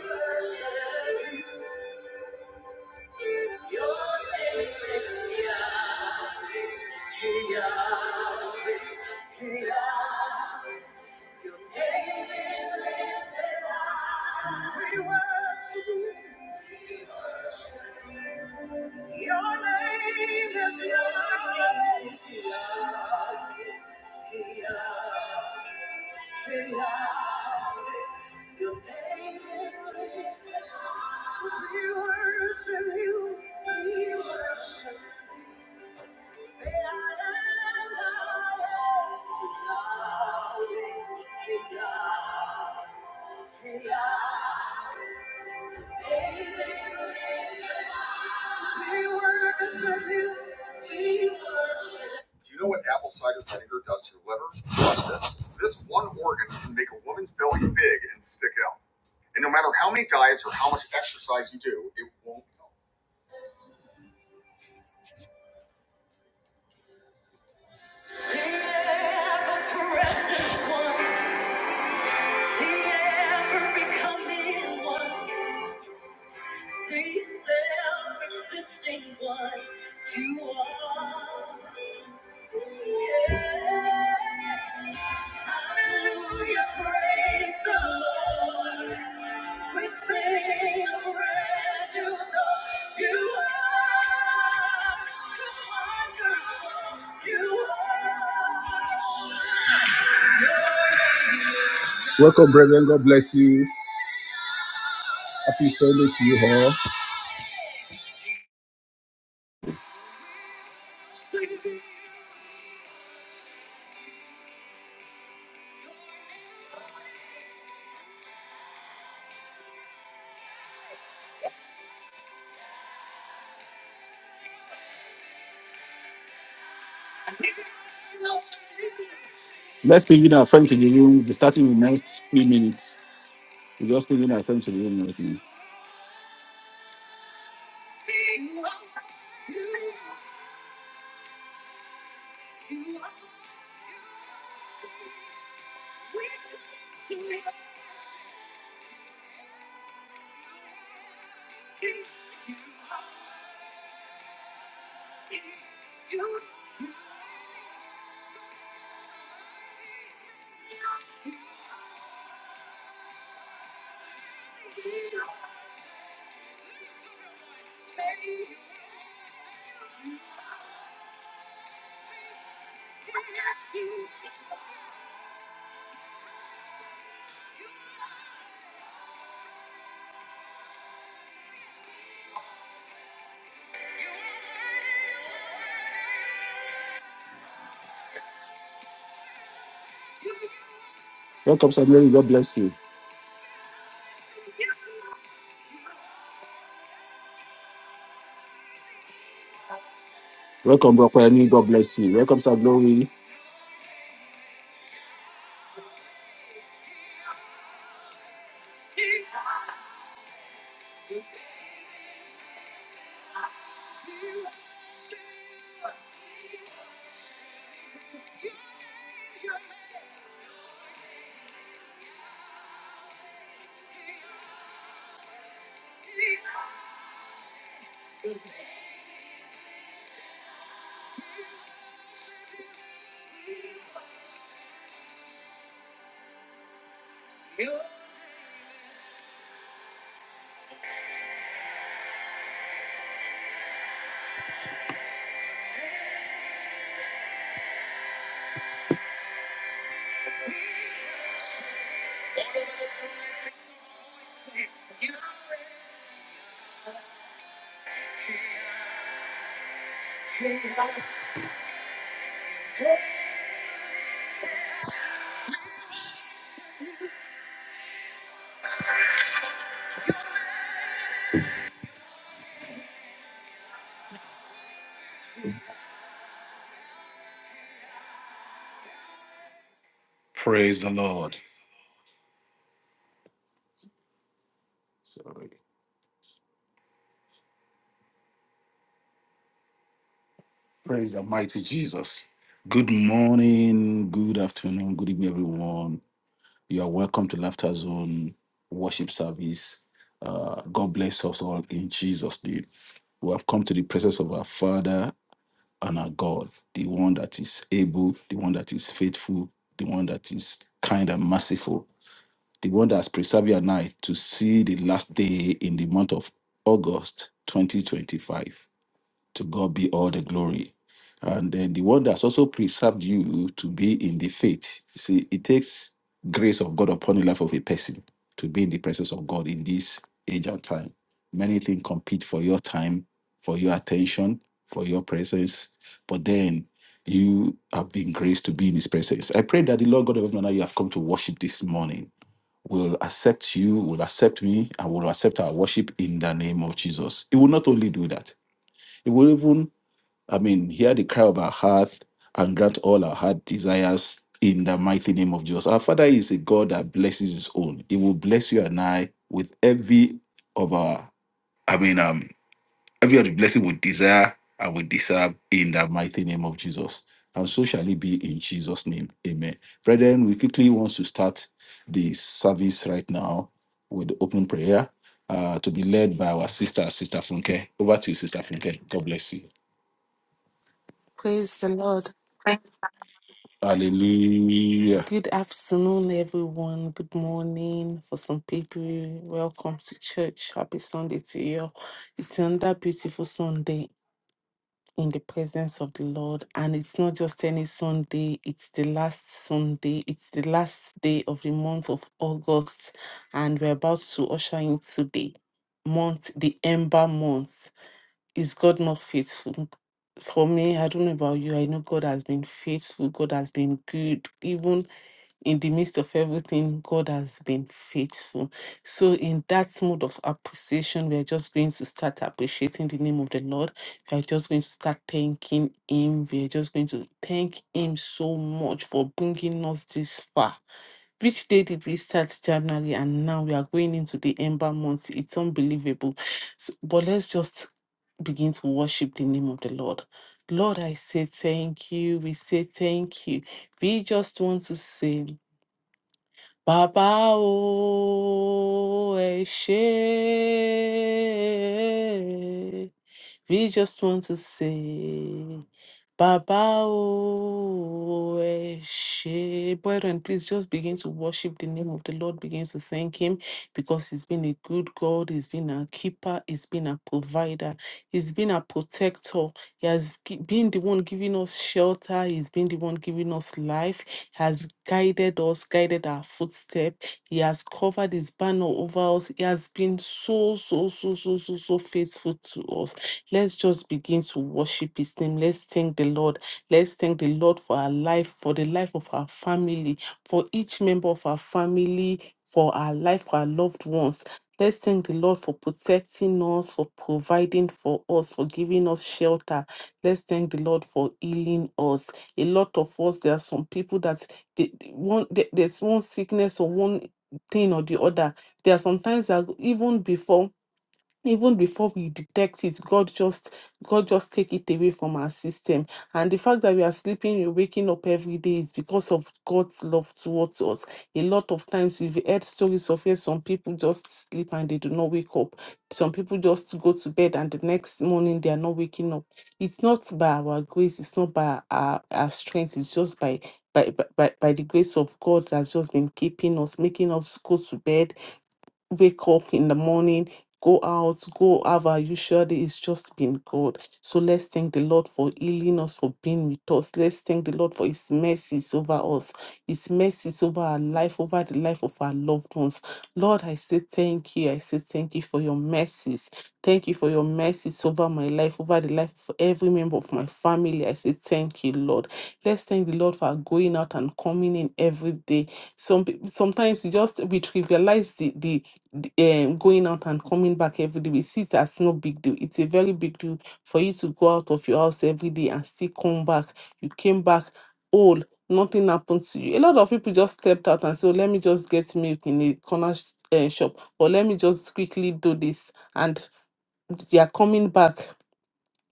We worship you. We worship you. Do you know what apple cider vinegar does to your liver? Watch this. This one organ can make a woman's belly big and stick out. And no matter how many diets or how much exercise you do, it won't help. ever becoming one, the self-existing one, you are. Yeah. Hallelujah, praise the Lord. We sing a brand new song. You are. You are. Welcome, brethren. God bless you. Happy Sunday to you all. Let's bring in our friend to the room. We'll be starting in the next three minutes. we just bring in our friend to the room right now. Welcome, Sir Glory. God bless you. Welcome, Brokwani. God bless you. Welcome, Sir Glory. Praise the Lord. Sorry. Praise the mighty Jesus. Good morning, good afternoon, good evening, everyone. You are welcome to Laughter Zone worship service. Uh, God bless us all in Jesus' name. We have come to the presence of our Father and our God, the one that is able, the one that is faithful, the one that is kind and merciful, the one that has preserved your night to see the last day in the month of August 2025. To God be all the glory. And then the one that's also preserved you to be in the faith. You See, it takes grace of God upon the life of a person to be in the presence of God in this age and time. Many things compete for your time, for your attention, for your presence. But then you have been graced to be in his presence. I pray that the Lord God of heaven and earth you have come to worship this morning will accept you, will accept me, and will accept our worship in the name of Jesus. He will not only do that, he will even I mean, hear the cry of our heart and grant all our heart desires in the mighty name of Jesus. Our Father is a God that blesses His own. He will bless you and I with every of our, I mean, um, every other blessing we desire and we deserve in the mighty name of Jesus. And so shall it be in Jesus' name. Amen. Brethren, we quickly want to start the service right now with the opening prayer uh, to be led by our sister, Sister Funke. Over to you, Sister Funke. God bless you. Praise the Lord. Hallelujah. Good afternoon, everyone. Good morning for some people. Welcome to church. Happy Sunday to you. It's another beautiful Sunday in the presence of the Lord. And it's not just any Sunday, it's the last Sunday. It's the last day of the month of August. And we're about to usher into the month, the Ember month. is God not faithful? For me, I don't know about you. I know God has been faithful. God has been good. Even in the midst of everything, God has been faithful. So, in that mode of appreciation, we are just going to start appreciating the name of the Lord. We are just going to start thanking Him. We are just going to thank Him so much for bringing us this far which day did we start January and now we are going into the ember month? It's unbelievable. So, but let's just begin to worship the name of the Lord. Lord, I say thank you. We say thank you. We just want to say, Baba o ẹ ṣé." We just want to say, Baba o eh, Brethren, please just begin to worship the name of the Lord. Begin to thank Him because He's been a good God. He's been a keeper. He's been a provider. He's been a protector. He has gi- been the one giving us shelter. He's been the one giving us life. He has guided us, guided our footstep. He has covered His banner over us. He has been so, so, so, so, so, so faithful to us. Let's just begin to worship His name. Let's thank the Lord. Let's thank the Lord for our life, for the life of our family, for each member of our family, for our life, for our loved ones. Let's thank the Lord for protecting us, for providing for us, for giving us shelter. Let's thank the Lord for healing us. A lot of us, there are some people that they, they- one there- there's one sickness or one thing or the other. There are sometimes that even before even before we detect it god just god just take it away from our system and the fact that we are sleeping we're waking up every day is because of god's love towards us a lot of times we've heard stories of where some people just sleep and they do not wake up some people just go to bed and the next morning they are not waking up it's not by our grace it's not by our, our strength it's just by by, by by by the grace of god that's just been keeping us making us go to bed wake up in the morning, go out, go have our usual day. It's just been good. So let's thank the Lord for healing us, for being with us. Let's thank the Lord for His mercies over us, His mercies over our life, over the life of our loved ones. Lord, I say thank you. I say thank you for your mercies. Thank you for your mercies over my life, over the life of every member of my family. I say thank you, Lord. Let's thank the Lord for our going out and coming in every day. Some peop- sometimes you just we trivialize the the the, um, going out and coming back every day, we see it as no big deal. It's a very big deal for you to go out of your house every day and still come back. You came back whole, nothing happened to you. A lot of people just stepped out and said, "Oh, let me just get milk in a corner uh, shop, or let me just quickly do this. And they are coming back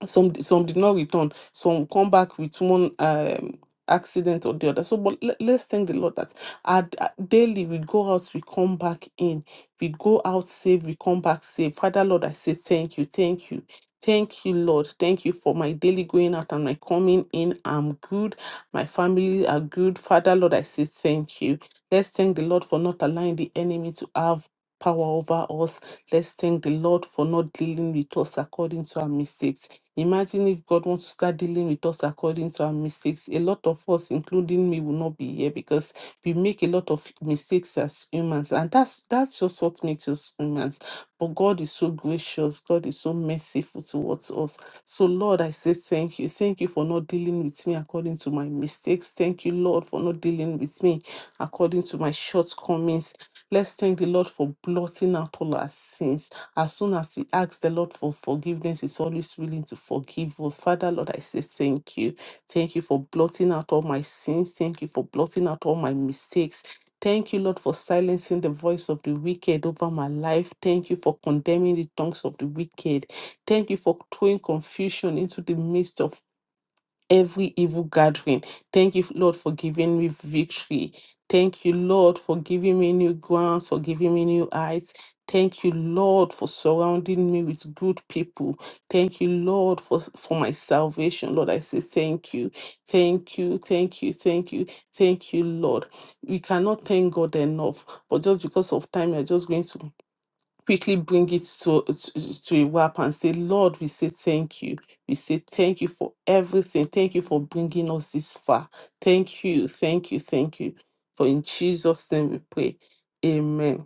some d- some did not return some come back with one um accident or the other so but let, us thank the lord that our, d- uh, daily we go out we come back in we go out safe we come back safe father lord i say thank you thank you thank you lord thank you for my daily going out and my coming in i'm good my family are good father lord i say thank you let's thank the lord for not allowing the enemy to have power over us let's thank the lord for not dealing with us according to our mistakes Imagine if God wants to start dealing with us according to our mistakes. A lot of us, including me, will not be here because we make a lot of mistakes as humans, and that's that's just what makes us humans. But God is so gracious, God is so merciful towards us. So, Lord, I say thank you. Thank you for not dealing with me according to my mistakes. Thank you, Lord, for not dealing with me according to my shortcomings. Let's thank the Lord for blotting out all our sins. As soon as we ask the Lord for forgiveness, He's always willing to forgive us. Father, Lord, I say thank you. Thank you for blotting out all my sins. Thank you for blotting out all my mistakes. Thank you, Lord, for silencing the voice of the wicked over my life. Thank you for condemning the tongues of the wicked. Thank you for throwing confusion into the midst of every evil gathering. Thank you, Lord, for giving me victory. Thank you, Lord, for giving me new grounds, for giving me new eyes. Thank you, Lord, for surrounding me with good people. Thank you, Lord, for, for my salvation. Lord, I say thank you. Thank you, thank you, thank you, thank you, Lord. We cannot thank God enough, but just because of time, we are just going to quickly bring it to, to, to a wrap and say, Lord, we say thank you. We say thank you for everything. Thank you for bringing us this far. Thank you, thank you, thank you. For in Jesus' name we pray. Amen.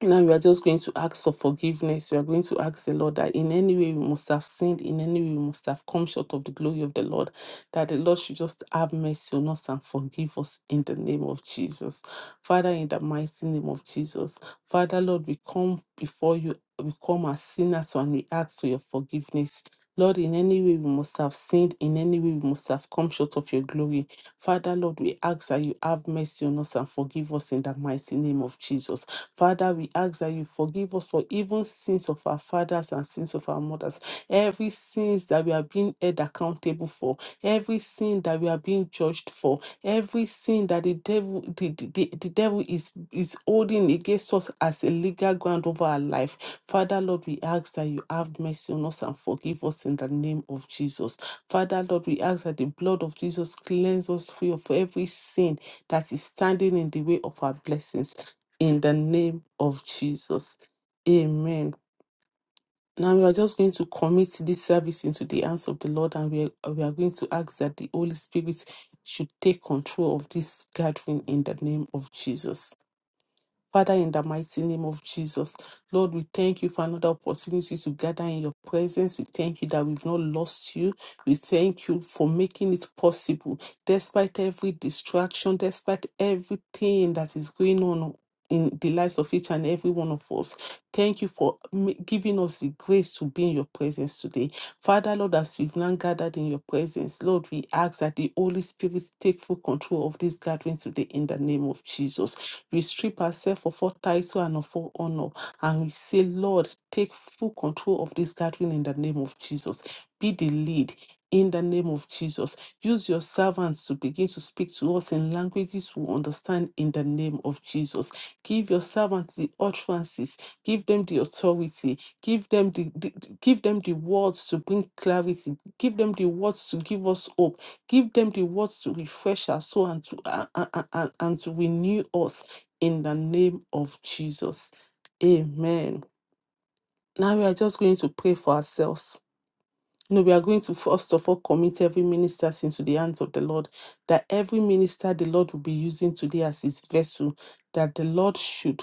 Now you are just going to ask for forgiveness. You are going to ask the Lord that in any way we must have sinned, in any way we must have come short of the glory of the Lord, that the Lord should just have mercy on us and forgive us in the name of Jesus. Father, in the mighty name of Jesus. Father, Lord, we come before you, we come as sinners and we ask for your forgiveness. Lord, in any way we must have sinned, in any way we must have come short of your glory. Father, Lord, we ask that you have mercy on us and forgive us in the mighty name of Jesus. Father, we ask that you forgive us for even sins of our fathers and sins of our mothers, every sins that we are being held accountable for, every sin that we are being judged for, every sin that the devil the, the, the the devil is is holding against us as a legal ground over our life. Father, Lord, we ask that you have mercy on us and forgive us in the name of Jesus. Father, Lord, we ask that the blood of Jesus cleanse us free of every sin that is standing in the way of our blessings in the name of Jesus. Amen. Now we are just going to commit this service into the hands of the Lord and we are, we are going to ask that the Holy Spirit should take control of this gathering in the name of Jesus. Father, in the mighty name of Jesus, Lord, we thank you for another opportunity to gather in your presence. We thank you that we've not lost you. We thank you for making it possible, despite every distraction, despite everything that is going on. In the lives of each and every one of us. Thank you for ma- giving us the grace to be in your presence today. Father, Lord, as we've now gathered in your presence, Lord, we ask that the Holy Spirit take full control of this gathering today in the name of Jesus. We strip ourselves of all title and of all honor. And we say, Lord, take full control of this gathering in the name of Jesus. Be the lead. In the name of Jesus, use your servants to begin to speak to us in languages we understand in the name of Jesus. Give your servants the utterances, give them the authority, give them the, the the- give them the words to bring clarity, give them the words to give us hope, give them the words to refresh our soul and to and, and, and to renew us in the name of Jesus. Amen. Now we are just going to pray for ourselves. No, we are going to first of all commit every minister into the hands of the Lord, that every minister the Lord will be using today as his vessel, that the Lord should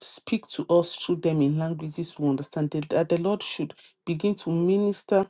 speak to us through them in languages we understand, that that the Lord should begin to minister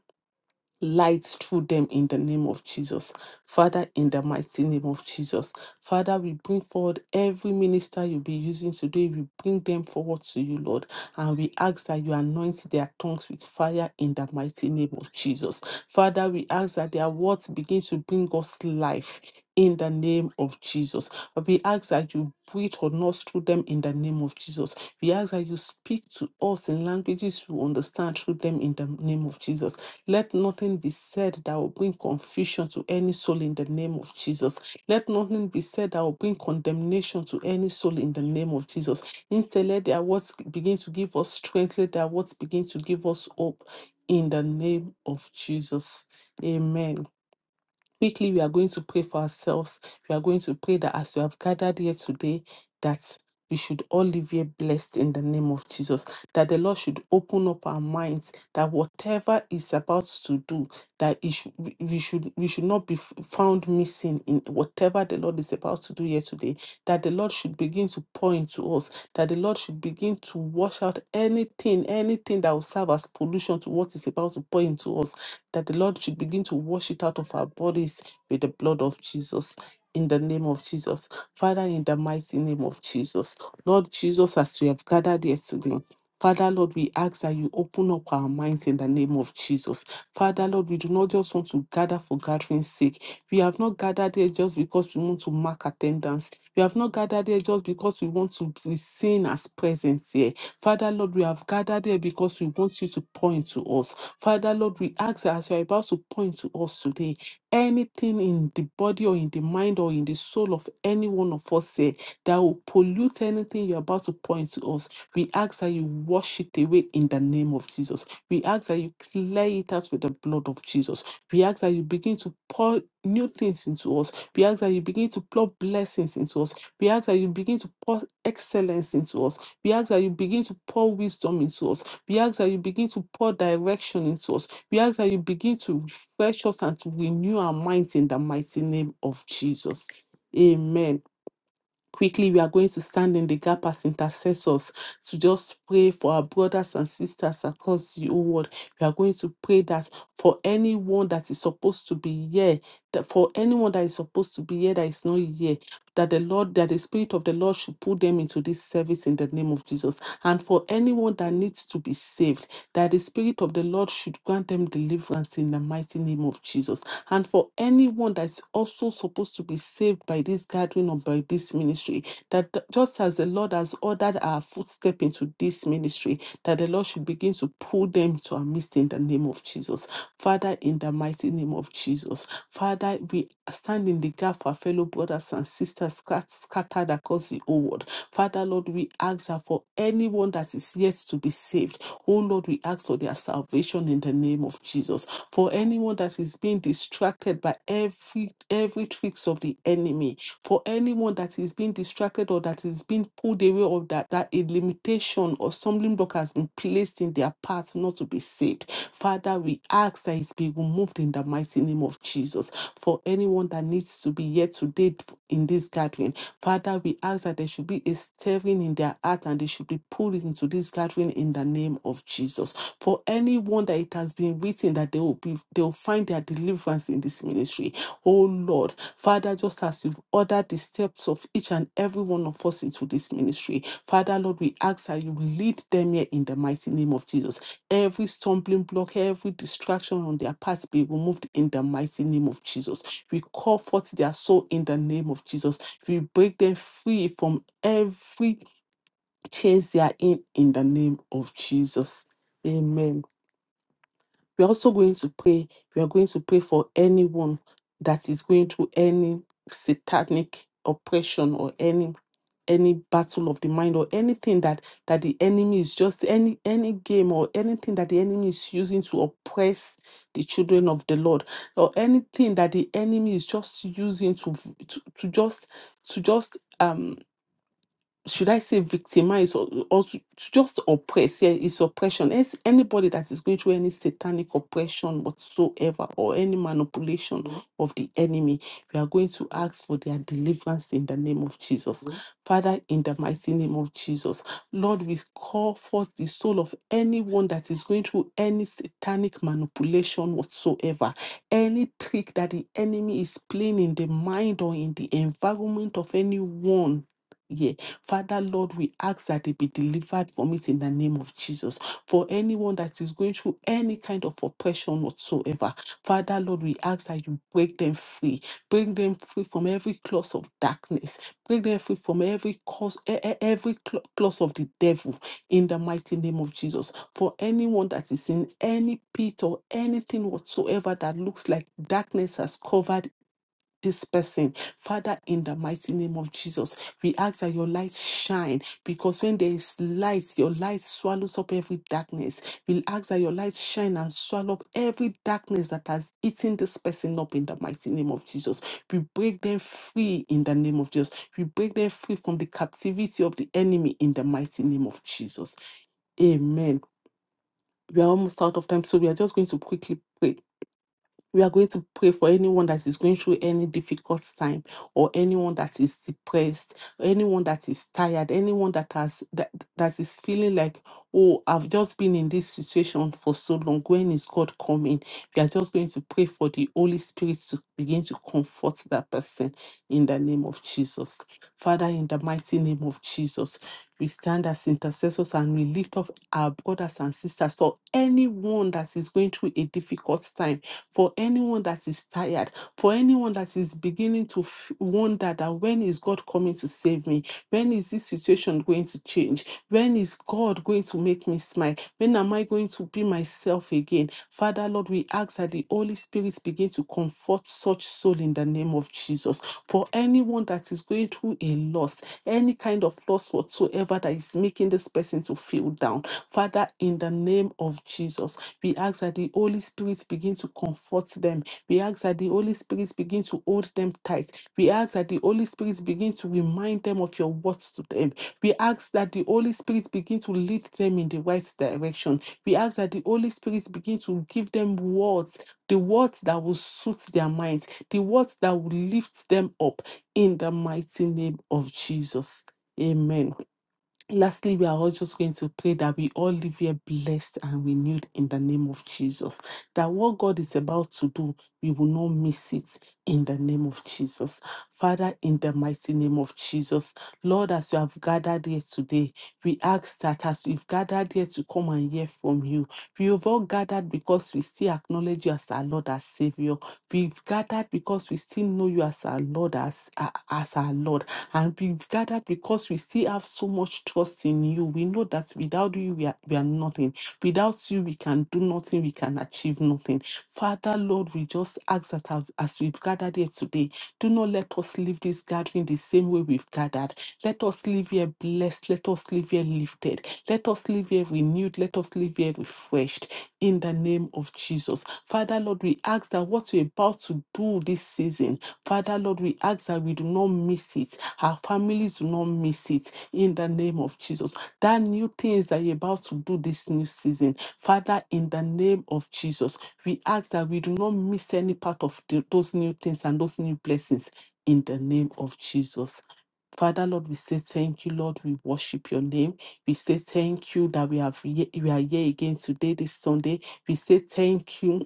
light through them in the name of Jesus. Father, in the mighty name of Jesus. Father, we bring forward every minister you'll be using today. We bring them forward to you, Lord. And we ask that you anoint their tongues with fire in the mighty name of Jesus. Father, we ask that their words begin to bring us life. In the name of Jesus. We ask that you breathe on us through them in the name of Jesus. We ask that you speak to us in languages we understand through them in the name of Jesus. Let nothing be said that will bring confusion to any soul in the name of Jesus. Let nothing be said that will bring condemnation to any soul in the name of Jesus. Instead, let their words begin to give us strength. Let their words begin to give us hope in the name of Jesus. Amen. Quickly, we are going to pray for ourselves. We are going to pray that as we have gathered here today, that we should all live here blessed in the name of Jesus. That the Lord should open up our minds. That whatever is about to do, that it should, we we should we should not be f- found missing in whatever the Lord is about to do here today. That the Lord should begin to pour into us. That the Lord should begin to wash out anything, anything that will serve as pollution to what is about to pour into us that the Lord should begin to wash it out of our bodies with the blood of Jesus. In the name of Jesus. Father, in the mighty name of Jesus. Lord Jesus, as we have gathered here today, Father, Lord, we ask that you open up our minds in the name of Jesus. Father, Lord, we do not just want to gather for gathering's sake. We have not gathered here just because we want to mark attendance. We have not gathered here just because we want to be seen as present here. Father, Lord, we have gathered here because we want you to point to us. Father, Lord, we ask that as you are about to point to us today, anything in the body or in the mind or in the soul of any one of us here that will pollute anything you're about to point to us, we ask that you wash it away in the name of Jesus. We ask that you clear it out with the blood of Jesus. We ask that you begin to pour new things into us. We ask that you begin to pour blessings into us. We ask that you begin to pour excellence into us. We ask that you begin to pour wisdom into us. We ask that you begin to pour direction into us. We ask that you begin to refresh us and to renew our minds in the mighty name of Jesus. Amen quickly we are going to stand in the gap as intercessors to just pray for our brothers and sisters across the whole world we are going to pray that for anyone that is supposed to be here that for anyone that is supposed to be here that is not here that the lord that the spirit of the lord should put them into this service in the name of jesus and for anyone that needs to be saved that the Spirit of the Lord should grant them deliverance in the mighty name of Jesus. And for anyone that's also supposed to be saved by this gathering or by this ministry, that th- just as the Lord has ordered our footstep into this ministry, that the Lord should begin to pull them to our midst in the name of Jesus. Father, in the mighty name of Jesus, Father, we stand in the gap for our fellow brothers and sisters scat- scattered across the whole world. Father, Lord, we ask that for anyone that is yet to be saved, Oh Lord, we ask for their salvation in the name of Jesus. For anyone that is being distracted by every every tricks of the enemy, for anyone that is being distracted or that is being pulled away or that, that a limitation or stumbling block has been placed in their path not to be saved. Father, we ask that it be removed in the mighty name of Jesus. For anyone that needs to be here today in this gathering, Father, we ask that there should be a stirring in their heart and they should be pulled into this gathering in the name of Jesus. For anyone that it has been written that they will be they will find their deliverance in this ministry. Oh Lord, Father, just as you've ordered the steps of each and every one of us into this ministry, Father Lord, we ask that you lead them here in the mighty name of Jesus. Every stumbling block, every distraction on their path be removed in the mighty name of Jesus. We call forth their soul in the name of Jesus. We break them free from every chains they are in in the name of Jesus. Amen. We're also going to pray. We are going to pray for anyone that is going through any satanic oppression or any any battle of the mind or anything that that the enemy is just any any game or anything that the enemy is using to oppress the children of the lord or anything that the enemy is just using to v- to, to just to just um should I say victimize or, or to to just oppress? Yeah, it's oppression. As anybody that is going through any satanic oppression whatsoever or any manipulation Mhm. of the enemy, we are going to ask for their deliverance in the name of Jesus. Mhm. Father, in the mighty name of Jesus, Lord, we call forth the soul of anyone that is going through any satanic manipulation whatsoever, any trick that the enemy is playing in the mind or in the environment of anyone. yeah, Father, Lord, we ask that they be delivered from it in the name of Jesus. For anyone that is going through any kind of oppression whatsoever, Father, Lord, we ask that you break them free. Bring them free from every clause of darkness. Break them free from every cause, e- e- every cl- clause of the devil in the mighty name of Jesus. For anyone that is in any pit or anything whatsoever that looks like darkness has covered this person. Father, in the mighty name of Jesus, we ask that your light shine because when there is light, your light swallows up every darkness. We ask that your light shine and swallow up every darkness that has eaten this person up in the mighty name of Jesus. We break them free in the name of Jesus. We break them free from the captivity of the enemy in the mighty name of Jesus. Amen. We are almost out of time, so we are just going to quickly pray. We are going to pray for anyone that is going through any difficult time, or anyone that is depressed, or anyone that is tired, anyone that has that, that is feeling like, oh, I've just been in this situation for so long. When is God coming? We are just going to pray for the Holy Spirit to begin to comfort that person in the name of Jesus. Father, in the mighty name of Jesus, we stand as intercessors and we lift up our brothers and sisters for anyone that is going through a difficult time for anyone that is tired, for anyone that is beginning to f- wonder that when is God coming to save me? When is this situation going to change? When is God going to make me smile? When am I going to be myself again? Father, Lord, we ask that the Holy Spirit begin to comfort such soul in the name of Jesus. For anyone that is going through a loss, any kind of loss whatsoever that is making this person to feel down, Father, in the name of Jesus, we ask that the Holy Spirit begin to comfort them we ask that the Holy Spirit begin to hold them tight. We ask that the Holy Spirit begin to remind them of your words to them. We ask that the Holy Spirit begin to lead them in the right direction. We ask that the Holy Spirit begin to give them words, the words that will suit their minds, the words that will lift them up in the mighty name of Jesus. Amen. Lastly, we are all just going to pray that we all live here blessed and renewed in the name of Jesus. That what God is about to do, we will not miss it in the name of Jesus. Father, in the mighty name of Jesus, Lord, as we have gathered here today, we ask that as we've gathered here to come and hear from you, we have all gathered because we still acknowledge you as our Lord, as Savior. We've gathered because we still know you as our Lord, as, as our Lord. And we've gathered because we still have so much trust in you. We know that without you, we are, we are nothing. Without you, we can do nothing. We can achieve nothing. Father, Lord, we just ask that as as we've gathered here today, do not let us leave this gathering the same way we've gathered. Let us leave here blessed. Let us leave here lifted. Let us leave here renewed. Let us leave here refreshed in the name of Jesus. Father, Lord, we ask that what you're about to do this season, Father, Lord, we ask that we do not miss it. Our families do not miss it in the name of Jesus. That new things that you're about to do this new season, Father, in the name of Jesus, we ask that we do not miss any part of the- those new things and those new blessings in the name of Jesus. Father, Lord, we say thank you, Lord. We worship your name. We say thank you that we have ye- we are here again today, this Sunday. We say thank you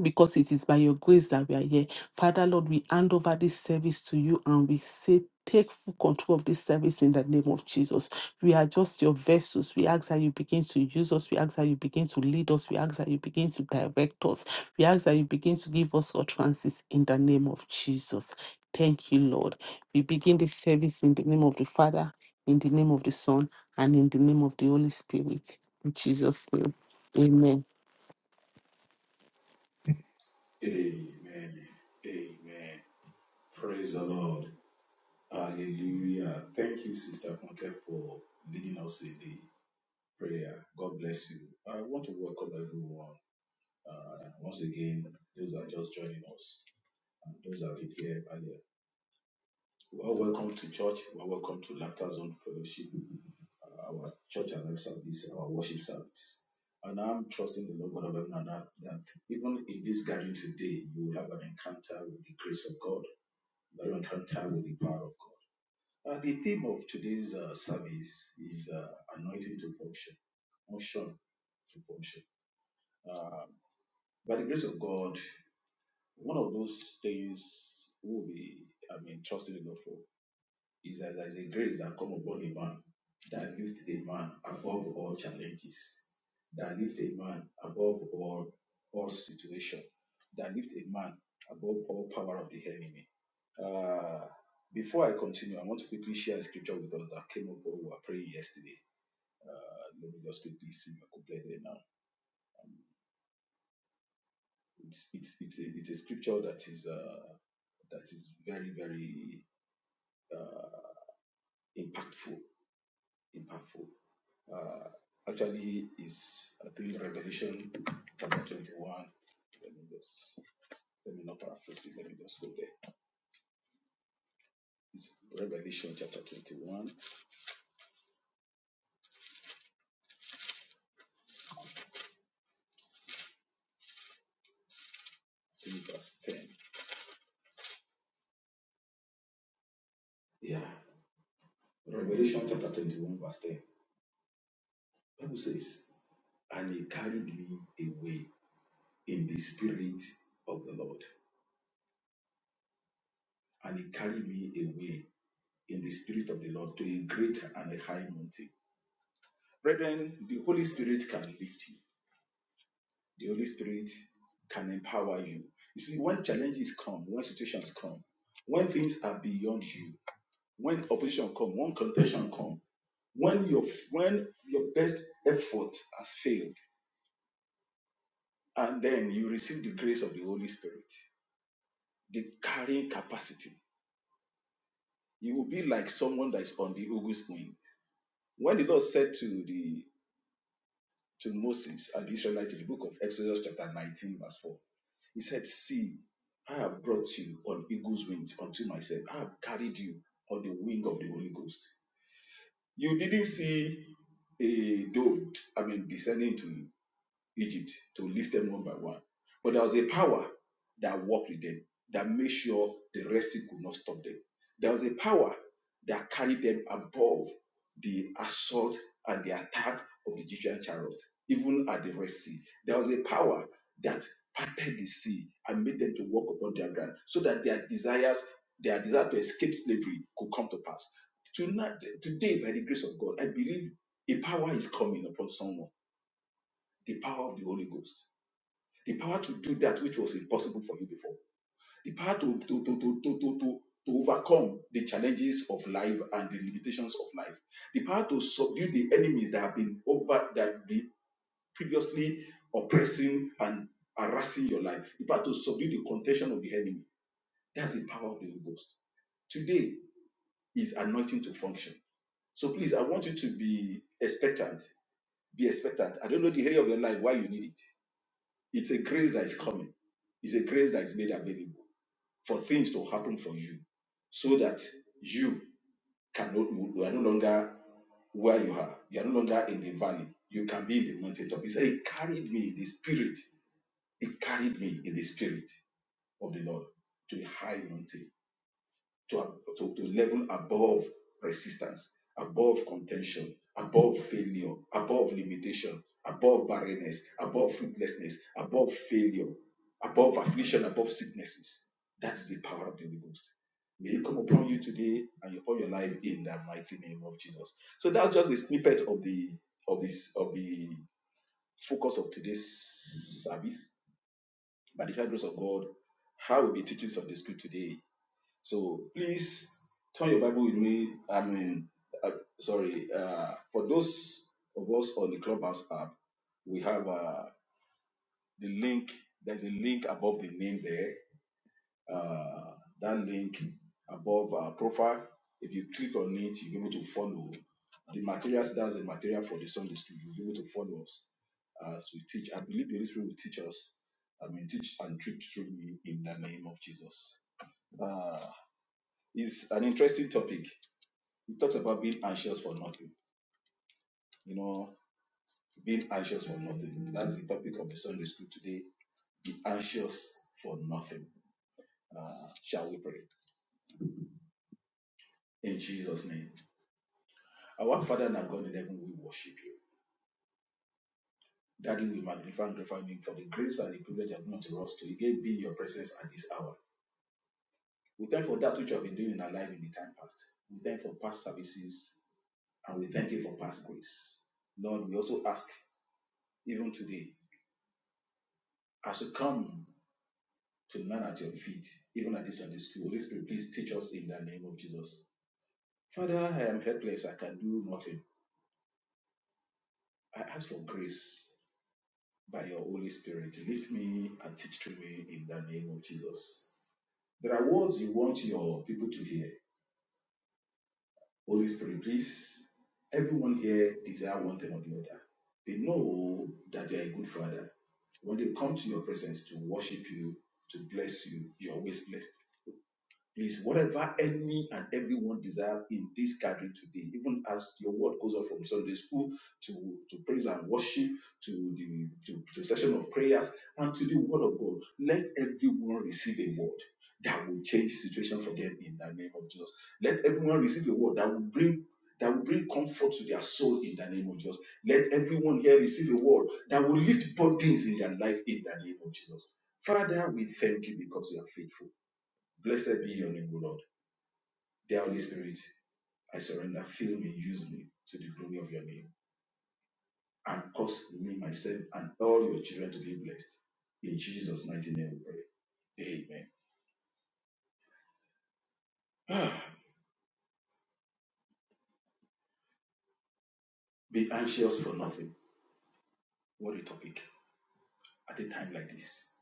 because it is by your grace that we are here. Father, Lord, we hand over this service to you and we say, Take full control of this service in the name of Jesus. We are just your vessels. We ask that you begin to use us. We ask that you begin to lead us. We ask that you begin to direct us. We ask that you begin to give us utterances in the name of Jesus. Thank you, Lord. We begin this service in the name of the Father, in the name of the Son, and in the name of the Holy Spirit. In Jesus' name, amen. Amen. Amen. Praise the Lord. Hallelujah. Thank you, Sister Funke, for leading us in the prayer. God bless you. I want to welcome everyone. Uh, once again, those that are just joining us, and those that have been here earlier. Well, welcome to church. Well, welcome to Laughter Zone Fellowship, uh, our church and life service, our worship service. And I'm trusting the Lord God of heaven and earth that even in this gathering today, you will have an encounter with the grace of God Baron time with the power of God. Uh, the theme of today's uh, service is uh, anointing to function, function to function. Uh, by the grace of God, one of those things we'll be, I mean, trusting the Lord for is that there is a grace that come upon a man that lifts a man above all challenges, that lifts a man above all all situation, that lifts a man above all power of the enemy. Uh, before I continue, I want to quickly share a scripture with us that came up while we were praying yesterday. Uh, let me just quickly see if I could get there now. It's it's it's a, it's a scripture that is uh, that is very very uh, impactful impactful. Uh, actually, is I think Revelation chapter 21. Let me just let me not paraphrase it. Let me just go there. It's Revelation chapter 21, I think verse 10. Yeah, Revelation chapter 21, verse 10. Bible says, And he carried me away in the spirit of the Lord. And he carried me away in the spirit of the Lord to a great and a high mountain. Brethren, the Holy Spirit can lift you. The Holy Spirit can empower you. You see, when challenges come, when situations come, when things are beyond you, when opposition come, when contention come, when your when your best effort has failed, and then you receive the grace of the Holy Spirit, the carrying capacity, you will be like someone that is on the eagle's wing. When the Lord said to the to Moses and the Israelites in the book of Exodus chapter 19 verse 4, He said, See, I have brought you on eagle's wings unto myself. I have carried you on the wing of the Holy Ghost. You didn't see a dove, I mean, descending to Egypt to lift them one by one. But there was a power that worked with them that made sure the resting could not stop them. There was a power that carried them above the assault and the attack of the Egyptian chariot, even at the Red Sea. There was a power that parted the sea and made them to walk upon their ground so that their desires, their desire to escape slavery could come to pass. Tonight, today, by the grace of God, I believe a power is coming upon someone, the power of the Holy Ghost the power to do that which was impossible for you before, the power to to to to to to, to to overcome the challenges of life and the limitations of life, the power to subdue the enemies that have been over that have been previously oppressing and harassing your life, the power to subdue the contention of the enemy. That's the power of the Holy Ghost. Today is anointing to function. So please, I want you to be expectant. Be expectant. I don't know the area of your life why you need it. It's a grace that is coming. It's a grace that is made available. for things to happen for you so that you cannot you are no longer where you are you are no longer in the valley you can be in the mountaintop he said he carried me in the spirit he carried me in the spirit of the lord to a high mountain to, to, to level above resistance, above contention, above failure, above limitation, above barrenness, above fruitlessness, above failure, above affliction, above sicknesses. That's the power of the Holy Ghost. May it come upon you today and upon your life in the mighty name of Jesus. So that's just a snippet of the of this of the focus of today's service. By the grace of God, how we'll be teaching some of the script today so please turn your Bible with me. I mean, uh, sorry, uh, for those of us on the Clubhouse app, we have uh, the link. There's a link above the name there. Uh, that link above our profile. If you click on it, you'll be able to follow the materials. That's the material for the Sunday school. You'll be able to follow us as we teach. I believe the Holy Spirit will teach us. I mean, teach and treat through me in the name of Jesus. Uh, it's an interesting topic it talks about being anxious for nothing. You know, being anxious for nothing. That's the topic of the Sunday school today. Be anxious for nothing. Uh, shall we pray? In Jesus' name. Our Father and our God in heaven, we worship you. Daddy, we magnify and glorify you for the grace and the privilege of not to us to again be in your presence at this hour. We thank for that which you have been doing in our life in the time past. We thank for past services and we thank you for past grace. Lord, we also ask, even today, as we come to land at your feet, even at this Sunday school. Holy Spirit, please teach us in the name of Jesus. Father, I am helpless. I can do nothing. I ask for grace by your Holy Spirit. Lift me and teach to me in the name of Jesus. There are words you want your people to hear. Holy Spirit, please. Everyone here desire one thing or the other. They know that you are a good father. When they come to your presence to worship you, to bless you, you are always blessed Please, whatever any and everyone desire in this gathering today, even as your word goes on from Sunday school to, to praise and worship, to the to, to session of prayers, and to the word of God, let everyone receive a word that will change the situation for them in the name of Jesus. Let everyone receive a word that will bring that will bring comfort to their soul in the name of Jesus. Let everyone here receive a word that will lift burdens in their life in the name of Jesus. Father, we thank you because you are faithful. Blessed be your name, O Lord. Dear Holy Spirit, I surrender. Fill me, use me to the glory of your name. And cause me, myself, and all your children to be blessed. In Jesus' mighty name we pray. Amen. Ah, be anxious for nothing. What a topic at a time like this.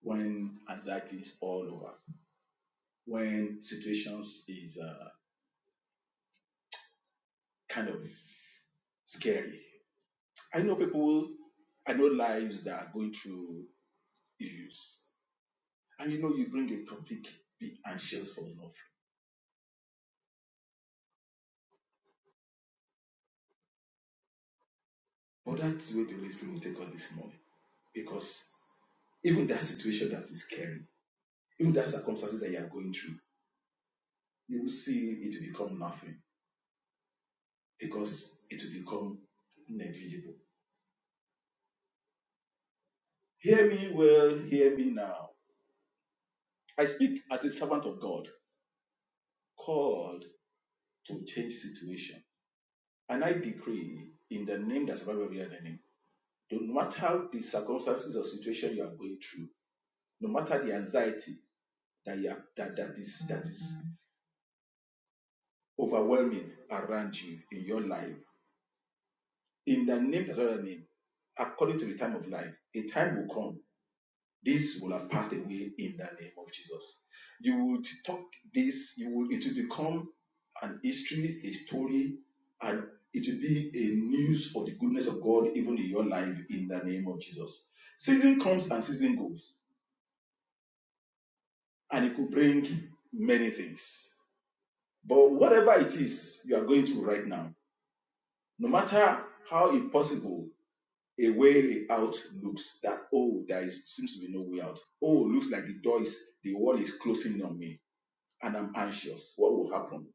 When anxiety is all over. When situations is uh, kind of scary. I know people, I know lives that are going through issues. And you know you bring a topic, be anxious for nothing But that's where the Holy Spirit will take us this morning. Because even that situation that is scary, even that circumstances that you are going through, you will see it become nothing because it will become negligible. Hear me well, hear me now. I speak as a servant of God, called to change situation. And I decree in the name that's above every other name, no matter the circumstances or situation you are going through, no matter the anxiety that you are, that, that is that is overwhelming around you in your life. In the name that's other name, according to the time of life, a time will come. This will have passed away in the name of Jesus. You would talk this, you will it will become an history, a story, and it will be a news of the goodness of God even in your life in the name of Jesus. Season comes and season goes, and it could bring many things. But whatever it is you are going through right now, no matter how impossible a way out looks that oh there is seems to be no way out oh looks like the door is the wall is closing on me and i'm anxious what will happen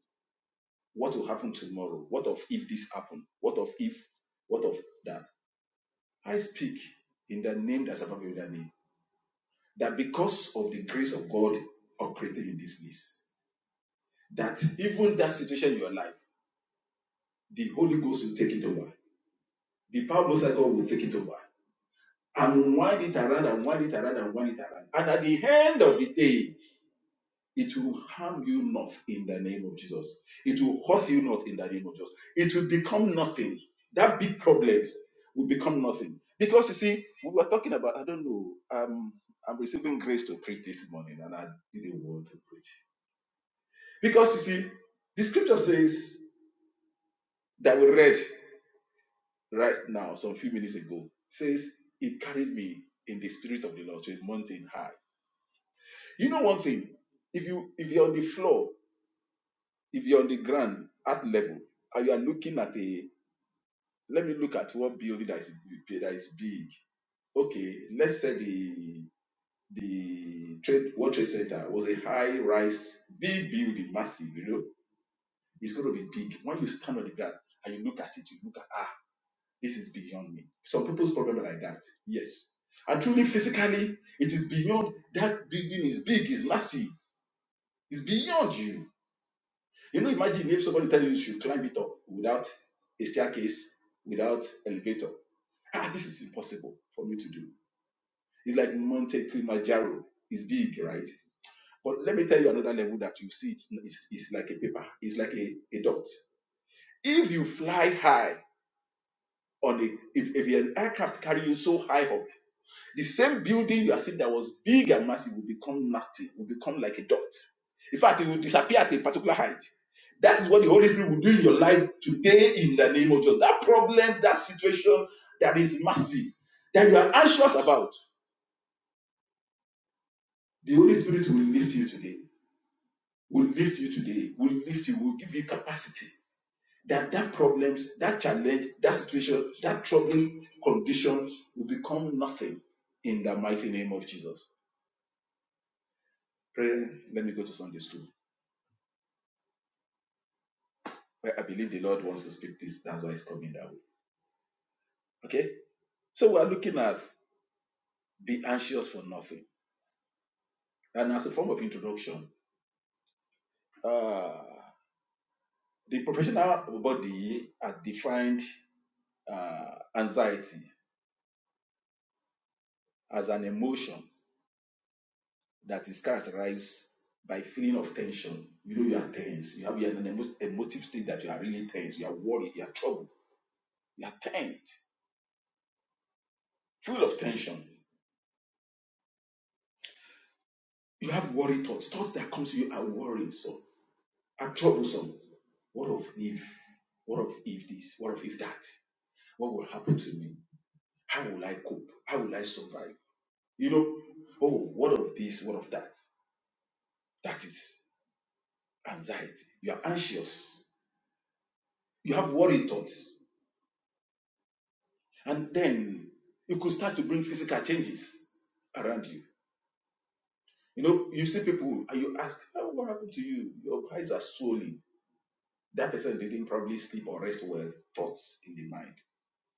what will happen tomorrow what of if this happen what of if what of that i speak in the name that's above every other name that because of the grace of god operating in this place that even that situation in your life the holy ghost will take it over the power of God will take it over and wind it around and wind it around and wind it around and at the end of the day It will harm you not in the name of Jesus. It will hurt you not in the name of Jesus. It will become nothing. That big problems will become nothing. Because you see, we were talking about, I don't know, um, I'm receiving grace to preach this morning and I didn't want to preach. Because you see, the scripture says that we read right now, some few minutes ago, says, it carried me in the spirit of the Lord to a mountain high. You know one thing, if you if you're on the floor if you're on the ground at level and you are looking at a let me look at what building that is that is big okay let's say the the trade world trade center was a high rise big building massive you know it's going to be big when you stand on the ground and you look at it you look at ah this is beyond me some people's problem are like that yes and truly physically it is beyond that building is big is massive it's beyond you You know, imagine if somebody tells you you should climb it up without a staircase, without elevator. Ah, this is impossible for me to do. It's like Monte Kilimanjaro. It's big, right? But let me tell you another level that you see. It's it's, it's like a paper. It's like a, a dot. If you fly high on the if, if an aircraft carry you so high up The same building you are seeing that was big and massive will become nothing, will become like a dot. In fact, it will disappear at a particular height. That is what the Holy Spirit will do in your life today in the name of Jesus. That problem, that situation that is massive, that you are anxious about, the Holy Spirit will lift you today, will lift you today, will lift you, will give you capacity that that problems, that challenge, that situation, that troubling condition will become nothing in the mighty name of Jesus. Pray, let me go to Sunday school. Well, I believe the Lord wants to speak this. That's why it's coming that way. Okay? So we're looking at be anxious for nothing. And as a form of introduction, uh, the professional body has defined uh, anxiety as an emotion that is characterized by feeling of tension. You know you are tense. You have you are in an emo- emotive state that you are really tense. You are worried. You are troubled. You are tensed, full of tension. You have worry thoughts. Thoughts that come to you are worries. are troublesome. What of if? What of if this? What of if that? What will happen to me? How will I cope? How will I survive? You know, oh, what of this? What of that? That is anxiety. You are anxious. You have worry thoughts. And then you could start to bring physical changes around you. You know, you see people and you ask, oh, what happened to you? Your eyes are swollen. That person didn't probably sleep or rest well. Thoughts in the mind.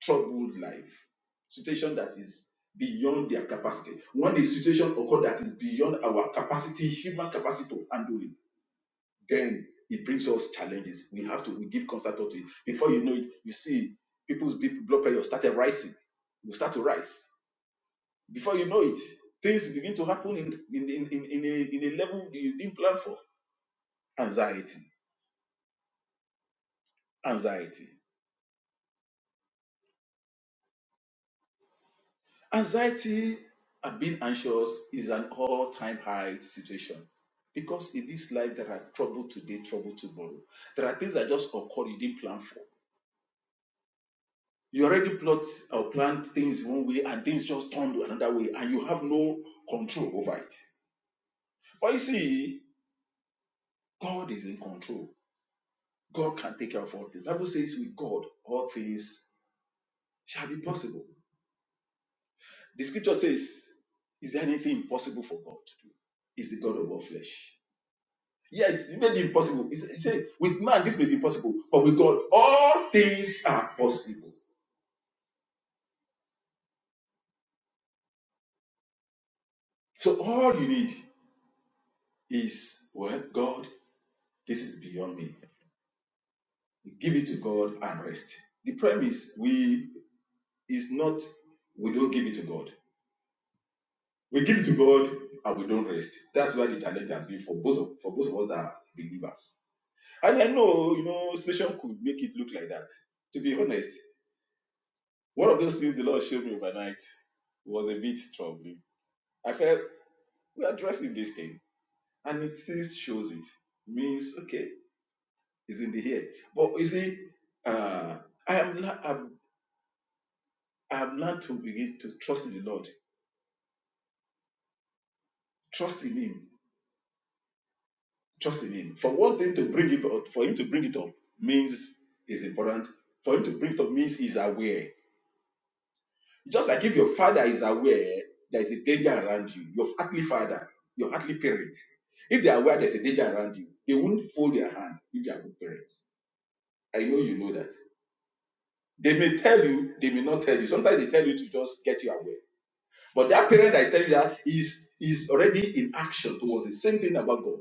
troubled life, situation that is beyond their capacity. When a situation occurs that is beyond our capacity, human capacity to handle it, then it brings us challenges. We have to we give constant thought to it. Before you know it, you see people's big blood pressure started rising. You start to rise. Before you know it, things begin to happen in in in, in, in, a, in a level you didn't plan for. Anxiety, anxiety Anxiety and being anxious is an all time high situation because in this life there are trouble today, trouble tomorrow. There are things that just occur you didn't plan for. You already plot or planned things one way and things just turn to another way and you have no control over it. But you see, God is in control. God can take care of all things. The Bible says, with God, all things shall be possible. The scripture says, Is there anything impossible for God to do? Is the God of all flesh. Yes, it may be impossible. He said, with man, this may be possible, but with God, all things are possible. So all you need is, well, God, this is beyond me. Give it to God and rest. The premise we is not we don't give it to God. We give it to God and we don't rest. That's why the challenge has been for both of, for both of us that are believers. And I know, you know, session could make it look like that. To be honest, one of those things the Lord showed me overnight was a bit troubling. I felt. We are addressing this thing, and it still shows it. Means okay, it's in the here. But you see, uh, I am not, I'm, I'm not to begin to trust in the Lord, trust in Him, trust in Him. For one thing to bring it up, for Him to bring it up means is important. For Him to bring it up means He's aware. Just like if your father is aware there is a danger around you, your earthly father, your earthly parent, if they are aware there's a danger around you, they won't fold their hand if they are good parents. I know you know that. They may tell you, they may not tell you. Sometimes they tell you to just get you away. But that parent that is telling you that is is already in action towards the same thing about God.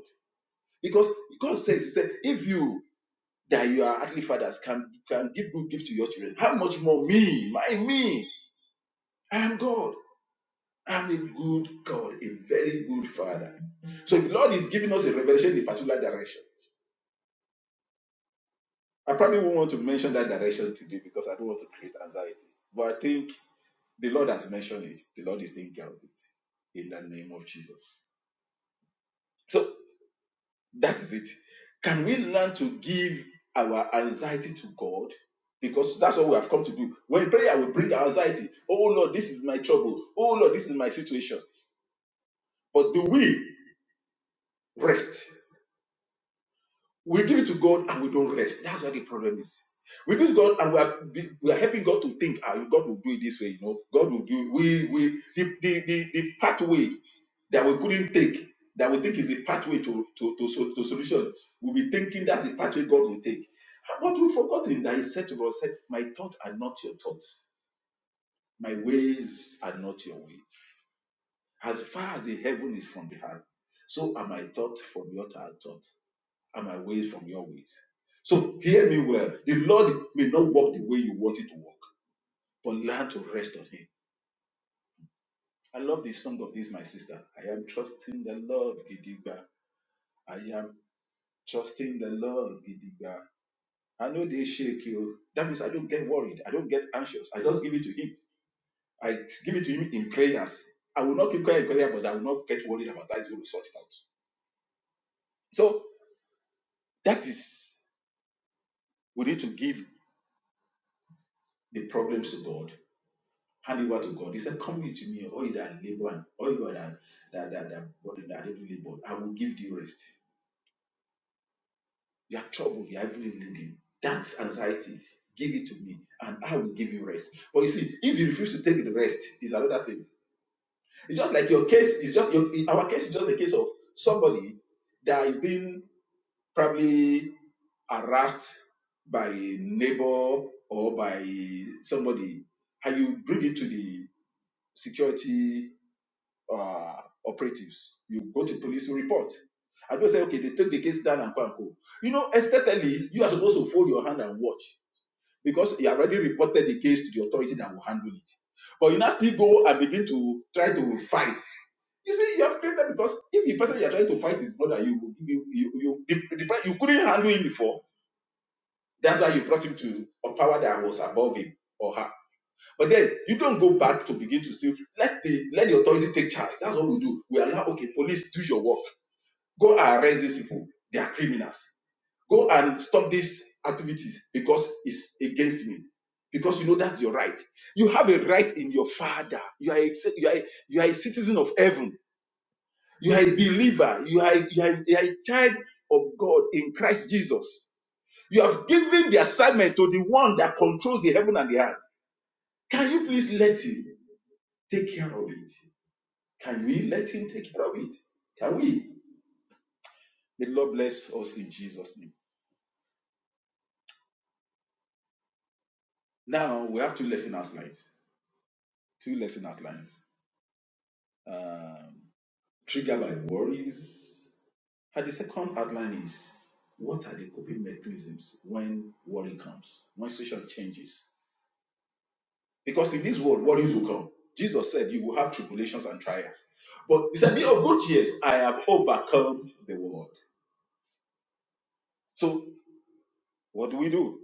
Because God says, He said, if you that you are earthly fathers can can give good gifts to your children, how much more me, my me, I am God. I'm a good God, a very good father. So the Lord is giving us a revelation in a particular direction. I probably won't want to mention that direction today because I don't want to create anxiety. But I think The Lord has mentioned it. The Lord is taking care of it. In the name of Jesus. So that is it. Can we learn to give our anxiety to God? Because that's what we have come to do. When prayer will bring our anxiety. Oh Lord, this is my trouble. Oh Lord, this is my situation. But do we rest? We give it to God and we don't rest. That's what the problem is. We give it to God and we are we are helping God to think, ah, God will do it this way, you know. God will do it. We we the the the, the pathway that we couldn't take, that we think is a pathway to, to, to, sol- to solution. We'll be thinking that's the pathway God will take. But we've forgotten that He said to us, said, My thoughts are not your thoughts, my ways are not your way. As far as the heaven is from the heart, so are my thoughts from your th- thoughts, and my ways from your ways. So hear me well. The Lord may not work the way you want it to work, but learn to rest on Him. I love the song of this, my sister. I am trusting the Lord, Gidigba. trusting the Lord. Gidigba. I know they shake you. That means I don't get worried. I don't get anxious. I just give it to Him. I give it to Him in prayers. I will not keep quiet in prayer, but I will not get worried about that. He's going to sort it out. So that is, we need to give the problems to God. Hand it over to God. He said, Come with me, all you that labor and all you that that that, that, burden that labor. I will give you rest. You are troubled. You are heavily laden. That's anxiety. Give it to me, and I will give you rest. But you see, if you refuse to take the rest, is another thing. It's just like your case is just your, our case is just a case of somebody that is being probably harassed by a neighbor or by somebody, and you bring it to the security uh, operatives. You go to police you report. I don't say, okay, they take the case down and go and go. You know, aesthetically, you are supposed to fold your hand and watch because you already reported the case to the authority that will handle it. But you now still go and begin to try to fight. You see, you have created because if the person you are trying to fight is not that you, you, you, you, the- you couldn't handle him before, that's why you brought him to a power that was above him or her. But then you don't go back to begin to still let the let the authority take charge. That's what we do. We allow okay, police do your work. Go and arrest these people. They are criminals. Go and stop these activities because it's against me. Because you know that's your right. You have a right in your father. You are a, you are a, you are a citizen of heaven. You are a believer. You are, you, are, you are a child of God in Christ Jesus. You have given the assignment to the one that controls the heaven and the earth. Can you please let him take care of it? Can we let him take care of it? Can we? May the Lord bless us in Jesus' name. Now we have two lesson outlines. Two lesson outlines. Um, triggered by worries. And the second outline is what are the coping mechanisms when worry comes, when situation changes? Because in this world, worries will come. Jesus said you will have tribulations and trials. But he said, Be of good cheer! I have overcome the world. So what do we do?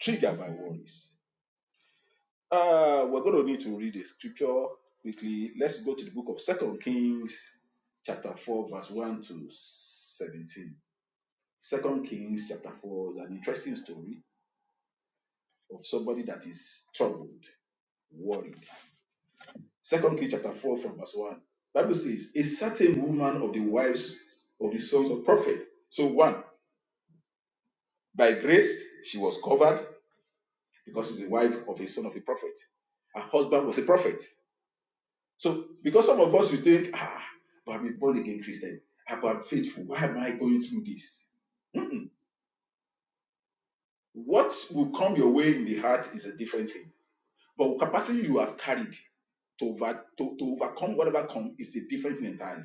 Triggered by worries Uh, we're going to need to read a scripture quickly. Let's go to the book of Second Kings, chapter four, verse one to seventeen. Second Kings, chapter four, is an interesting story of somebody that is troubled, worried. Second Kings, chapter four, from verse one. Bible says, "A certain woman of the wives of the sons of prophet." So one, by grace she was covered because she's the wife of a son of a prophet. Her husband was a prophet. So, because some of us we think, ah, but I'm a born again Christian, ah, I'm faithful. Why am I going through this? Mm-mm. What will come your way in the heart is a different thing. But the capacity you have carried to, over, to, to overcome whatever comes is a different thing entirely.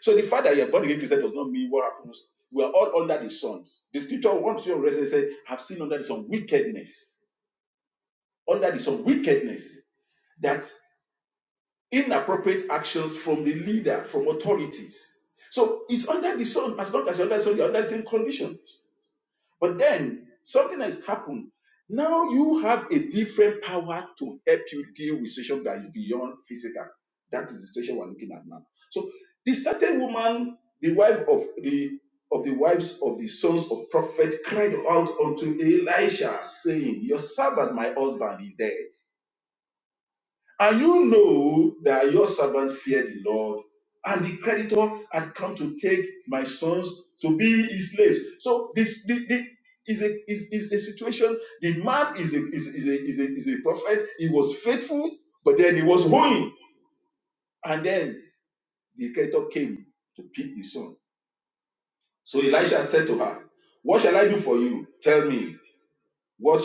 So the fact that you're born again Christian does not mean what happens. We are all under the sun. The scripture wants to say, I've seen under the sun wickedness. Under the sun wickedness. that inappropriate actions from the leader, from authorities. So it's under the sun as long as you're under the sun, you're under the same condition. But then something has happened. Now you have a different power to help you deal with situation that is beyond physical. That is the situation we're looking at now. So the certain woman, the wife of the of the wives of the sons of prophets, cried out unto Elisha, saying, Your servant, my husband, is dead. And you know that your servant feared the Lord, and the creditor had come to take my sons to be his slaves. So this, this, this is a is, is a situation. The man is a is, is a is a is a prophet. He was faithful, but then he was ruined. And then the creditor came to pick the son. So Elisha said to her, What shall I do for you? Tell me. What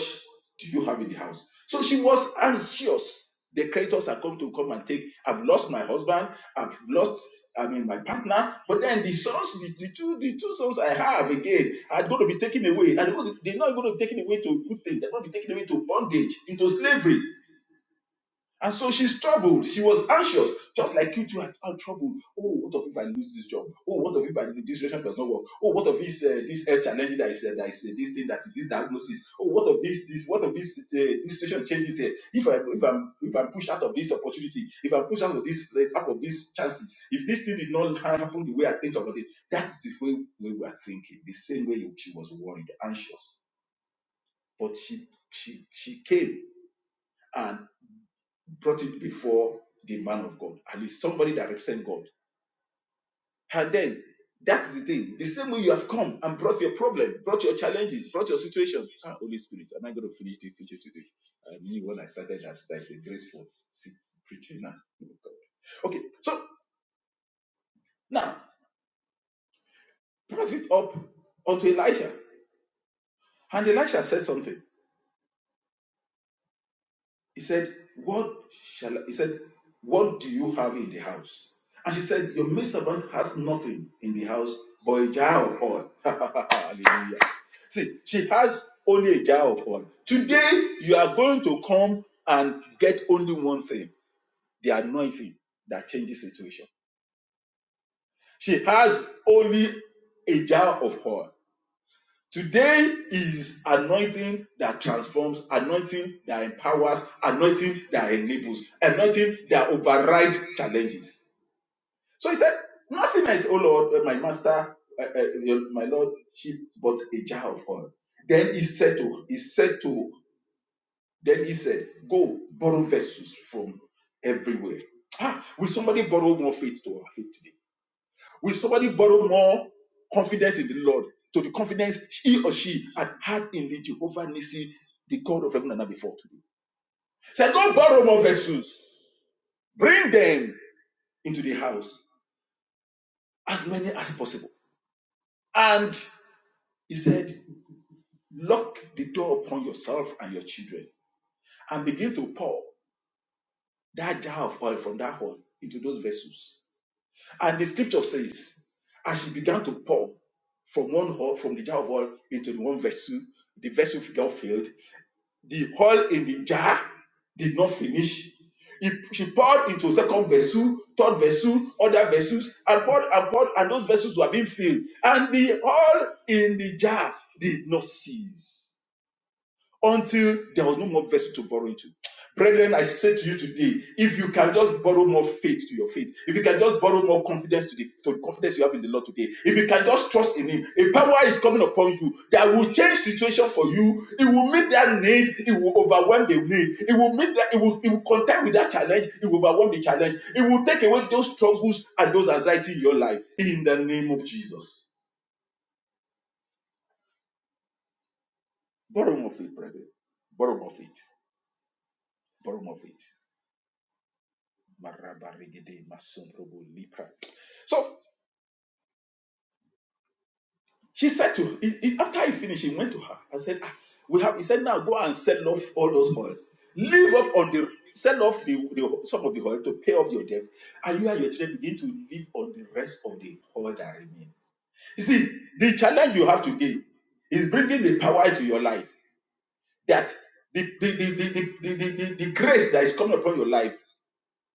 do you have in the house? So she was anxious. The creditors are come to come and take. I've lost my husband. I've lost, I mean, my partner. But then the sons, the, the two, the two sons I have again, are going to be taken away. And they're not going to be taken away to good things. They're going to be taken away to bondage, into slavery. And so she's troubled. She was anxious, just like you two are, are troubled. Oh, what if I lose this job? Oh, what if I, this relationship does not work? Oh, what if this uh, this health challenge that is uh, that is uh, this thing that is this diagnosis? Oh, what if this this what if this uh, this situation changes here? If I if I'm if I'm pushed out of this opportunity, if I'm pushed out of this place, out of these chances, if this thing did not happen the way I think about it, that's the way, way we are thinking. The same way she was worried, anxious, but she she she came brought it before the man of God, at least somebody that represents God. And then that is the thing. The same way you have come and brought your problem, brought your challenges, brought your situations. Ah, Holy Spirit, am I going to finish this teaching today? I knew when I started that there is a graceful te- preaching now. Okay, so now prophet up unto Elisha, and Elisha said something. He said, What shall I-" he said, What do you have in the house? And she said, Your maid has nothing in the house but a jar of oil. Hallelujah. See, she has only a jar of oil. Today, you are going to come and get only one thing the anointing that changes situation. She has only a jar of oil. Today is anointing that transforms, anointing that empowers, anointing that enables, anointing that overrides challenges. So he said, Nothing is, oh Lord, uh, my master, uh, uh, my Lord, she bought a jar of oil. Then he said to, he said to, then he said, Go borrow vessels from everywhere. Ah, will somebody borrow more faith to our faith? Will somebody borrow more confidence in the Lord to the confidence he or she had had in the Jehovah Nissi, the God of heaven and earth before today? Say, don't borrow more vessels. Bring them into the house, as many as possible. And he said, lock the door upon yourself and your children and begin to pour that jar of oil from that horn into those vessels. And the scripture says, as she began to pour from one hole, from the jar of oil into the one vessel, the vessel got filled The oil in the jar did not finish. He- She poured into second vessel, third vessel, other vessels, and poured and poured, and those vessels were being filled. And the oil in the jar did not cease until there was no more vessel to borrow into. Brethren, I say to you today, if you can just borrow more faith to your faith, if you can just borrow more confidence to the, to the confidence you have in the Lord today, if you can just trust in Him, a power is coming upon you that will change situation for you. It will meet that need, it will overwhelm the need, it will meet that, it will, it will contend with that challenge, it will overwhelm the challenge, it will take away those struggles and those anxiety in your life. In the name of Jesus. Borrow more faith, brethren. Borrow more faith. Borrow more faith. Marabarigede masundrubu lipra. So she said to he, he- after he finished, he went to her and said, ah, "We have." He said, "Now go and sell off all those oils. live up on the sell off the, the some of the oil to pay off your debt, and you and your children begin to live on the rest of the oil that remain." You see, the challenge you have to give is bringing the power into your life that the the the the the, the, the, the grace that is coming upon your life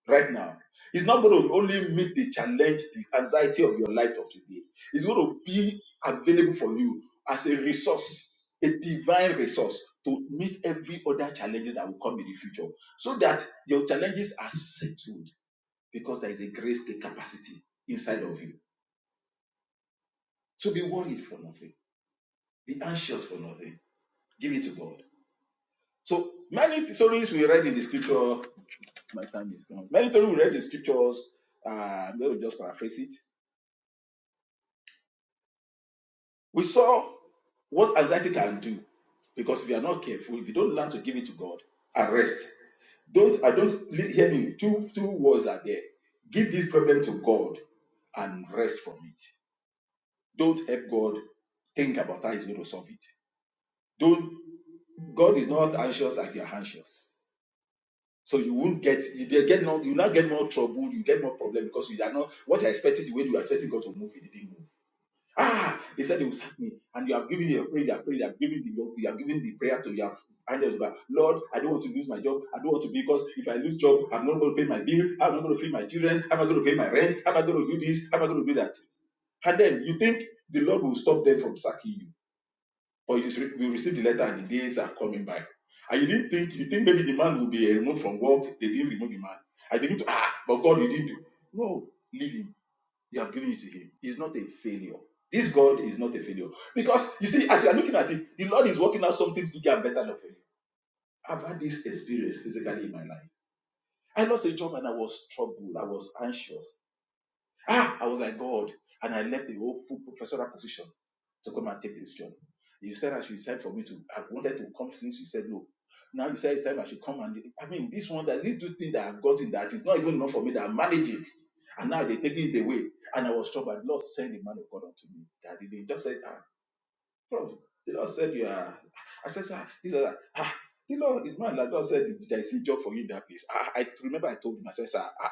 right now. It's not going to only meet the challenge, the anxiety of your life of today. It's going to be available for you as a resource, a divine resource to meet every other challenges that will come in the future, so that your challenges are settled because there is a grace, a capacity inside of you. So be worried for nothing, be anxious for nothing. Give it to God. So many stories we read in the scripture. My time is gone. Many stories we read in the scriptures. Uh, I'm going to just paraphrase it We saw what anxiety can do because if you are not careful, if you don't learn to give it to God and rest, don't I don't hear me. Two two words are there. Give this problem to God and rest from it. Don't help God think about how He's going to solve it. Don't God is not anxious like you're anxious. So you won't get you will get no you will not get more trouble, you get more problem because you are not what you are expecting the way you are expecting God to move, it didn't move. Ah, they said they will sack me, and you have given your prayer, you have prayed, you have given the you have given the prayer to your angels. But Lord, I don't want to lose my job. I don't want to because if I lose job, I'm not going to pay my bill. I'm not going to feed my children. I'm not going to pay my rent. I'm not going to do this. I'm not going to do that. And then you think the Lord will stop them from sacking you, but you will receive the letter, and the days are coming by. And you didn't think you think maybe the man will be uh, removed from work. They didn't remove the man. I begin to ah, but God, you didn't do. No, leave him you have given it to Him. He's not a failure. This God is not a failure. Because you see, as you are looking at it, the Lord is working out something bigger and better than failure. I've had this experience physically in my life. I lost a job and I was troubled. I was anxious. Ah, I was like, God. And I left the whole full professorial position to come and take this job. You said I should decide for me to, I wanted to come since you said no. Now you said it's time I should come and, I mean, this one, that these two things that I've gotten that is not even enough for me that I'm managing. And now they're taking it away. And I was troubled. The Lord sent the man of God unto me. That he just said, ah, bro, the Lord said you are, I said, sir, he said, ah, the Lord, the man that God said there is a job for you in that place. I, I remember I told him, I said, sir, ah, ah,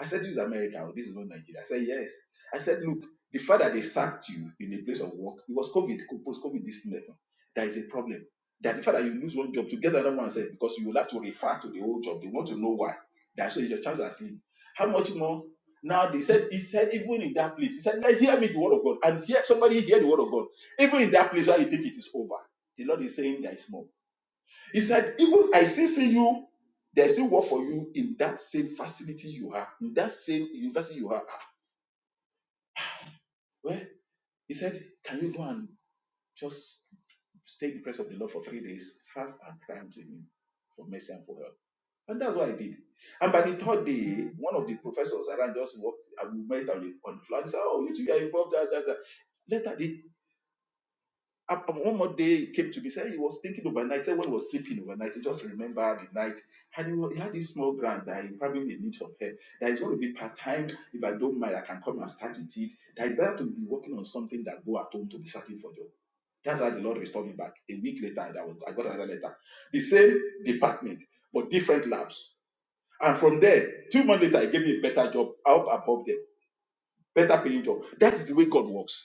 I said, This is America. oh, This is not Nigeria. I said, Yes. I said, Look, the fact that they sacked you in a place of work, it was COVID, post COVID this, distinction. There is a problem. That the fact that you lose one job to get another one, I said, because you will have to refer to the old job. They want to know why. That's so your chance are slim. How much more? Now they said, He said, even in that place, He said, Now hear me the word of God. And hear somebody hear the word of God. Even in that place where you think it is over, the Lord is saying there is more. He said, even I still see you, there's still work for you in that same facility you are, in that same university you are. Ah, Well, he said, can you go and just stay in the presence of the Lord for three days, fast and cry unto him for mercy and for help. And that's what I did. And by the third day, one of the professors around just walked, and we met on the, on the floor and said, Oh, you two are involved. That, that, that. Later, the Up- One more day, he came to me, said he was thinking overnight, said when he was sleeping overnight, he just remembered the night. And he, wa- he had this small grant that he probably may need some help. That is going to be part time. If I don't mind, I can come and start with it. That is better to be working on something than go at home to be searching for job. That's how the Lord restored me back. A week later, that was I got another letter. The same department, but different labs. And from there, two months later, he gave me a better job out above them, better paying job. That is the way God works.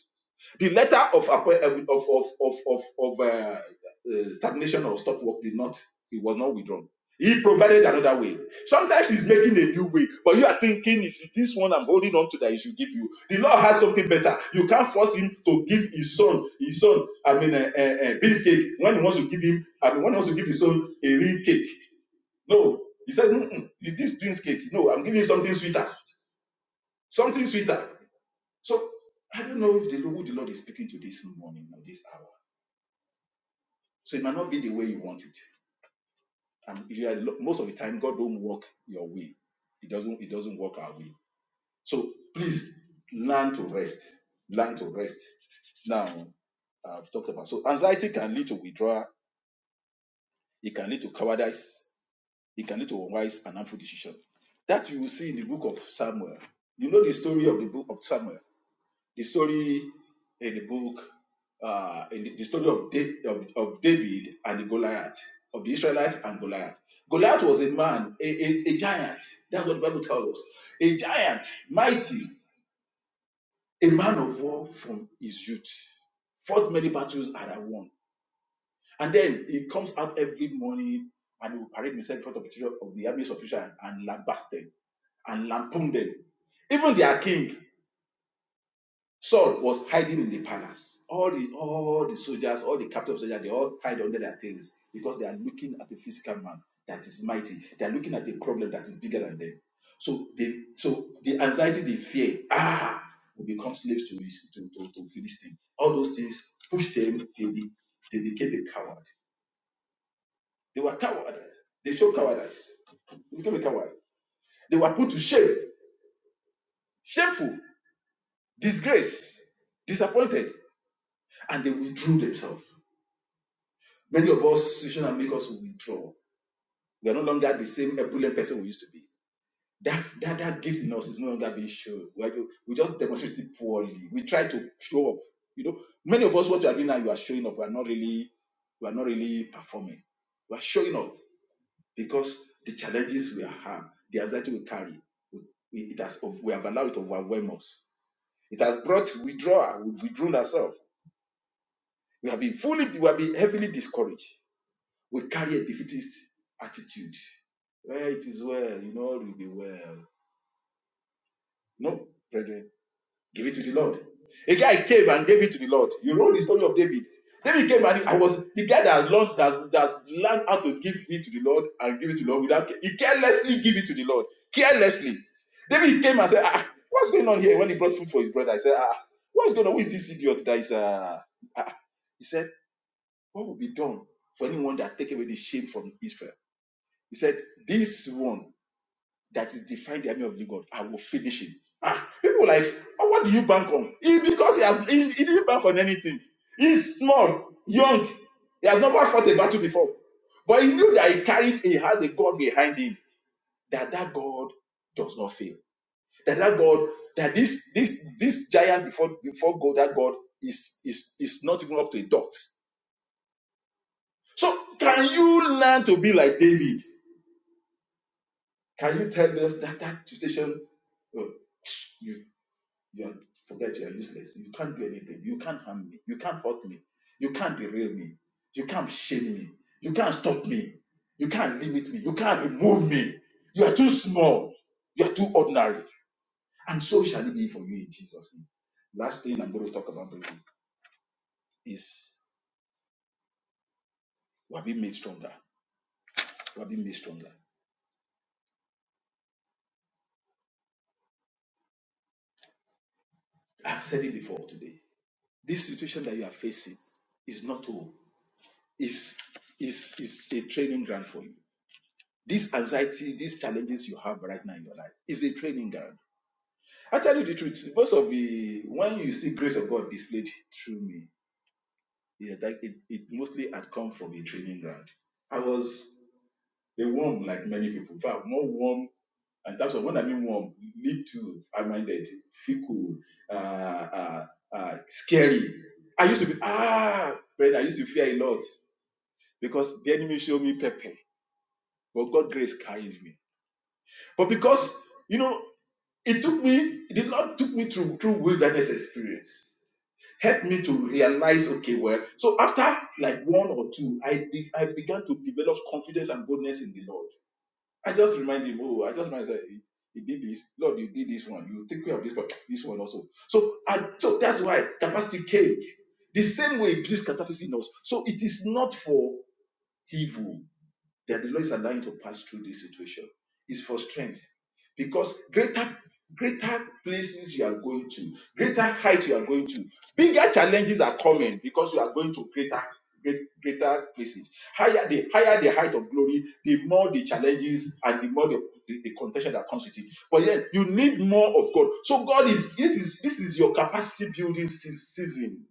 The letter of of of of of, of uh, uh, termination or stop work did not it was not withdrawn. He provided another way. Sometimes he's making a new way, but you are thinking, is it this one I'm holding on to that he should give you? The Lord has something better. You can't force him to give his son, his son, I mean, a, a, a piece cake when he wants to give him, I mean, when he wants to give his son a real cake. No, he says, is this beans cake. No, I'm giving you something sweeter, something sweeter. So I don't know if the, who the Lord is speaking to this morning or this hour. So it might not be the way you want it. And if you are, most of the time, God don't work your way. It doesn't. It doesn't work our way. So please learn to rest. Learn to rest. Now I've talked about so anxiety can lead to withdrawal. It can lead to cowardice. It can lead to unwise and harmful decision. That you will see in the book of Samuel. You know the story of the book of Samuel. the story in the book, uh, in the, the story of, Da- of, of David and the Goliath, of the Israelites and Goliath. Goliath was a man, a, a, a giant. That's what the Bible tells us. A giant, mighty, a man of war from his youth. Fought many battles and had won. And then he comes out every morning and he will parade himself in front of the, children of the armies of Israel and lambast them and lampoon them. Even their king Saul was hiding in the palace. All the all the soldiers, all the captive soldiers, they all hide under their tails because they are looking at a physical man that is mighty. They are looking at a problem that is bigger than them. So they so the anxiety, they fear, ah, will become slaves to his to, to, to Philistine. All those things pushed them, they, be, they became a coward. They were cowards. They showed cowardice. They became a coward. They were put to shame, shameful, disgrace, disappointed, and they withdrew themselves. Many of us, situation and make us withdraw. We are no longer the same ebullient person we used to be. That, that that gift in us is no longer being shown. We, we just demonstrate it poorly. We try to show up. You know, many of us, what you are doing now, you are showing up. We are not really, we are not really performing. We are showing up because the challenges we have, the anxiety we carry, we- it has we have allowed it to overwhelm us. It has brought withdrawal. We've withdrawn ourselves. We have been fully, we have been heavily discouraged. we carry a defeatist attitude. Well, it is well, you know, all will be well. No, brethren, give it to the Lord. A guy came and gave it to the Lord. You know the story of David. David came and I was the guy that learned that that learned how to give it to the Lord and give it to the Lord without he carelessly give it to the Lord. Carelessly. David came and said, ah, what's going on here? When he brought food for his brother, I said, ah, what's going on? Who is this idiot that is uh ah? He said, What will be done for anyone that take away the shame from Israel? He said, This one that is defined the army of the God, I will finish him. Ah, people like, oh, what do you bank on? He, because he has he, he didn't bank on anything. He's small, young. He has never fought a battle before. But he knew that he carried, he has a God behind him, that that God does not fail. That that God, that this this this giant before before God, that God is is is not even up to a dot. So can you learn to be like David? Can you tell us that that situation? uh, You you are, forget you are useless. You can't do anything. You can't harm me. You can't hurt me. You can't derail me. You can't shame me. You can't stop me. You can't limit me. You can't remove me. You are too small. You are too ordinary. And so shall it be for you in Jesus' name. Last thing I'm going to talk about briefly is we have been made stronger. We have been made stronger. I've said it before today. This situation that you are facing is not all. Is is is a training ground for you This anxiety, these challenges you have right now in your life is a training ground. I tell you the truth, most of the when you see grace of God displayed through me, yeah, that it, it mostly had come from a training ground. I was a worm like many people. In fact, more worm in terms of when I mean worm, little, high-minded, fickle, uh, uh, uh, scary. I used to be ah, brother. I used to fear a lot because the enemy showed me pepper, but God grace carried me. But because you know It took me, the Lord took me through through wilderness experience. Helped me to realize, okay, well, so after like one or two, I be- I began to develop confidence and boldness in the Lord. I just remind him, oh, I just remind myself, he he did this, Lord, you did this one, you take care of this one, this one also. So I so that's why capacity came. The same way it gives capacity in us. So it is not for evil that the Lord is allowing to pass through this situation is for strength. Because greater greater places you are going to, greater heights you are going to, bigger challenges are coming because you are going to greater great, greater places. Higher the higher the height of glory, the more the challenges and the more the, the, the contention that comes with it. But then you need more of God. So God is this is this is your capacity building sea- season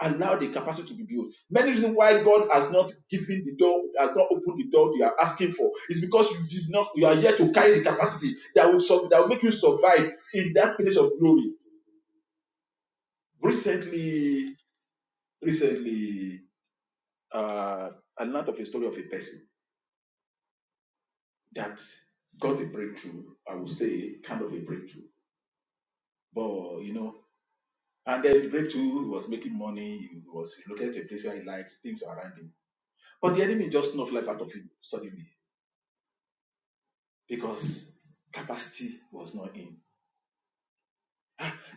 Allow the capacity to be built. Many reasons why God has not given the door, has not opened the door you are asking for, is because you did not, you are yet to carry the capacity that will that will make you survive in that place of glory. Recently, recently, uh, I learned of a story of a person that got a breakthrough. I would say kind of a breakthrough, but you know, and then the breakthrough was making money. He was looking at a place where he likes things around him, but the enemy just snuffed life out of him suddenly because capacity was not in.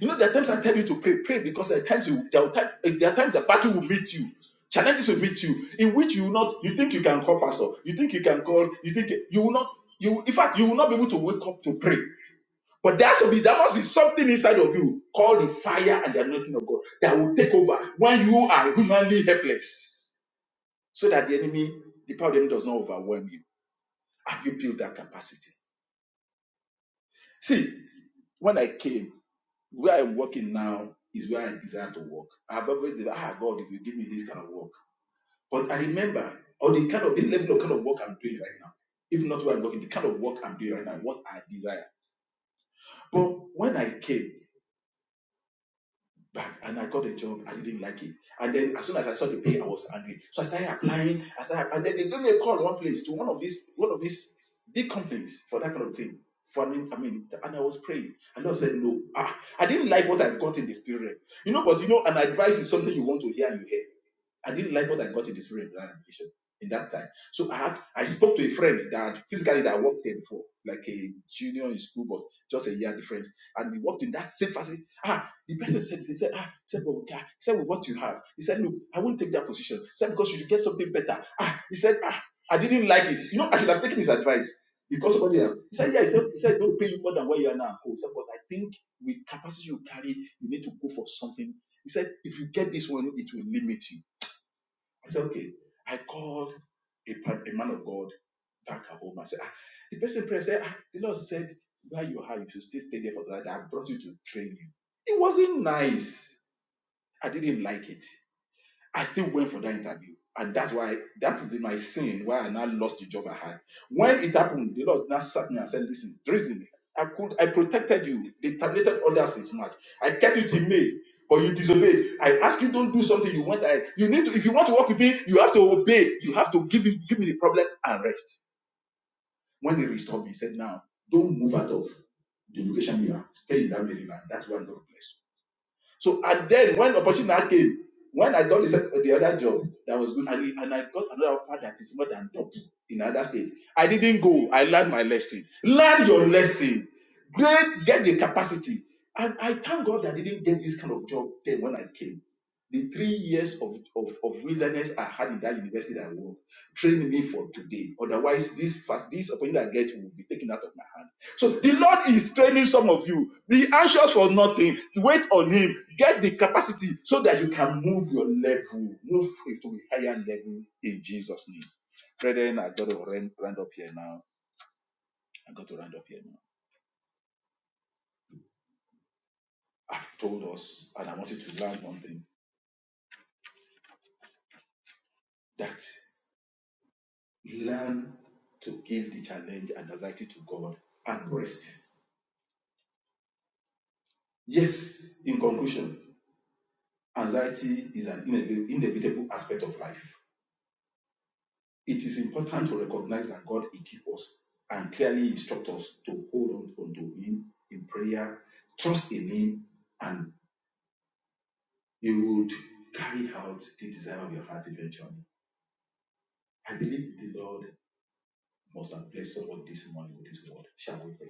You know, there are times I tell you to pray, pray because there are times you there are, time, there are times the battle will meet you, challenges will meet you, in which you will not you think you can call pastor, you think you can call, you think you will not you in fact you will not be able to wake up to pray. But there has to be there must be something inside of you called the fire and the anointing of God that will take over when you are humanly helpless, so that the enemy, the power of the enemy does not overwhelm you. Have you built that capacity? See, when I came. Where I'm working now is where I desire to work. I've always said, ah, God, if you give me this kind of work. But I remember, or the kind of the level of kind of work I'm doing right now, if not where I'm working, the kind of work I'm doing right now, what I desire. But when I came, back and I got a job. I didn't like it. And then as soon as I saw the pay, I was angry. So I started applying. I started, and then they gave me a call one place to one of these one of these big companies for that kind of thing. For I mean, I mean, and I was praying, and Lord said no. Ah, I didn't like what I got in the spirit. You know, but you know, an advice is something you want to hear and you hear. I didn't like what I got in the spirit in that in that time. So I had I spoke to a friend that physically that worked there before, like a junior in school, but just a year difference. And we worked in that same facility. Ah, the person said, he said, ah, he said, but he said, with what you have. He said, look, I won't take that position. He said, because you should get something better. Ah, he said, ah, I didn't like it. You know, I should have taken his advice. Because somebody else. He said, yeah, he said, he said, don't pay you more than what you are now. Oh, He said, but I think with capacity you carry, you need to go for something. He said, if you get this one, it will limit you. I said, okay. I called a, a man of God back at home. I said, ah, the person prayed, said, ah, the Lord said, where you are, you should still stay there for that. I brought you to train you. It wasn't nice. I didn't like it. I still went for that interview. And that's why that is my sin why I now lost the job I had. When it happened, the Lord now sat me and said, Listen, Drizzy, I could I protected you. They terminated others since March. I kept you till May, but you disobeyed. I asked you don't do something you want. I you need to if you want to work with me, you have to obey. You have to give me give me the problem and rest. When he restored me, he said, Now don't move out of the location you are. Stay in that Maryland. That's where God bless you. So and then when opportunity came, when I got the, the other job that was good, and, and I got another offer that is more than double in another state, I didn't go. I learned my lesson. Learn your lesson. Great, get the capacity. And I thank God I didn't get this kind of job then when I came. The three years of, of, of wilderness I had in that university that I worked trained me for today. Otherwise, this fast, this opportunity I get will be taken out of my hand. So the Lord is training some of you. Be anxious for nothing. Wait on Him. Get the capacity so that you can move your level, move it to a higher level in Jesus' name. Brethren, I got to round, round up here now. I got to round up here now. I've told us, and I want you to learn one thing that learn to give the challenge and anxiety to God and rest. Yes, in conclusion, anxiety is an inevitable aspect of life. It is important to recognize that God equips us and clearly instructs us to hold on to Him in prayer, trust in Him, and He would carry out the desire of your heart eventually. I believe the Lord must have blessed someone this morning with this word. Shall we pray?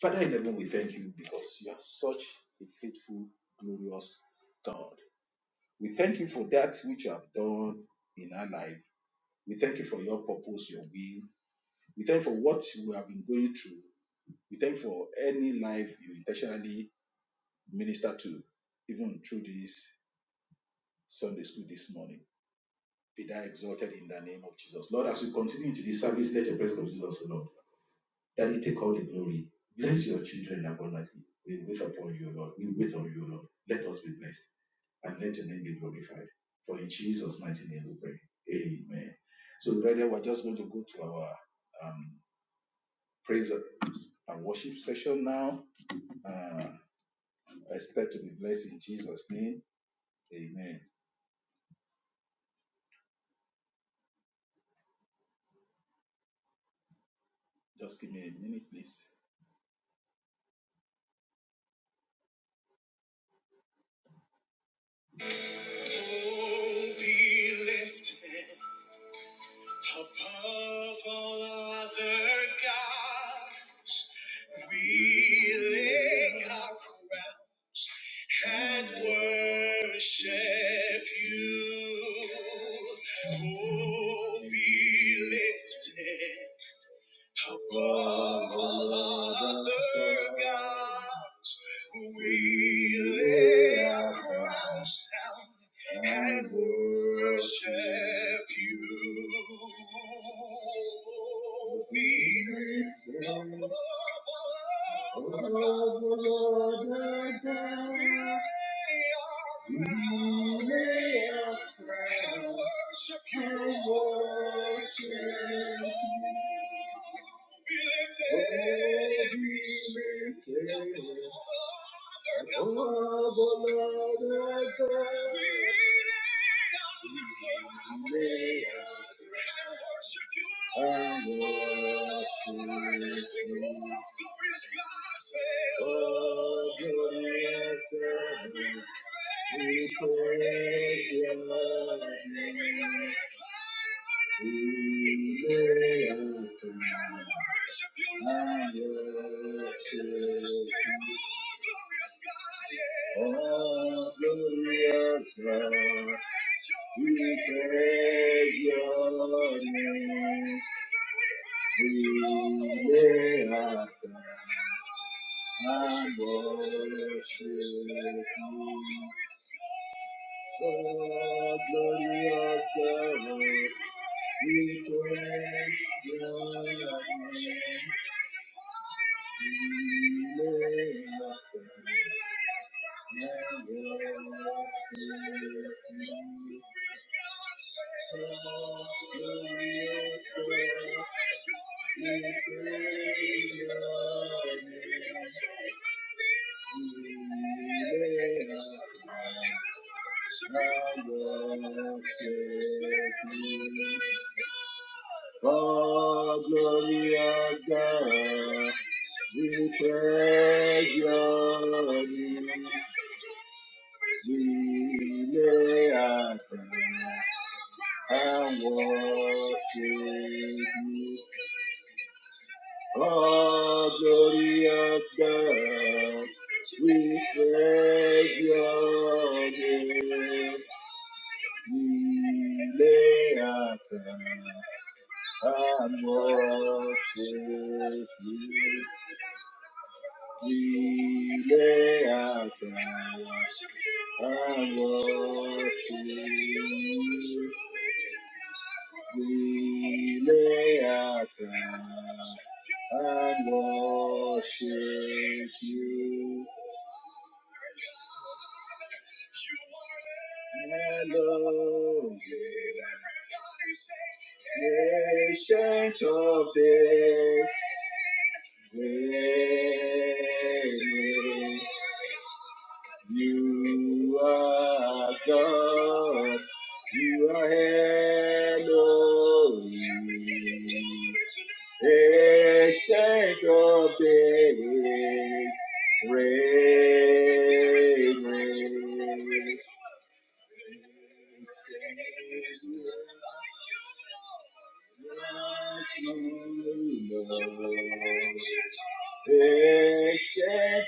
Father in heaven, we thank you because you are such a faithful, glorious God. We thank you for that which you have done in our life. We thank you for your purpose, your will. We thank you for what we have been going through. We thank you for any life you intentionally minister to, even through this Sunday school this morning. Be thou exalted in the name of Jesus. Lord, as we continue into this service, let the presence of Jesus, O Lord, that He take all the glory. Bless your children abundantly. We wait upon you, Lord. We wait on you, Lord. Let us be blessed and let your name be glorified. For in Jesus' mighty name we pray. Amen. So, brethren, we're just going to go to our um, praise and worship session now. Uh, I expect to be blessed in Jesus' name. Amen. Just give me a minute, please. Oh, be lifted above all other gods. We lay our crown and worship you. Oh, be lifted. Above all other gods, we lay our crowns down and worship you. Be above all other gods, we lay our Oh, Oh, glorious, we praise your name. We praise your name. Oh, glorious, God, we praise your name. We praise your name. I worship you. Oh, glorious God, we praise your name. We lay our crown and worship you. Oh, glorious God, we praise your name. We lay our crowns and worship you. Oh, glorious God, we praise your name. We lay our crown and worship you. We lay our crown and worship you. We lay our crown and worship you. Elohim, ancient of days, reigning. You are God, you are Elohim. Ancient of days, reign, reign. Ancient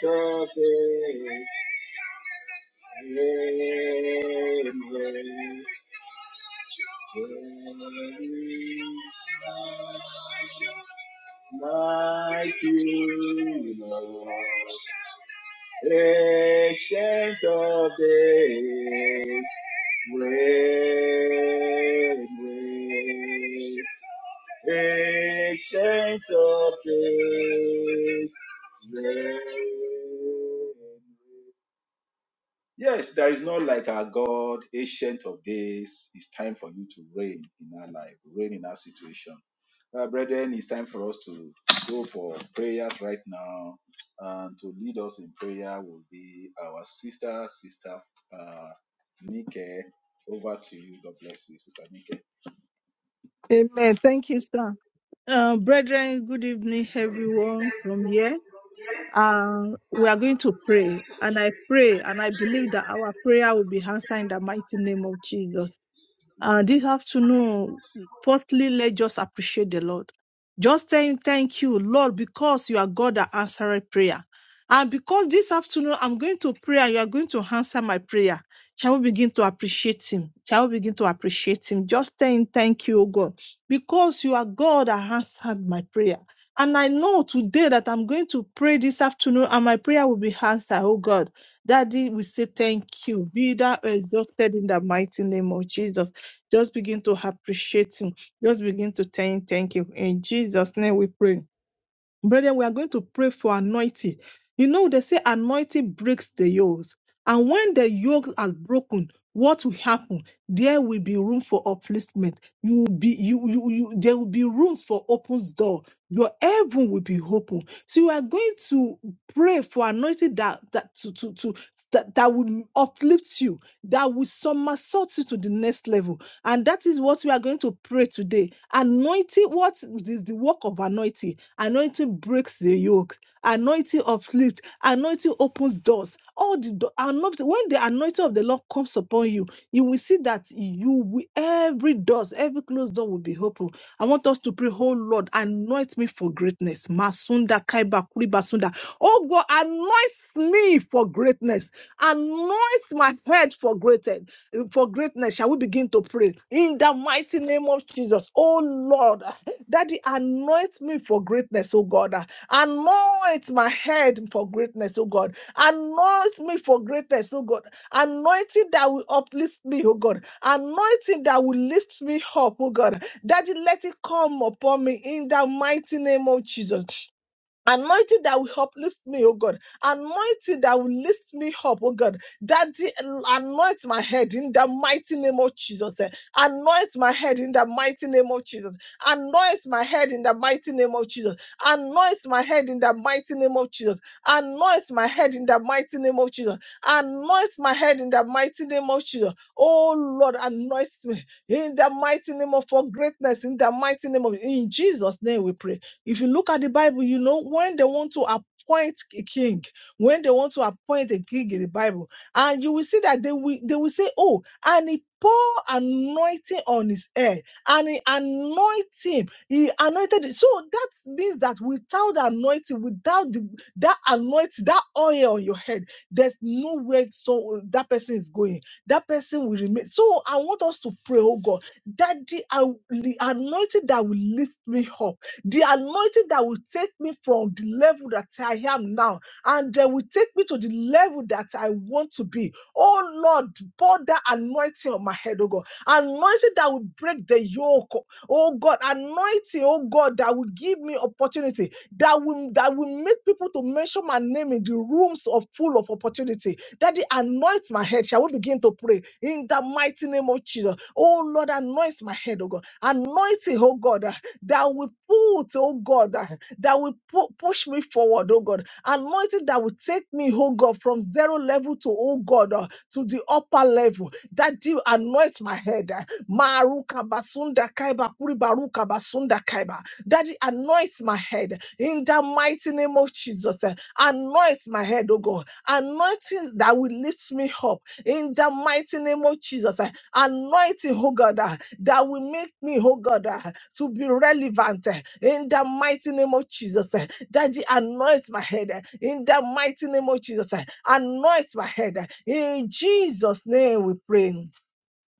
of days, reign, reign. Holy, like you, Lord. Ancient of days, amen. Ancient of days, Yes, there is not like our God, ancient of days. It's time for you to reign in our life, reign in our situation. Uh, brethren, it's time for us to go for prayers right now. And to lead us in prayer will be our sister, sister uh, Nike. Over to you. God bless you, sister Nike. Amen. Thank you, sir. Uh, brethren, good evening, Amen. everyone from here. Uh, we are going to pray, and I pray, and I believe that our prayer will be answered in the mighty name of Jesus. Uh, this afternoon, firstly, let's just appreciate the Lord. Just saying, thank you, Lord, because you are God that answered prayer. And because this afternoon I'm going to pray and you are going to answer my prayer, shall we begin to appreciate him? Shall we begin to appreciate him? Just saying, thank you, O God, because you are God that answered my prayer. And I know today that I'm going to pray this afternoon and my prayer will be answered, oh God. Daddy, we say thank you. Be thou exalted in the mighty name of Jesus. Just begin to appreciate him. Just begin to thank, thank him. In Jesus' name we pray. Brethren, we are going to pray for anointing. You know, they say anointing breaks the yokes. And when the yokes are broken, what will happen? There will be room for upliftment. You will be you you you there will be room for open door. Your heaven will be open. So you are going to pray for anointing that that to to to that, that will uplift you, that will somersault you to the next level. And that is what we are going to pray today. Anointing, what is the work of anointing? Anointing breaks the yoke. Anointing uplifts. Anointing opens doors. All the do- anointing, when the anointing of the Lord comes upon you, you will see that you will, every doors, every closed door will be open. I want us to pray, oh Lord, anoint me for greatness. Masunda kaiba kuribasunda. Oh God, anoint me for greatness. Anoint my head for greatness for greatness shall we begin to pray in the mighty name of jesus oh lord daddy anoint me for greatness oh god anoint my head for greatness oh god anoint me for greatness oh god anointing that will uplift me oh god anointing that will lift me up oh god daddy let it come upon me in the mighty name of jesus Anointing that will uplift me, oh God. Anointing that will lift me up, oh God. Daddy, anoint my head in the mighty name of Jesus. eh. Anoint my head in the mighty name of Jesus. Anoint my head in the mighty name of Jesus. Anoint my head in the mighty name of Jesus. Anoint my head in the mighty name of Jesus. Anoint my head in the mighty name of Jesus. Oh Lord, anoint me in the mighty name of for greatness, in the mighty name of in Jesus' name we pray. If you look at the Bible, you know, when they want to appoint a king, when they want to appoint a king in the Bible, and you will see that they will, they will say, Oh, and he poured anointing on his head, and he anointed him. He anointed it. So that means that without the anointing, without the, that anointing, that oil on your head, there's nowhere so that person is going. That person will remain. So I want us to pray, oh God, that the, uh, the anointing that will lift me up the anointing that will take me from the level that I am now and that will take me to the level that I want to be. Oh Lord, pour that anointing on my head, oh God. Anointing that will break the yoke, oh God. Anointing, oh God, that will give me opportunity, that will that will make people to mention my name in the rooms of full of opportunity. That Daddy, anoint my head. Shall we begin to pray in the mighty name of Jesus? Oh Lord, anoint my head, oh God. Anointing, oh God that will put, oh God, that, that will pu- push me forward, oh God. Anointing that will take me, oh God, from zero level to, oh God, uh, to the upper level. That you anoint my head. uh, Maruka basunda kaiba, kuri baruka basunda kaiba. Daddy, anoint my head in the mighty name of Jesus. eh, Anoint my head, oh God. Anointing that will lift me up in the mighty name of Jesus. eh. Anointing, oh God. ah, that will make me, oh God, ah, to be relevant eh, in the mighty name of Jesus. eh. Daddy, anoint my head eh, in the mighty name of Jesus. eh. Anoint my head eh. in Jesus' name. We pray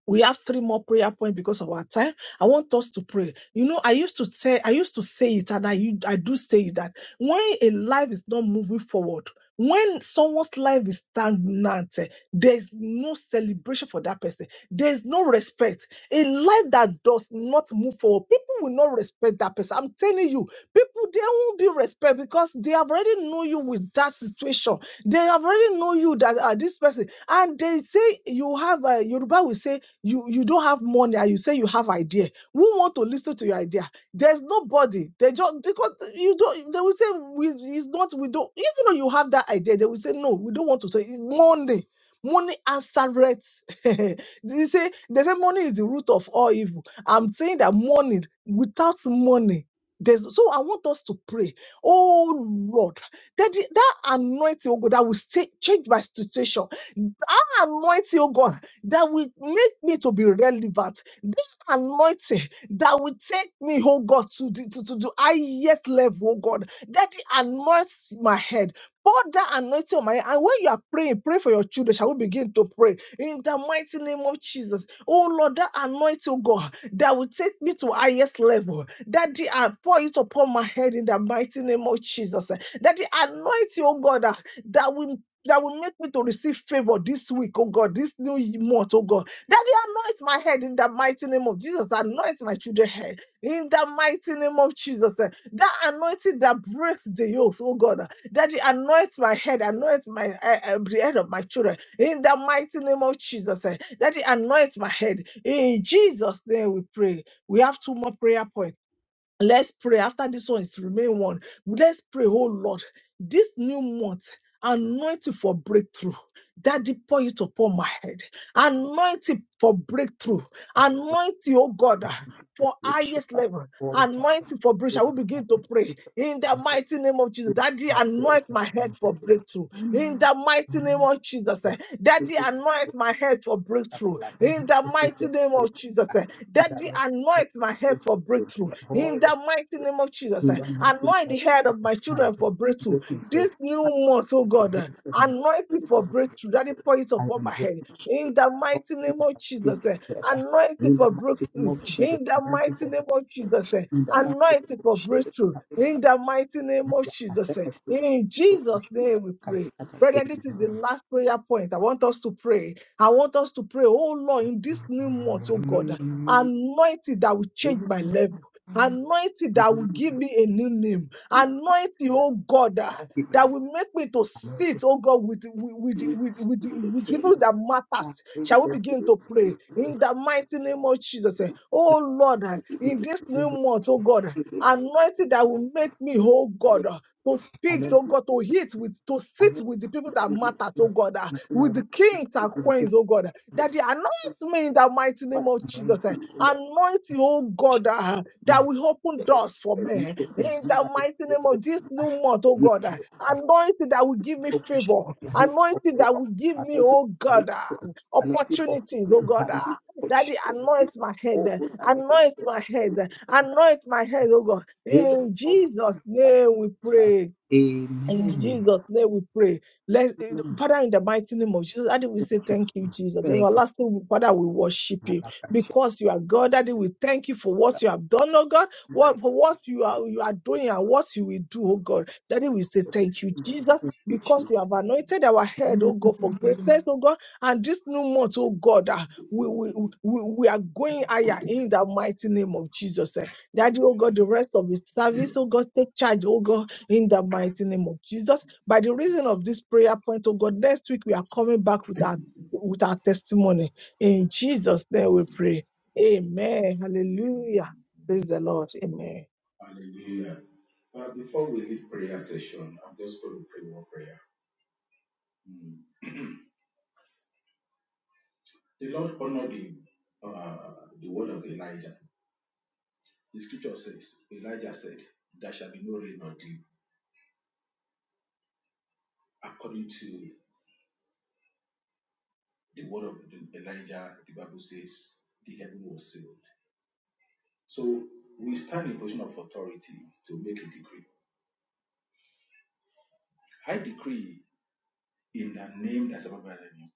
we have three more prayer points because of our time. I want us to pray. You know, I used to say, I used to say it, and I u- I do say it that when a life is not moving forward, when someone's life is stagnant, eh, there's no celebration for that person. There's no respect. A life that does not move forward, people will not respect that person. I'm telling you, people there won't be respect because they have already know you with that situation. They have already know you that uh, this person, and they say you have a Yoruba will say you you don't have money and you say you have idea who want to listen to your idea there's nobody they just because you don't they will say we it's not we don't even though you have that idea they will say no we don't want to say it's money money answereth they say they say money is the root of all evil i'm saying that money without money there's so i want us to pray oh lord that the- that anointing oh god that will stay, change my situation that anointing oh god that will make me to be relevant. This anointing that will take me, oh God, to the, to, to the highest level, oh God. Daddy, anoint my head. Pour that anointing on my head. And when you are praying, pray for your children. Shall we begin to pray? In the mighty name of Jesus. Oh Lord, that anointing, oh God, that will take me to highest level. Daddy, I pour it upon my head in the mighty name of Jesus. Daddy, anoint you, oh God, that, that will that will make me to receive favor this week, oh God, this new month, oh God. Daddy, anoint my head in the mighty name of Jesus. Anoint my children's head in the mighty name of Jesus. eh. That anointing that breaks the yokes, oh God. eh. Daddy, anoint my head, anoint my eh, eh, the head of my children in the mighty name of Jesus. eh. Daddy, anoint my head in Jesus' name. We pray. We have two more prayer points. Let's pray after this one is remain one. Let's pray, oh Lord, this new month. Anointing for breakthrough. Daddy, pour it upon my head. Anointing for breakthrough. Anointing, oh God, and ah, for It's highest a level. All the time, and Anointing for breakthrough. I will begin to pray it's in the the same mighty name of Jesus. thing Daddy, that there anoint is a my head common for regular. breakthrough. In Amen. the mighty name Amen. of Jesus. Yeah, eh. it Daddy, is a anoint good my head for at breakthrough. love. In the It is mighty a name of Jesus. eh. Daddy, Father, let anoint my head us for pray breakthrough. the whole In the of mighty the name of Jesus, eh, kingdom, mighty anoint God, the head of my and children for breakthrough. breaking through. This new month, oh the God, eh, hands of my children. anoint will it be for breakthrough. Daddy, free. pour it I upon my am head. In grateful. the All mighty things name of are working Jesus, eh, together. anoint it In the for mighty name breakthrough. of Jesus, In the I'm waiting mighty for name of Jesus, breakthrough. eh, In the mighty anoint name it of for Jesus, breakthrough. I In remember. the mighty name of I said, Jesus, eh, I feel in like Jesus' name we I see pray. that I Brethren, this is the am. last prayer point. I want us to pray. I want us to pray, oh Lord, in this new month, oh God I'm anointing that will change my level, anointing that will give me a new name, anointing, oh God, ah, that will make me to sit, waiting. oh God, with, with, with, It's with, the with people king. that I matters. Shall think we that begin to it's pray in the mighty name of Jesus? eh, Oh Lord, ah, in this new month, oh God, ah, the anointing that will make me, oh God, ah, to speak, king. oh God, to hit with, to I sit know with the people that that will matter, oh God, ah, make you and I will with the help you to kings and speak with the people queens, oh God, that ah, I would that they anoint me in the mighty name Father, of I'm going Jesus. eh, to you, Lord. Anoint you, oh God, ah, that Man, will open let me doors for me. focus In you the that you mighty name do. of this new month, oh you God, ah, us anointing that will give me focus favor, you anointing for anointing that will give favor, me, anointing oh for God, ah, breakthrough, anointing for opportunities, oh healing, God. ah. anointing for Daddy, children. anoint my head, Oh, eh, Lord, I want to be anoint able to my head, eh, do that. anoint my head, oh in God. the name In of Jesus' Jesus, Father, name we it's my pray. In Amen. Jesus' name we pray. Let's, eh, Amen. Father, in the mighty name of Jesus, Daddy, we Thank say you. thank you, Jesus. Jesus. Thank you. Everlasting Father, we worship you Malakashe. because you are God. Daddy, we thank you for what you have done, oh God, what, for what you are, you are doing and what you will do, oh God. Daddy, we say thank you, Jesus. Because you have anointed our head, oh God, for greatness, oh God, and this new month, oh God, ah, we, we, we, we are going higher in the mighty name of Jesus. eh. Daddy, oh God, the rest of his service, oh God, take charge, oh God, in the mighty name of Jesus. By the reason of this prayer point, oh God, next week we are coming back with our with our testimony. In Jesus' name we pray. Amen. Hallelujah. Amen. Praise the Lord. Amen. Hallelujah. Uh, before we leave prayer session, I'm just going to pray one prayer. Mm. The Lord honored the, uh, the word of Elijah. The scripture says, Elijah said, There shall be no rain on thee, according to The word of Elijah, the Bible says, the heaven was sealed. So we stand in position of authority to make a decree. I decree in the name that's above every name,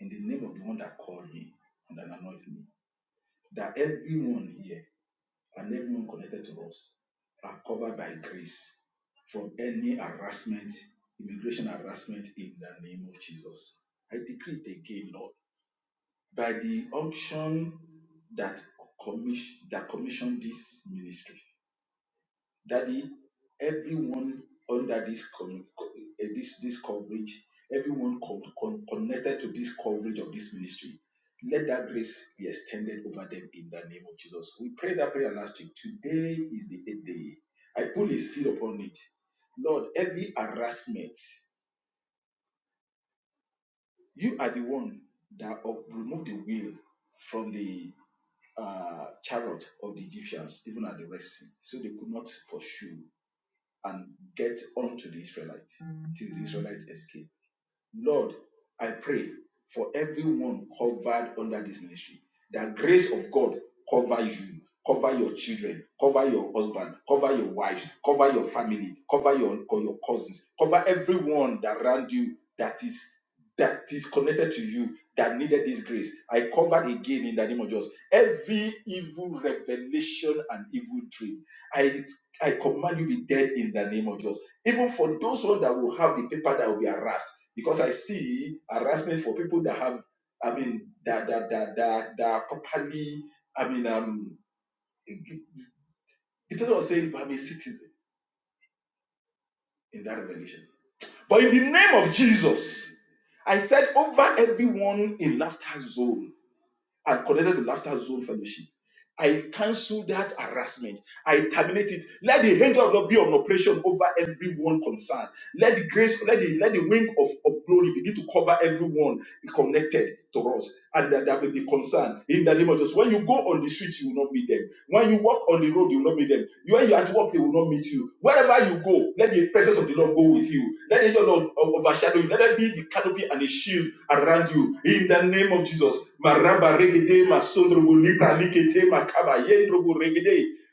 in the name of the one that called me and that anointed me, that everyone here and everyone connected to us are covered by grace from any harassment, immigration harassment in the name of Jesus. I decree it again, Lord by the unction that commission that commissioned this ministry. Daddy, everyone under this com- co- eh, this this coverage, everyone con- con- connected to this coverage of this ministry, let that grace be extended over them in the name of Jesus. We prayed that prayer last week. Today is the eighth day. I put a seal upon it. Lord, every harassment, you are the one that up- remove the will from the uh, chariot of the Egyptians, even at the Red Sea. So they could not pursue and get onto the Israelites till the Israelites escaped. Lord, I pray for everyone covered under this ministry. That grace of God cover you, cover your children, cover your husband, cover your wife, cover your family, cover your, your cousins, cover everyone that around you that is that is connected to you that needed this grace. I cover again in the name of Jesus every evil revelation and evil dream. I I command you be dead in the name of Jesus. Even for those one that will have the paper that will be harassed because I see harassment for people that have, I mean, that that that that, that are properly, I mean, um, it it doesn't say I'm a citizen in that revelation. But in the name of Jesus, I said over everyone in laughter zone and connected to Laughter Zone Fellowship. I cancel that harassment. I terminate it. Let the hand of God be on operation over everyone concerned. Let the grace, let the, let the wing of, of glory begin to cover everyone connected to us and that, that will be concerned in the name of Jesus. When you go on the street, you will not meet them. When you walk on the road, you will not meet them. When you are at work, they will not meet you. Wherever you go, let the presence of the Lord go with you. Let the Lord overshadow you. Let there be the canopy and the shield around you. In the name of Jesus.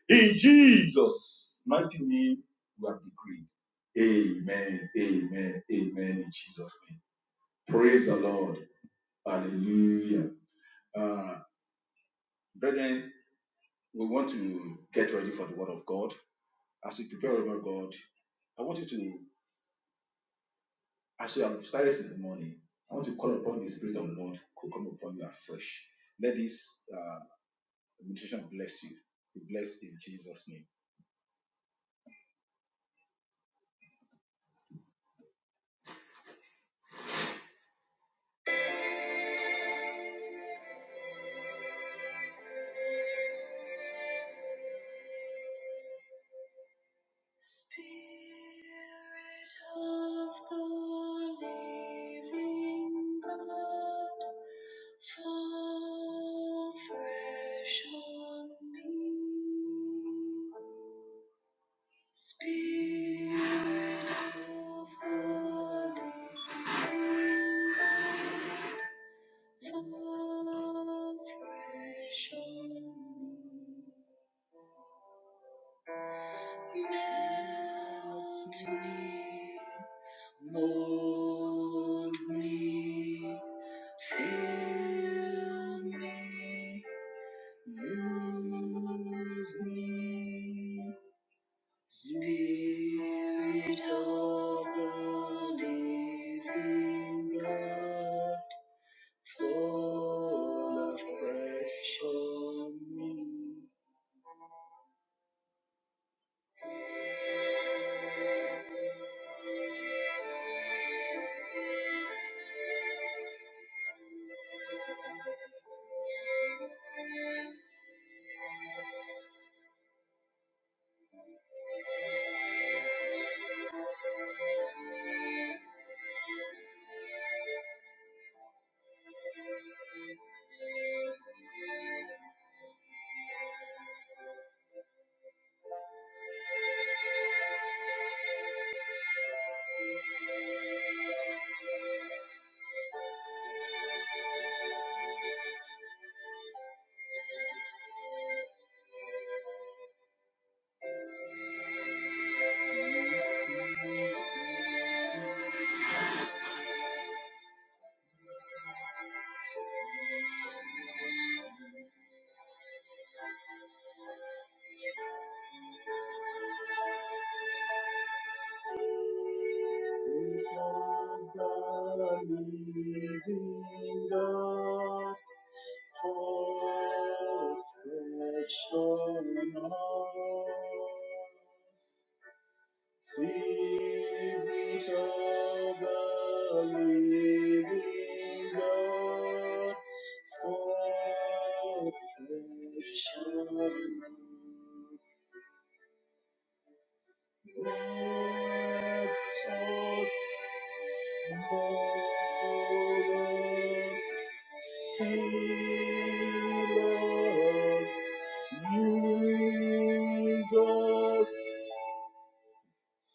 In Jesus' mighty name, we have decreed. Amen. Amen. Amen. In Jesus' name. Praise the Lord. Hallelujah. Uh, brethren, we want to get ready for the word of God. As we prepare, oh God, I want you to, as you have started since the morning, I want to call upon the Spirit of the Lord to come upon you afresh. Let this uh, meditation bless you. Be blessed in Jesus' name. Spirit of the living God, fall fresh on me. Spirit of the living God, fresh on me, melt me, mold me, fill me, use me. Spirit of the living God. full of fresh on me. Is the living God, full of fresh on us. Spirit of the living God, fall fresh on us. Let us, mold us, fill us, use us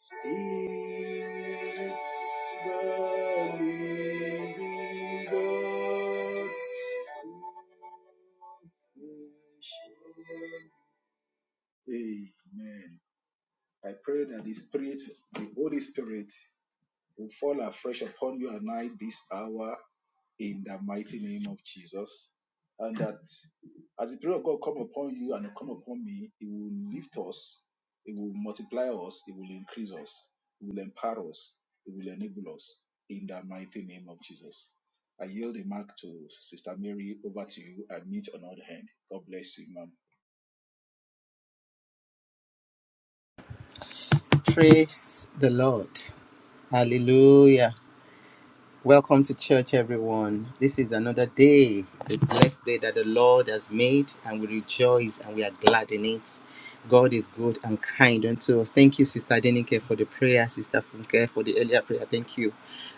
is the living God. Amen. I pray that the Spirit, the Holy Spirit, will fall afresh upon you and I this hour in the mighty name of Jesus. And that as the Spirit of God come upon you and come upon me, it will lift us, it will multiply us, it will increase us, it will empower us, it will enable us in the mighty name of Jesus. I yield the mic to Sister Mary over to you I meet on other hand. God bless you, ma'am. Praise the Lord. Hallelujah. Welcome to church, everyone. This is another day, the blessed day that the Lord has made, and we rejoice and we are glad in it. God is good and kind unto us. Thank you, Sister Denike, for the prayer, Sister Funke, for the earlier prayer. Thank you,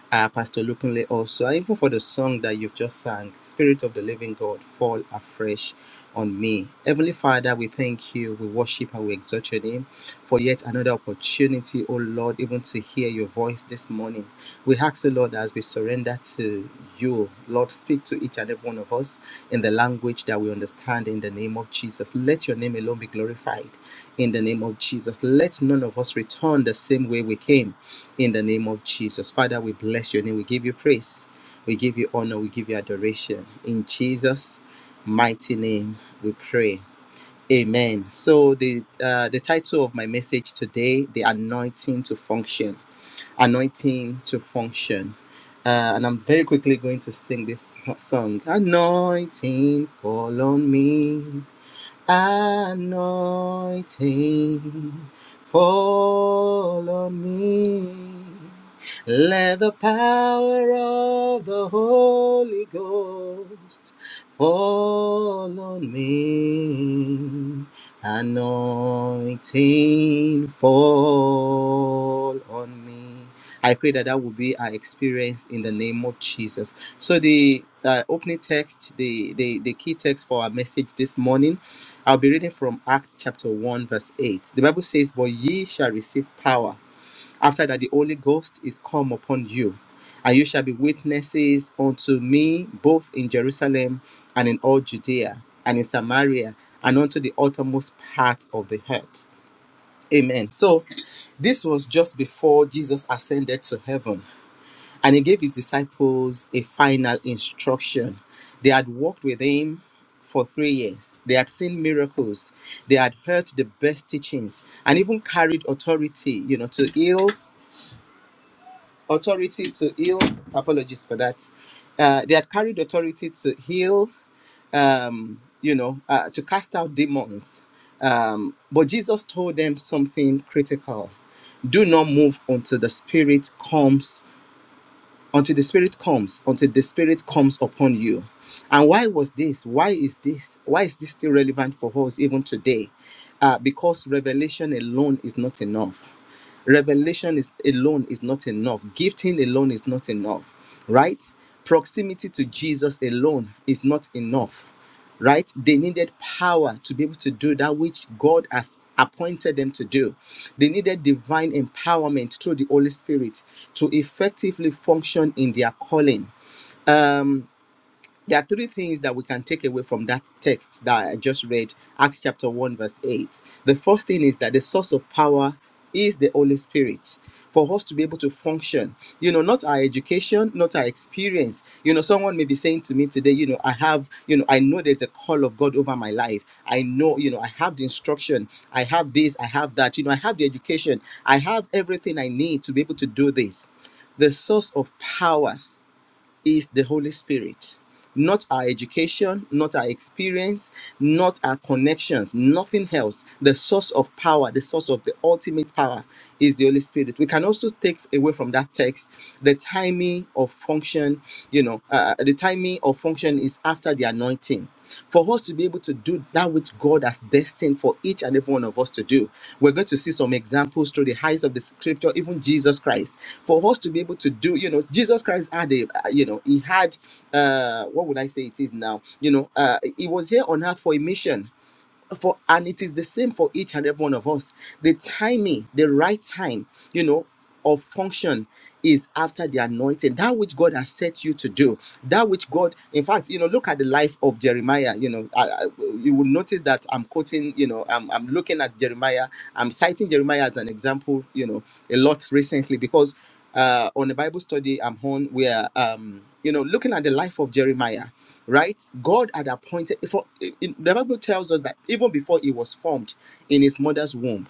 uh, Pastor Lukunle, also, and even for the song that you've just sang, Spirit of the Living God, fall afresh on me. Heavenly Father, we thank you, we worship and we exalt your name for yet another opportunity, oh Lord, even to hear your voice this morning. We ask the Lord, as we surrender to you, Lord, speak to each and every one of us in the language that we understand in the name of Jesus. Let your name alone be glorified in the name of Jesus. Let none of us return the same way we came in the name of Jesus. Father, we bless your name. We give you praise. We give you honor. We give you adoration. In Jesus' mighty name, we pray. Amen. So the uh, the title of my message today, the anointing to function anointing to function. Uh, and I'm very quickly going to sing this song. Anointing fall on me anointing fall on me. Let the power of the Holy Ghost fall on me. Anointing fall on me. I pray that that will be our experience in the name of Jesus. So the uh, opening text, the, the the key text for our message this morning I'll be reading from Acts chapter 1, verse 8. The Bible says, But ye shall receive power after that the Holy Ghost is come upon you, and you shall be witnesses unto me both in Jerusalem and in all Judea and in Samaria and unto the uttermost part of the earth. Amen. So this was just before Jesus ascended to heaven and he gave his disciples a final instruction. They had walked with him for three years, they had seen miracles, they had heard the best teachings, and even carried authority, you know, to heal, authority to heal. Apologies for that. Uh, they had carried authority to heal, um, you know, uh, to cast out demons. Um, but Jesus told them something critical do not move until the spirit comes until the spirit comes until the spirit comes upon you and why was this why is this why is this still relevant for us even today uh, because revelation alone is not enough Revelation is alone is not enough. Gifting alone is not enough, right? Proximity to Jesus alone is not enough, right? They needed power to be able to do that which God has appointed them to do. They needed divine empowerment through the Holy Spirit to effectively function in their calling. Um, there are three things that we can take away from that text that I just read, Acts chapter 1, verse 8. The first thing is that the source of power is the Holy Spirit. For us to be able to function, you know, not our education, not our experience. You know, someone may be saying to me today, you know, I have, you know, I know there's a call of God over my life. I know, you know, I have the instruction, I have this, I have that, you know, I have the education, I have everything I need to be able to do this. The source of power is the Holy Spirit. Not our education, not our experience, not our connections, nothing else. The source of power, the source of the ultimate power is the Holy Spirit. We can also take away from that text the timing of function, you know, uh, the timing of function is after the anointing for us to be able to do that which God has destined for each and every one of us to do. We're going to see some examples through the heights of the scripture, even Jesus Christ. For us to be able to do, you know, Jesus Christ had a, uh, you know, he had, uh, what would I say it is now? You know, uh, he was here on earth for a mission for and it is the same for each and every one of us the timing the right time you know of function is after the anointing that which god has set you to do that which god in fact you know look at the life of jeremiah you know I, I- you will notice that i'm quoting you know I'm, I'm looking at jeremiah i'm citing jeremiah as an example you know a lot recently because uh on a bible study i'm on where um you know looking at the life of jeremiah right god had appointed for in- the bible tells us that even before he was formed in his mother's womb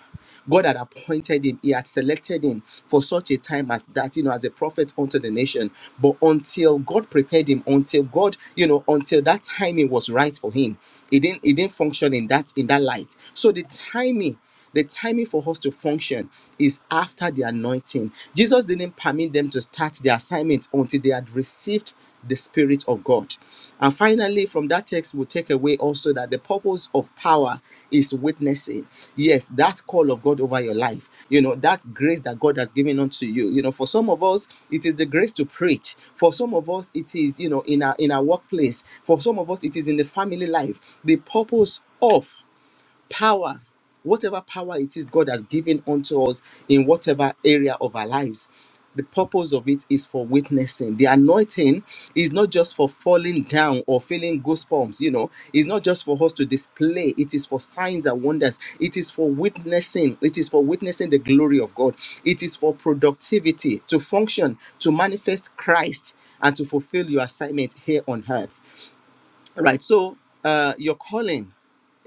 god had appointed him he had selected him for such a time as that you know as a prophet unto the nation but until god prepared him until god you know until that timing was right for him he didn't he didn't function in that in that light so the timing the timing for us to function is after the anointing. Jesus didn't permit them to start the assignment until they had received the Spirit of God. And finally, from that text, we'll take away also that the purpose of power is witnessing. Yes, that call of God over your life, you know, that grace that God has given unto you. You know, for some of us, it is the grace to preach. For some of us, it is, you know, in our in our workplace. For some of us, it is in the family life. The purpose of power, whatever power it is God has given unto us in whatever area of our lives. The purpose of it is for witnessing. The anointing is not just for falling down or feeling goosebumps, you know, it's not just for us to display, it is for signs and wonders, it is for witnessing, it is for witnessing the glory of God, it is for productivity, to function, to manifest Christ, and to fulfill your assignment here on earth right so uh your calling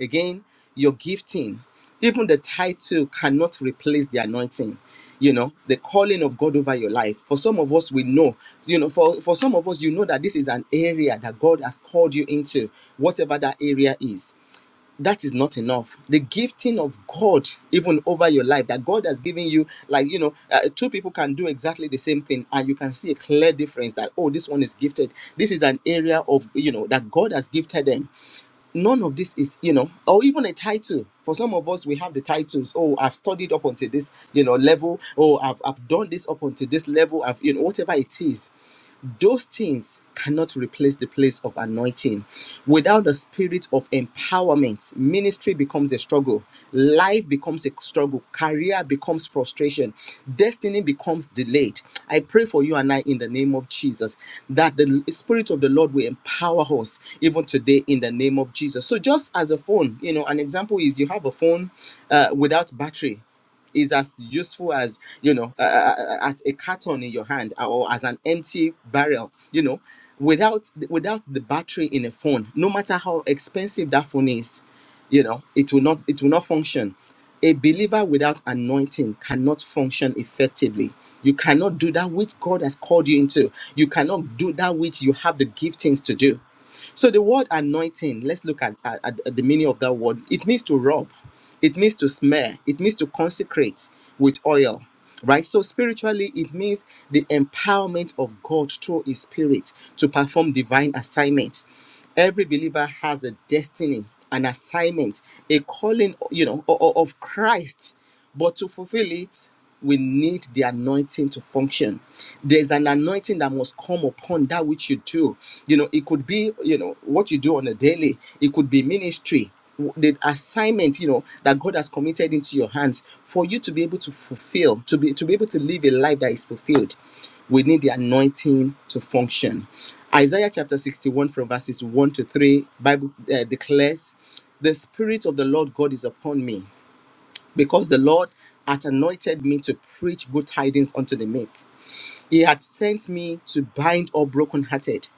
again your gifting even the title cannot replace the anointing you know the calling of god over your life for some of us we know you know for for some of us you know that this is an area that god has called you into whatever that area is that is not enough the gifting of god even over your life that god has given you like you know uh, two people can do exactly the same thing and you can see a clear difference that oh this one is gifted this is an area of you know that god has gifted them none of this is you know or even a title for some of us we have the titles oh i've studied up until this you know level oh i've, I've done this up until this level i've you know whatever it is those things cannot replace the place of anointing. Without the spirit of empowerment, ministry becomes a struggle, life becomes a struggle, career becomes frustration, destiny becomes delayed. I pray for you and I in the name of Jesus that the spirit of the Lord will empower us even today in the name of Jesus. So, just as a phone, you know, an example is you have a phone uh, without battery is as useful as you know uh, uh, as a carton in your hand or as an empty barrel you know without without the battery in a phone no matter how expensive that phone is you know it will not it will not function a believer without anointing cannot function effectively you cannot do that which god has called you into you cannot do that which you have the giftings to do so the word anointing, let's look at, at, at the meaning of that word. It means to rub, it means to smear, it means to consecrate with oil. Right? So spiritually, it means the empowerment of God through his spirit to perform divine assignments. Every believer has a destiny, an assignment, a calling, you know, o- o- of Christ. But to fulfill it, we need the anointing to function there's an anointing that must come upon that which you do you know it could be you know what you do on a daily it could be ministry w- the assignment you know that god has committed into your hands for you to be able to fulfill to be to be able to live a life that is fulfilled we need the anointing to function isaiah chapter 61 from verses 1 to 3 bible uh, declares the spirit of the lord god is upon me because the Lord hath anointed me to preach good tidings unto the meek. He hath sent me to bind up brokenhearted,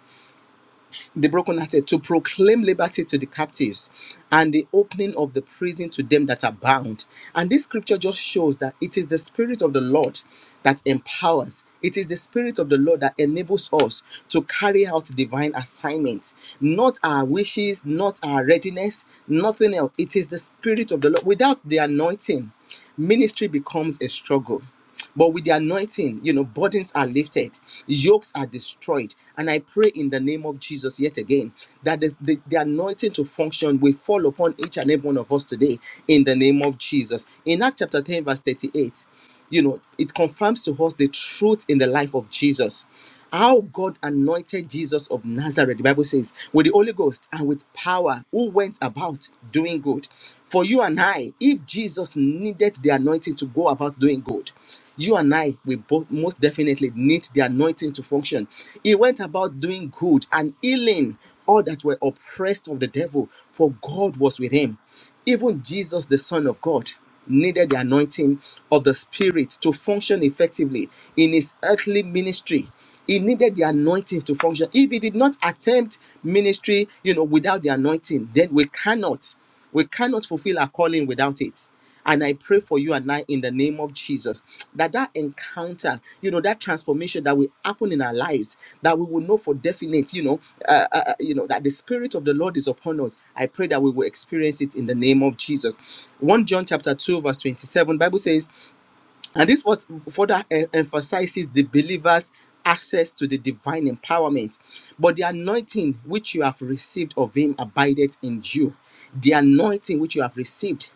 the brokenhearted, to proclaim liberty to the captives and the opening of the prison to them that are bound. And this scripture just shows that it is the Spirit of the Lord that empowers. It is the Spirit of the Lord that enables us to carry out divine assignments, not our wishes, not our readiness, nothing else. It is the Spirit of the Lord. Without the anointing, ministry becomes a struggle but with the anointing, you know, burdens are lifted, yokes are destroyed. And I pray in the name of Jesus yet again that the, the, the anointing to function will fall upon each and every one of us today in the name of Jesus. In Acts chapter 10, verse 38, you know, it confirms to us the truth in the life of Jesus how God anointed Jesus of Nazareth, the Bible says, with the Holy Ghost and with power, who went about doing good. For you and I, if Jesus needed the anointing to go about doing good, you and I, we both most definitely need the anointing to function. He went about doing good and healing all that were oppressed of the devil, for God was with him. Even Jesus, the Son of God, needed the anointing of the Spirit to function effectively in his earthly ministry. He needed the anointing to function. If he did not attempt ministry, you know, without the anointing, then we cannot, we cannot fulfill our calling without it and i pray for you and i in the name of jesus that that encounter you know that transformation that will happen in our lives that we will know for definite you know uh, uh, uh, you know that the spirit of the lord is upon us i pray that we will experience it in the name of jesus 1 john chapter 2 verse 27 bible says and this was further em- emphasizes the believers access to the divine empowerment but the anointing which you have received of him abideth in you the anointing which you have received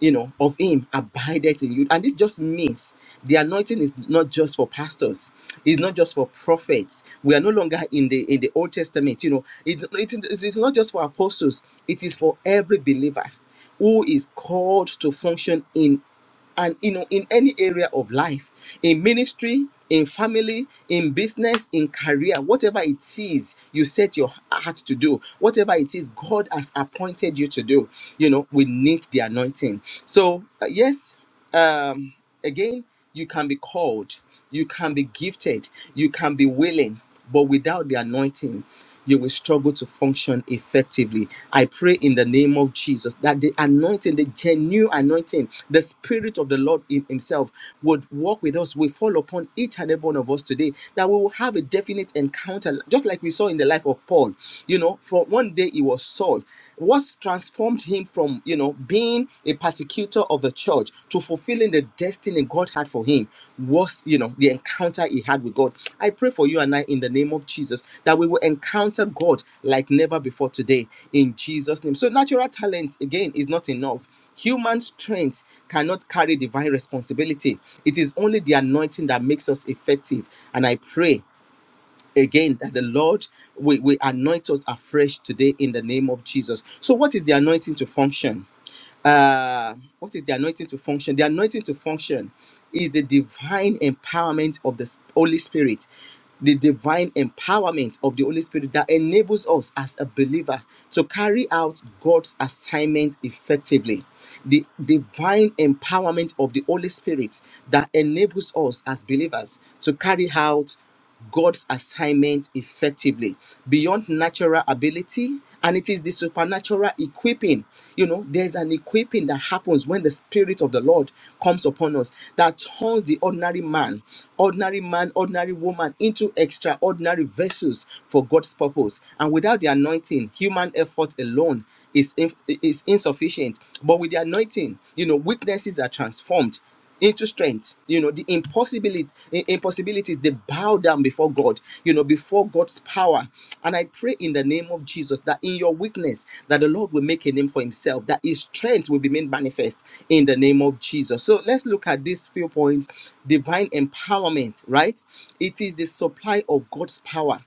you know, of him abideth in you. And this just means the anointing is not just for pastors, it's not just for prophets. We are no longer in the in the Old Testament, you know, it, it, it's not just for apostles, it is for every believer who is called to function in and you know in any area of life in ministry in family in business in career whatever it is you set your heart to do whatever it is god has appointed you to do you know we need the anointing so uh, yes um, again, you can be called, you can be gifted, you can be willing, but without the anointing, you will struggle to function effectively. I pray in the name of Jesus that the anointing, the genuine anointing, the Spirit of the Lord in Himself would walk with us, will fall upon each and every one of us today, that we will have a definite encounter, just like we saw in the life of Paul. You know, for one day he was Saul. What's transformed him from, you know, being a persecutor of the church to fulfilling the destiny God had for him was, you know, the encounter he had with God. I pray for you and I in the name of Jesus that we will encounter God like never before today in Jesus' name. So, natural talent, again, is not enough. Human strength cannot carry divine responsibility. It is only the anointing that makes us effective. And I pray again that the Lord will, will anoint us afresh today in the name of Jesus. So, what is the anointing to function? uh what is the anointing to function the anointing to function is the divine empowerment of the S- holy spirit the divine empowerment of the holy spirit that enables us as a believer to carry out god's assignment effectively the divine empowerment of the holy spirit that enables us as believers to carry out God's assignment effectively beyond natural ability. And it is the supernatural equipping. You know, there's an equipping that happens when the Spirit of the Lord comes upon us that turns the ordinary man, ordinary man, ordinary woman into extraordinary vessels for God's purpose. And without the anointing, human effort alone is, in- is insufficient. But with the anointing, you know, weaknesses are transformed into strength you know the impossibility impossibilities they bow down before god you know before god's power and i pray in the name of jesus that in your weakness that the lord will make a name for himself that his strength will be made manifest in the name of jesus so let's look at these few points divine empowerment right it is the supply of god's power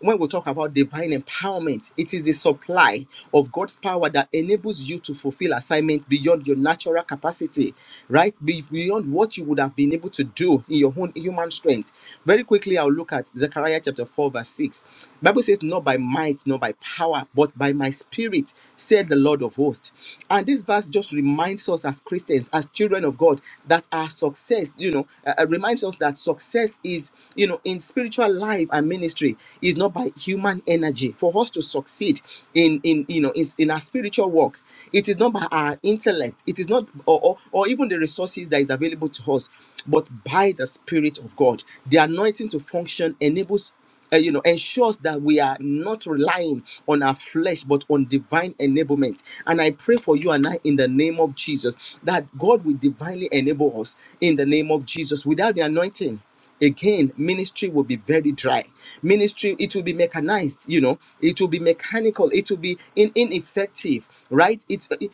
when we talk about divine empowerment, it is the supply of God's power that enables you to fulfill assignment beyond your natural capacity, right? Be- Beyond what you would have been able to do in your own human strength. Very quickly, I'll look at Zechariah chapter 4, verse 6. Bible says, Not by might, not by power, but by my spirit, said the Lord of hosts. And this verse just reminds us as Christians, as children of God, that our success, you know, uh, uh, reminds us that success is, you know, you know in spiritual life and ministry is not by human energy for us to succeed in in you know in, in our spiritual work it is not by our intellect it is not or, or or even the resources that is available to us but by the spirit of god the anointing to function enables uh, you know ensures that we are not relying on our flesh but on divine enablement and i pray for you and i in the name of jesus that god will divinely enable us in the name of jesus without the anointing again ministry will be very dry ministry it will be mechanized you know it will be mechanical it will be in, ineffective right it's it,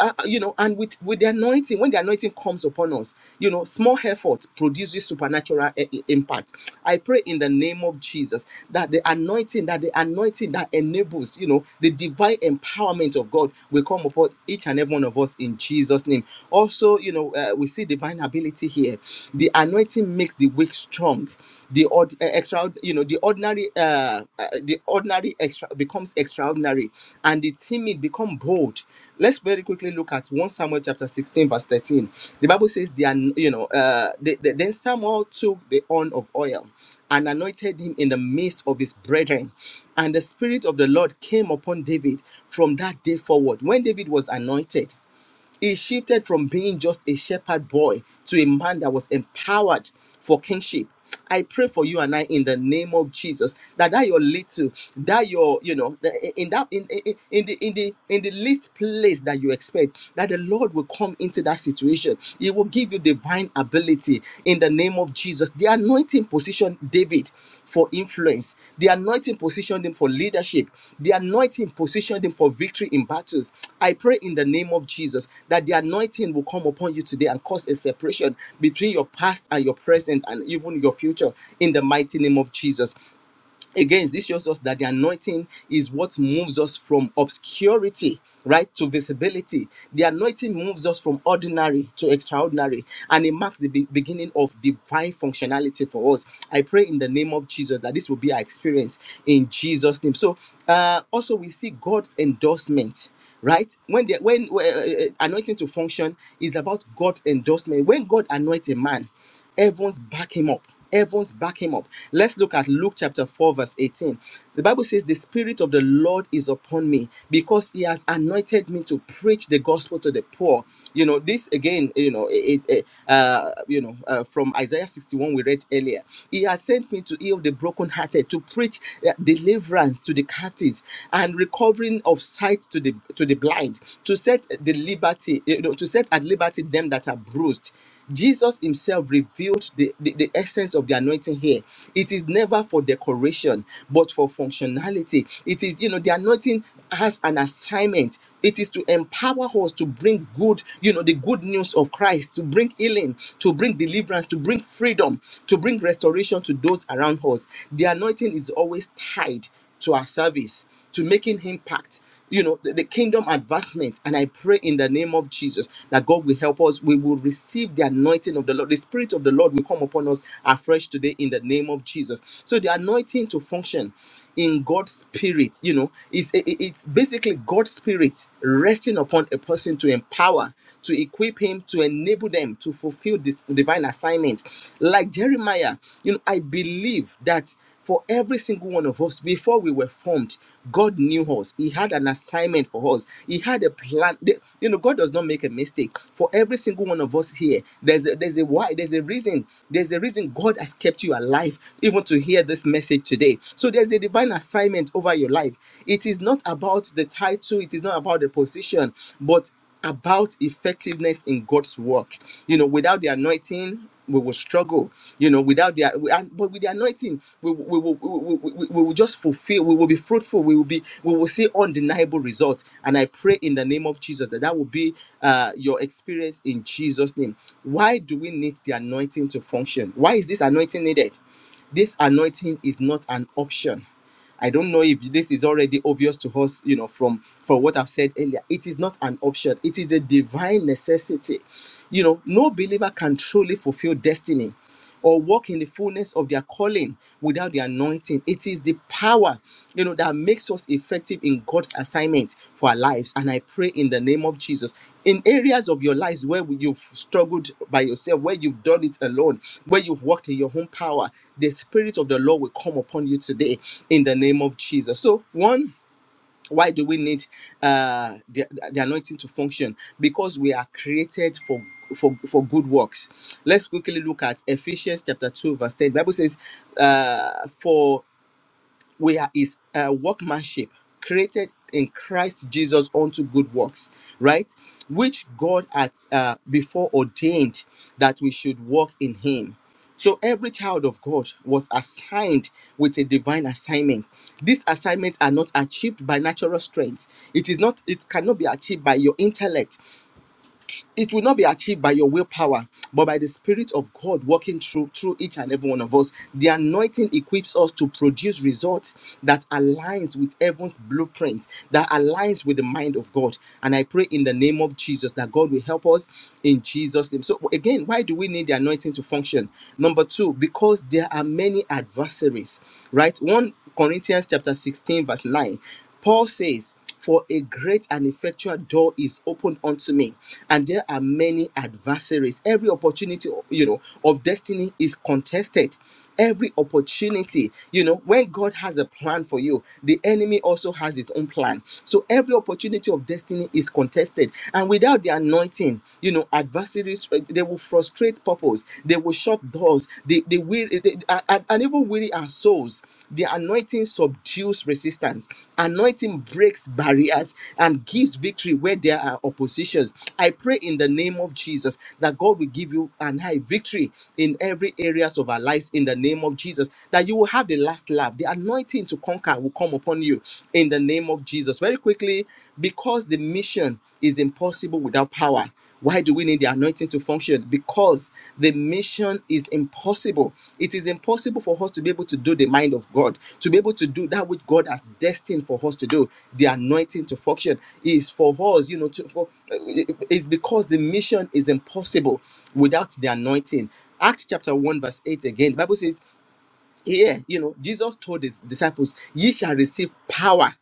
uh, uh, you know and with with the anointing when the anointing comes upon us you know small effort produces supernatural i- i- impact i pray in the name of jesus that the anointing that the anointing that enables you know the divine empowerment of god will come upon each and every one of us in jesus name also you know uh, we see divine ability here. The anointing makes the weak strong. The odd, uh, extra, you know, the ordinary, uh, uh, the ordinary extra becomes extraordinary, and the timid become bold. Let's very quickly look at one Samuel chapter sixteen verse thirteen. The Bible says, "The an- you know, uh, the, the, then Samuel took the horn of oil." And anointed him in the midst of his brethren. And the Spirit of the Lord came upon David from that day forward. When David was anointed, he shifted from being just a shepherd boy to a man that was empowered for kingship. I pray for you and I in the name of Jesus that that your little that your you know that in that in, in in the in the in the least place that you expect that the Lord will come into that situation. He will give you divine ability in the name of Jesus. The anointing positioned David for influence. The anointing positioned him for leadership. The anointing positioned him for victory in battles. I pray in the name of Jesus that the anointing will come upon you today and cause a separation between your past and your present and even your future in the mighty name of Jesus. Again, this shows us that the anointing is what moves us from obscurity, right, to visibility. The anointing moves us from ordinary to extraordinary, and it marks the be- beginning of divine functionality for us. I pray in the name of Jesus that this will be our experience in Jesus' name. So, uh, also, we see God's endorsement right when the when uh, uh, uh, anointing to function is about god's endorsement when god anoints a man Heavens back him up. Heavens back him up. Let's look at Luke chapter 4, verse 18. The Bible says, The Spirit of the Lord is upon me because he has anointed me to preach the gospel to the poor. You know, this again, you know, it, it- uh, you know, uh, from Isaiah 61, we read earlier. He has sent me to heal the brokenhearted, to preach uh, deliverance to the captives and recovering of sight to the to the blind, to set the liberty, you know, to set at liberty them that are bruised Jesus himself revealed the, the, the essence of the anointing here. It is never for decoration, but for functionality. It is, you know, the anointing has an assignment. It is to empower us to bring good, you know, the good news of Christ, to bring healing, to bring deliverance, to bring freedom, to bring restoration to those around us. The anointing is always tied to our service, to making impact you know the, the kingdom advancement and i pray in the name of jesus that god will help us we will receive the anointing of the lord the spirit of the lord will come upon us afresh today in the name of jesus so the anointing to function in god's spirit you know it's it- it's basically god's spirit resting upon a person to empower to equip him to enable them to fulfill this divine assignment like jeremiah you know i believe that for every single one of us, before we were formed, God knew us. He had an assignment for us. He had a plan. The- You know, God does not make a mistake. For every single one of us here, there's a, there's a why, there's a reason. There's a reason God has kept you alive, even to hear this message today. So there's a divine assignment over your life. It is not about the title, it is not about the position, but about effectiveness in God's work. You know, without the anointing, we will struggle you know without the and- but with the anointing we we will we, will- we, we will just fulfill we will be fruitful we will be we will see undeniable results and i pray in the name of jesus that that will be uh, your experience in jesus name why do we need the anointing to function why is this anointing needed this anointing is not an option. I don't know if this is already obvious to us, you know, from from what I've said earlier. It is not an option. It is a divine necessity. You know, no believer can truly fulfill destiny or walk in the fullness of their calling without the anointing. It is the the power you know that makes us effective in god's assignment for our lives and i pray in the name of jesus in areas of your lives where you've struggled by yourself where you've done it alone where you've worked in your own power the spirit of the lord will come upon you today in the name of jesus so one why do we need uh the, the anointing to function because we are created for for, for good works let's quickly look at ephesians chapter 2 verse 10 The bible says uh for we are his uh, workmanship created in christ jesus unto good works right which god had uh, before ordained that we should walk in him so every child of god was assigned with a divine assignment these assignments are not achieved by natural strength it is not it cannot be achieved by your intellect it will not be achieved by your willpower, but by the Spirit of God working through through each and every one of us. The anointing equips us to produce results that aligns with heaven's blueprint, that aligns with the mind of God. And I pray in the name of Jesus that God will help us in Jesus' name. So again, why do we need the anointing to function? Number two, because there are many adversaries, right? One Corinthians chapter 16, verse 9. Paul says. For a great and effectual door is opened unto me, and there are many adversaries. Every opportunity, you know, of destiny is contested. Every opportunity, you know, when God has a plan for you, the enemy also has his own plan. So every opportunity of destiny is contested. And without the anointing, you know, adversaries, uh, they will frustrate purpose, they will shut doors, they they will they, and, and even weary our souls the anointing subdues resistance anointing breaks barriers and gives victory where there are oppositions i pray in the name of jesus that god will give you and i victory in every areas of our lives in the name of jesus that you will have the last laugh the anointing to conquer will come upon you in the name of jesus very quickly because the mission is impossible without power why do we need the anointing to function? Because the mission is impossible. It is impossible for us to be able to do the mind of God, to be able to do that which God has destined for us to do. The anointing to function is for us, you know, to, for, it's because the mission is impossible without the anointing. Acts chapter 1, verse 8 again, the Bible says, Here, you know, Jesus told his disciples, Ye shall receive power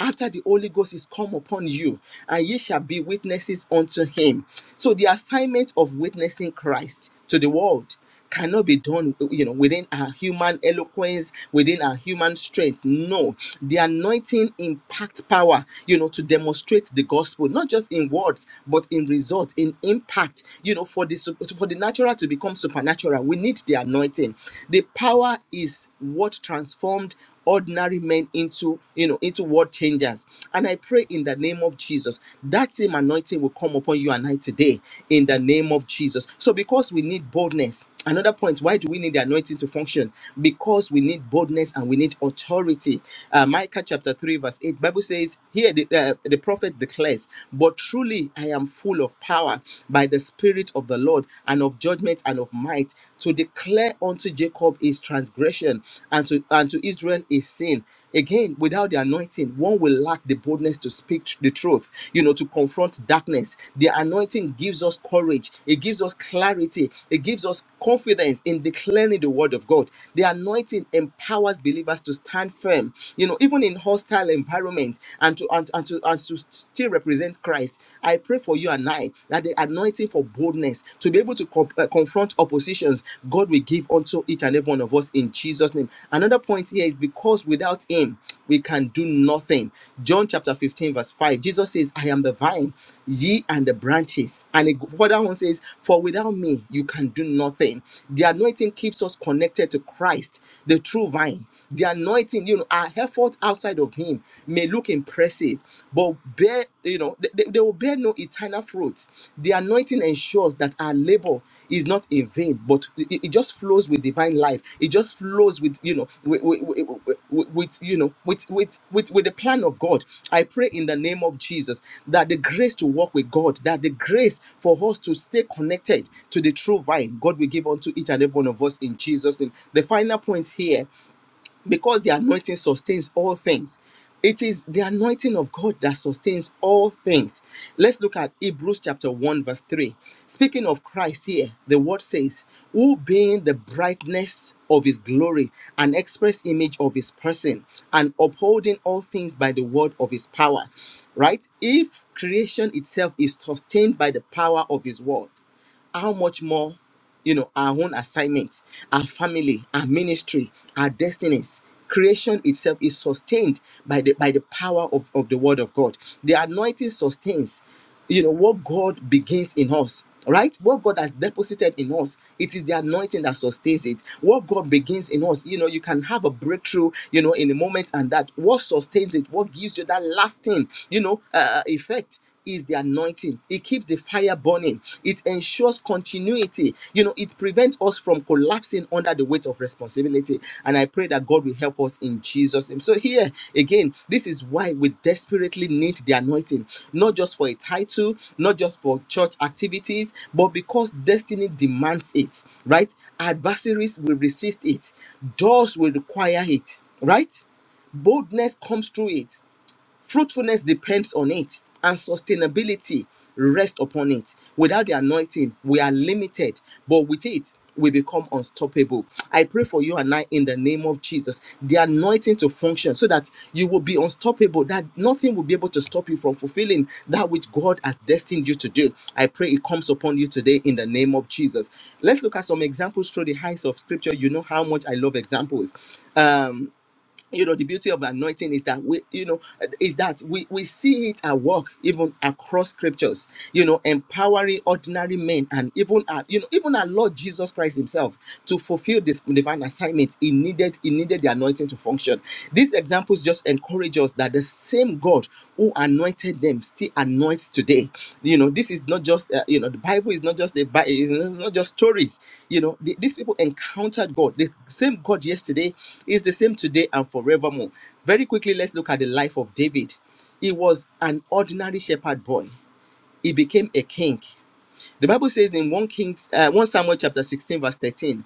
after the Holy Ghost is come upon you, and ye shall be witnesses unto him. So the assignment of witnessing Christ to the world cannot be done you know within our human eloquence within our human strength no the anointing impact power you know to demonstrate the gospel not just in words but in result in impact you know for the sup- for the natural to become supernatural we need the anointing the power is what transformed ordinary men into you know into world changers and i pray in the name of jesus that same anointing will come upon you and i today in the name of jesus so because we need boldness another point why do we need the anointing to function because we need boldness and we need authority uh, micah chapter 3 verse 8 bible says here the, uh, the prophet declares but truly i am full of power by the spirit of the lord and of judgment and of might to declare unto Jacob his transgression and to and to Israel his sin. Again, without the anointing, one will lack the boldness to speak tr- the truth, you know, to confront darkness. The anointing gives us courage, it gives us clarity, it gives us confidence in declaring the word of God. The anointing empowers believers to stand firm, you know, even in hostile environment and to and, and to and to still represent Christ. I pray for you and I life, that the anointing for boldness to be able to com- uh, confront oppositions, God will give unto each and every one of us in Jesus' name. Another point here is because without Him, we can do nothing. John chapter 15, verse 5, Jesus says, I am the vine, ye and the branches. And it- further on says, For without me, you can do nothing. The anointing keeps us connected to Christ, the true vine. The anointing, you know, our effort outside of Him may look impressive, but bear you know, they, they they will bear no eternal fruit. The anointing ensures that our labor is not in vain, but it, it just flows with divine life. It just flows with, you know, with, with, with, with, you know, with, with, with, with the plan of God. I pray in the name of Jesus that the grace to walk with God, that the grace for us to stay connected to the true vine, God will give unto each and every one of us in Jesus' name. The final point here because the anointing sustains all things. It is the anointing of God that sustains all things. Let's look at Hebrews chapter 1, verse 3. Speaking of Christ here, the word says, Who being the brightness of his glory, an express image of his person, and upholding all things by the word of his power. Right? If creation itself is sustained by the power of his word, how much more you know our own assignment our family our ministry our destinies creation itself is sustained by the by the power of, of the word of god the anointing sustains you know what god begins in us right what god has deposited in us it is the anointing that sustains it what god begins in us you know you can have a breakthrough you know in a moment and that what sustains it what gives you that lasting you know uh, uh, effect is the anointing. It keeps the fire burning. It ensures continuity. You know, it prevents us from collapsing under the weight of responsibility. And I pray that God will help us in Jesus' name. So, here again, this is why we desperately need the anointing, not just for a title, not just for church activities, but because destiny demands it, right? Adversaries will resist it, doors will require it, right? Boldness comes through it. Fruitfulness depends on it, and sustainability rests upon it. Without the anointing, we are limited, but with it, we become unstoppable. I pray for you and I in the name of Jesus, the anointing to function so that you will be unstoppable, that nothing will be able to stop you from fulfilling that which God has destined you to do. I pray it comes upon you today in the name of Jesus. Let's look at some examples through the eyes of scripture. You know how much I love examples. Um, you know the beauty of anointing is that we you know is that we we see it at work even across scriptures you know empowering ordinary men and even our, you know even our lord jesus christ himself to fulfill this divine assignment he needed he needed the anointing to function these examples just encourage us that the same God who anointed them still anoints today. You know, this is not just uh, you know the Bible is not just the Bible is not not just stories. You know, the- these people encountered God. The same God yesterday is the same today and forevermore. Very quickly, let's look at the life of David. He was an ordinary shepherd boy. He became a king. The Bible says in 1 Kings, uh, 1 Samuel chapter 16, verse 13,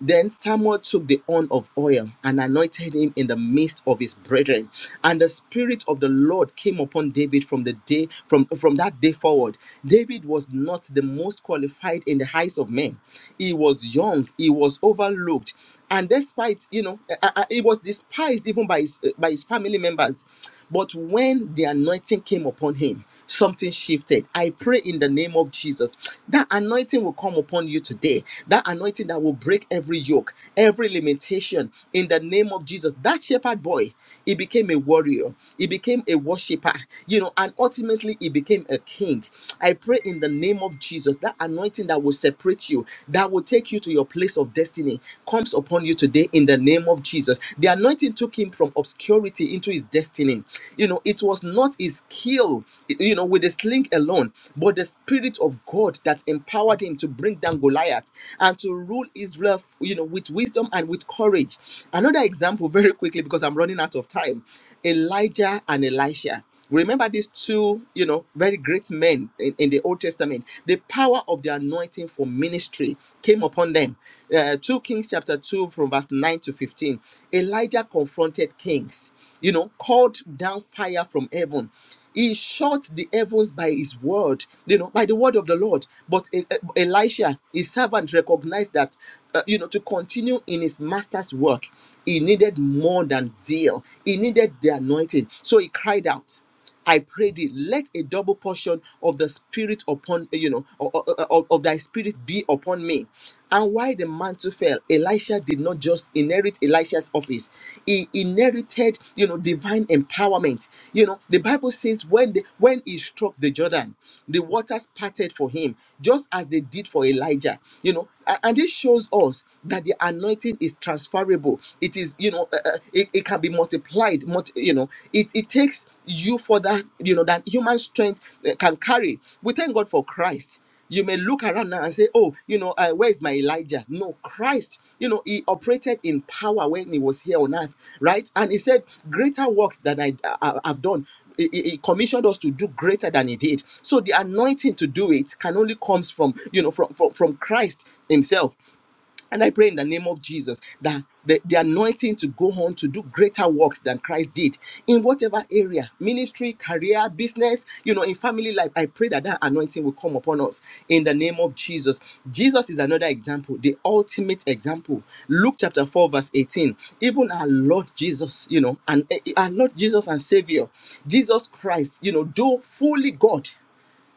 then Samuel took the horn of oil and anointed him in the midst of his brethren. And the spirit of the Lord came upon David from the day from, from that day forward. David was not the most qualified in the eyes of men. He was young, he was overlooked, and despite, you know, uh, uh, uh, he was despised even by his uh, by his family members. But when the anointing came upon him, something shifted. I pray in the name of Jesus that anointing will come upon you today. That anointing that will break every yoke, every limitation in the name of Jesus. That shepherd boy, he became a warrior, he became a worshiper, you know, and ultimately he became a king. I pray in the name of Jesus that anointing that will separate you, that will take you to your place of destiny, comes upon you today in the name of Jesus. The anointing took him from obscurity into his destiny. You know, it was not his skill, you know, with the sling alone, but the spirit of God that empowered him to bring down Goliath and to rule Israel, you know, with wisdom and with courage. Another example, very quickly, because I'm running out of time Elijah and Elisha. Remember these two, you know, very great men in, in the Old Testament. The power of the anointing for ministry came upon them. Uh, 2 Kings chapter 2 from verse 9 to 15. Elijah confronted kings, you know, called down fire from heaven. He shut the heavens by his word, you know, by the word of the Lord. But E- E- Elisha, his servant, recognized that, uh, you know, to continue in his master's work. He needed more than zeal, he needed the anointing. So he cried out. I pray thee, let a double portion of the spirit upon you know o- o- o- of, of thy spirit be upon me. And why the mantle fell, Elisha did not just inherit Elisha's office; he inherited you know divine empowerment. You know the Bible says when the, when he struck the Jordan, the waters parted for him, just as they did for Elijah. You know, A- and this shows us that the anointing anointing is transferable it is you know uh, uh, it, it can be multiplied multi, you know it, it takes you for that you know that human strength uh, can carry we thank god for christ you may look around now and say oh you know uh, where is my elijah no christ you know he operated in power when he was here on earth right and he said greater works that i uh, uh, have done he, he- he commissioned us to do greater than he did so the anointing to do it can only comes from you know from from, from christ himself and I pray in the name of Jesus that the, the anointing to go on to do greater works than Christ did in whatever area ministry, career, business, you know, in family life. I pray that that anointing will come upon us in the name of Jesus. Jesus is another example, the ultimate example. Luke chapter 4, verse 18. Even our Lord Jesus, you know, and eh, eh, our Lord Jesus and Savior, Jesus Christ, you know, though fully God.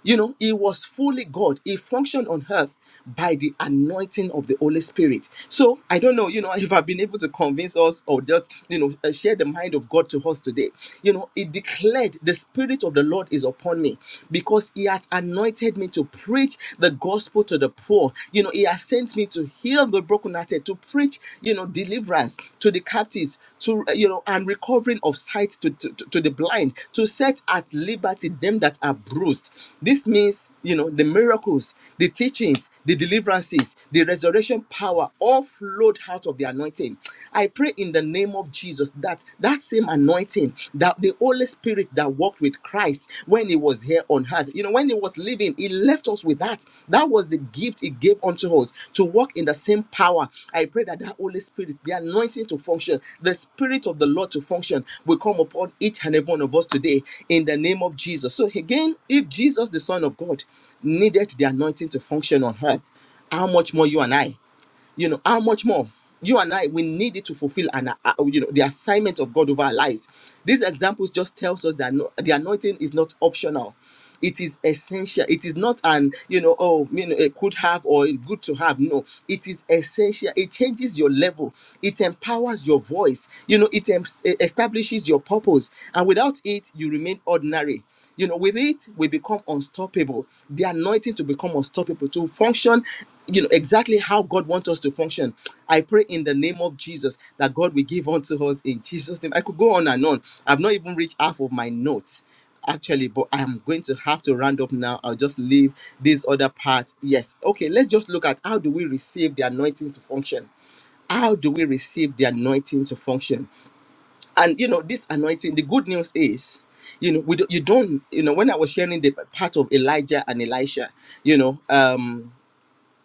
You know, he was fully God. He functioned on earth by the anointing of the Holy Spirit. So I don't know, you know, if I've been able to convince us or just, you know, uh, share the mind of God to us today. You know, he declared, The Spirit of the Lord is upon me because he had anointed me to preach the gospel to the poor. You know, he has sent me to heal the brokenhearted, to preach you know, deliverance to the captives, to, uh, you know, and recovering of sight to, to, to to the blind, to set at liberty them that are bruised. This means, you know, the miracles, the teachings, the deliverances, the resurrection power all flowed out of the anointing. I pray in the name of Jesus that that same anointing, that the Holy Spirit that walked with Christ, Christ when he was here on earth. You know, when he was living, he left us with that. That was the gift he gave unto us to walk in the same power. I pray that that Holy Spirit, the anointing to function, the Spirit of the Lord to function, will come upon each and every one of us today in the name of Jesus. So, again, if Jesus, the Son of God, needed the anointing to function on earth, how much more you and I? you know how much more you and i we need it to fulfill an uh, uh, you know the assignment of god over our lives these examples just tells us that no, the anointing is not optional it is essential it is not an you know oh you know it could have or it good to have no it is essential it changes your level it empowers your voice you know it em- e, establishes your purpose and without it you remain ordinary you know, with it, we become unstoppable. The anointing to become unstoppable, to function, you know, exactly how God wants us to function. I pray in the name of Jesus that God will give unto us in Jesus' name. I could go on and on. I've not even reached half of my notes, actually, but I am going to have to round up now. I'll just leave this other part. Yes. Okay, let's just look at how do we receive the anointing to function? How do we receive the anointing to function? and you know this anointing the good news is you know we do, you don't you know when i was sharing the part of elijah and elisha you know um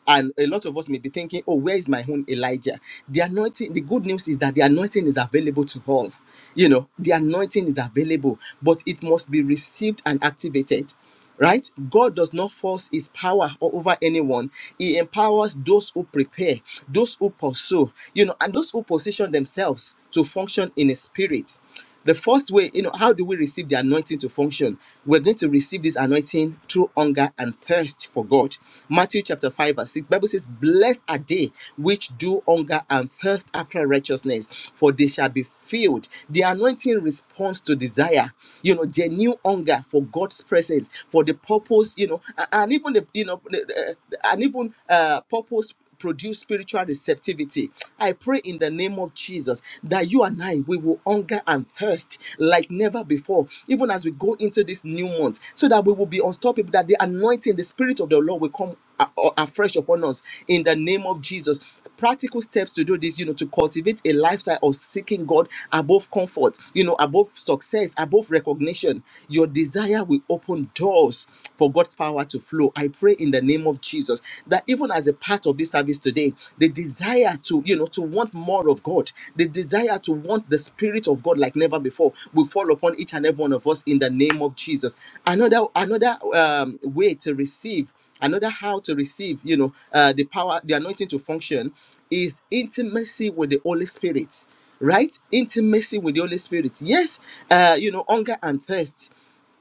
and a lot of us may be thinking, oh, where is my own Elijah? The anointing, the good news is that the anointing is available to all. You know, the anointing is available, but it must be received and activated. Right? God does not force his power o- over anyone. He empowers those who prepare, those who pursue, you know, and those who position themselves to function in his spirit. The first way, you know, how do we receive the anointing to function? We're going to receive this anointing through hunger and thirst for God. Matthew chapter 5 verse 6, Bible says, Blessed are they which do hunger and thirst after righteousness, for they shall be filled. The anointing responds to desire, you know, genuine hunger for God's presence, for the purpose, you know, a- and even the, you know, the- the- uh, and even uh, purpose produce spiritual receptivity. I pray in the name of Jesus that you and I we will hunger and thirst like never before, even as we go into this new month, so that we will be unstoppable, that the anointing, the spirit of the Lord will come a- a- afresh upon us in the name of Jesus. Practical steps to do this, you know, to cultivate a lifestyle of seeking God above comfort, you know, above success, above recognition. Your desire will open doors for God's power to flow. I pray in the name of Jesus that even as a part of part of this service today the desire to you know to want more of god the desire to want the spirit of god like never before will fall upon each and every one of us in the name of jesus another another um, way to receive another how to receive you know uh, the power the anointing to function is intimacy with the holy spirit right intimacy with the holy spirit yes uh you know hunger and thirst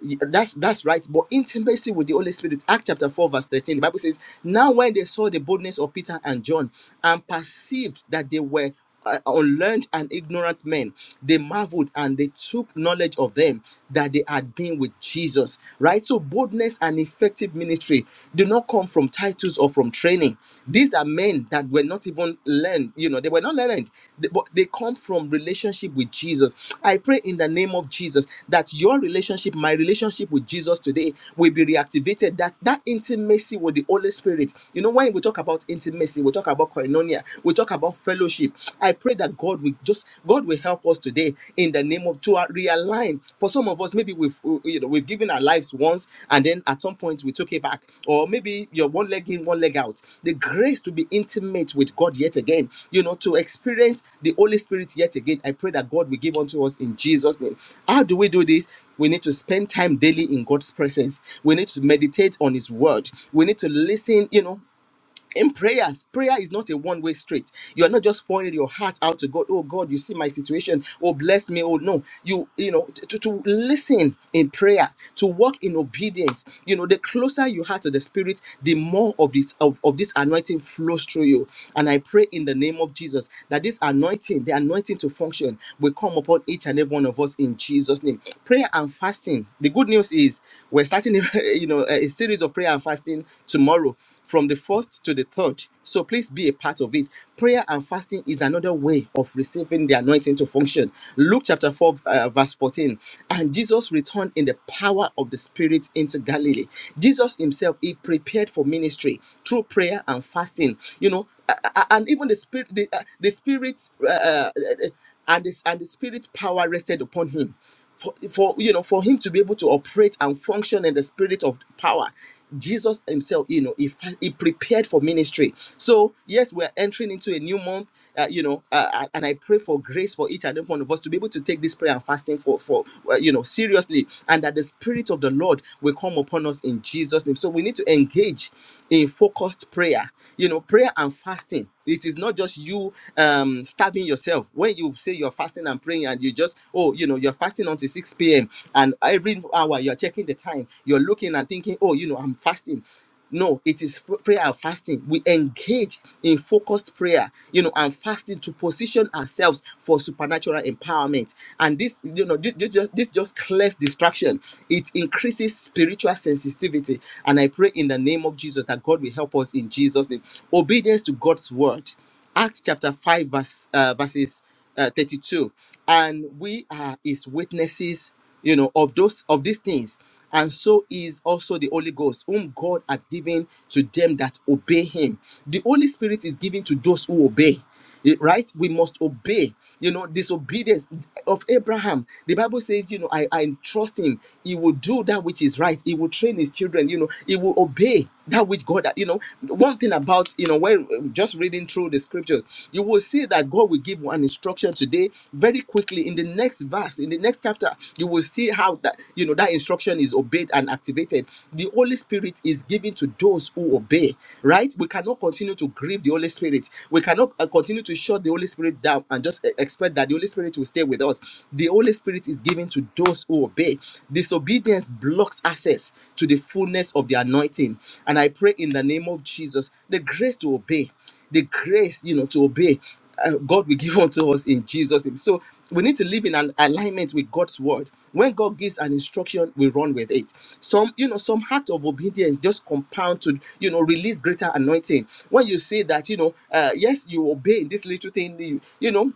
Y- That's that's right. But intimacy with the Holy Spirit, Act chapter 4, verse 13. The Bible says, Now when they saw the boldness of Peter and John and perceived that they were uh, unlearned and ignorant men, they marveled and they took knowledge of them that they had been with Jesus. Right? So boldness and effective ministry do not come from titles or from training. These are men learned that were not even learned you know they were not learned They- but they come from relationship with jesus i pray in the name of jesus that your relationship my relationship with jesus today will be reactivated that that intimacy with the holy spirit you know when we talk about intimacy we talk about koinonia we talk about fellowship i pray that god will just god will help us today in the name of to realize time. For some of us, maybe we've uh, you know we've given our lives once, and then at some point we took it back, or maybe you're one leg in, one leg out. The grace to be intimate with God yet again, you know, to experience the Holy Spirit yet again. I pray that God will give unto us in Jesus' name. How do we do this? We need to spend time daily in God's presence. We need to meditate on His word. We need to listen, you know, in prayers prayer is not a one way street you are not just pouring your heart out to god oh god you see my situation oh bless me oh no you you know to, to to listen in prayer to walk in obedience you know the closer you are to the spirit the more of this of, of this anointing flows through you and i pray in the name of jesus that this anointing the anointing to function will come upon each and every one of us in jesus name prayer and fasting the good news is we're starting you know a a series of prayer and fasting tomorrow from the first to the third. So please be a part of it. Prayer and fasting is another way of receiving the anointing to function. Luke chapter 4, uh, verse 14. And Jesus returned in the power of the Spirit into Galilee. Jesus himself, he prepared for ministry through prayer and fasting. You know, a- a- a- and even the Spirit, the, uh, the Spirit, uh, uh, and, this, and the Spirit's power rested upon him for, for you know for him to be able to operate and function in the spirit of power jesus himself you know he, fa- he prepared for ministry so yes we're entering into a new month uh, you know uh, uh, and i pray for grace for each and every one of us to be able to take this prayer and fasting for for uh, you know seriously and that the spirit of the lord will come upon us in jesus name so we need to engage in focused prayer you know prayer and fasting it is not just you um starving yourself when you say you're fasting and praying and you just oh you know you're fasting until 6 p.m and every hour you're checking the time you're looking and thinking oh you know i'm fasting no it is f- prayer and fasting we engage in focused prayer you know and fasting to position ourselves for supernatural empowerment and this you know this, this, just, this just clears distraction it increases spiritual sensitivity and i pray in the name of jesus that god will help us in jesus name obedience to god's word Acts chapter 5, verse, uh, verses uh, 32. And we are his witnesses, you know, of those of these things. And so is also the Holy Ghost, whom God has given to them that obey him. The Holy Spirit is given to those who obey. Eh, right we must obey you know disobedience of abraham the bible says you know i i trust him he will do that which is right he will train his children you know he will obey that which god you know one thing about you know when just reading through the scriptures you will see that god will give one instruction today very quickly in the next verse in the next chapter you will see will see how that you know that instruction is obeyed and activated the holy spirit is given to those who obey right we cannot continue to grieve the holy spirit we cannot uh, continue to shut the holy spirit down and just e- expect that the holy spirit will stay with us the holy spirit is given to those who obey disobedience blocks access to the fullness of the anointing and i pray in the name of jesus the grace to obey the grace you know to obey uh, God will give unto us in Jesus' name. So we need to live in an alignment with God's word. When God gives an instruction, we run with it. Some, you know, some act of obedience just compound to, you know, release greater anointing. When you say that, you know, uh, yes, you obey in this little thing, you, you know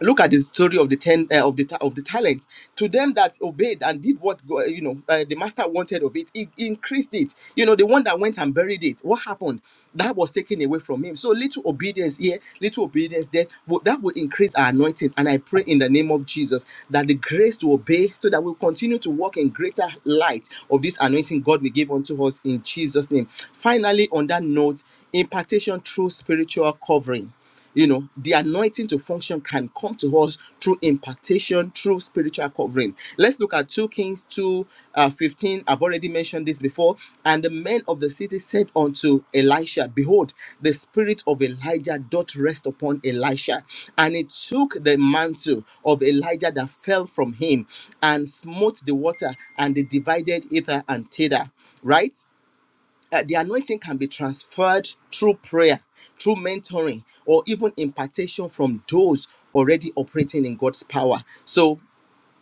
look at the story of the ten uh, of the ta- of the talent to them that obeyed and did what go- uh, you know uh, the master wanted of it he increased it you know the one that went and buried it what happened that was taken away from him so little obedience here little obedience there but that will increase our anointing and i pray in the name of jesus that the grace to obey so that we'll continue to walk in greater light of this anointing god will give unto us in jesus name finally on that note impartation through spiritual covering you know, the anointing to function can come to us through impartation, through spiritual covering. Let's look at 2 Kings 2 uh, 15. I've already mentioned this before. And the men of the city said unto Elisha, Behold, the spirit of Elijah doth rest upon Elisha. And he took the mantle of Elijah that fell from him and smote the water, and they divided hither and thither. Right? uh, the anointing can be transferred through prayer, through mentoring, or even impartation from those already operating in God's power. So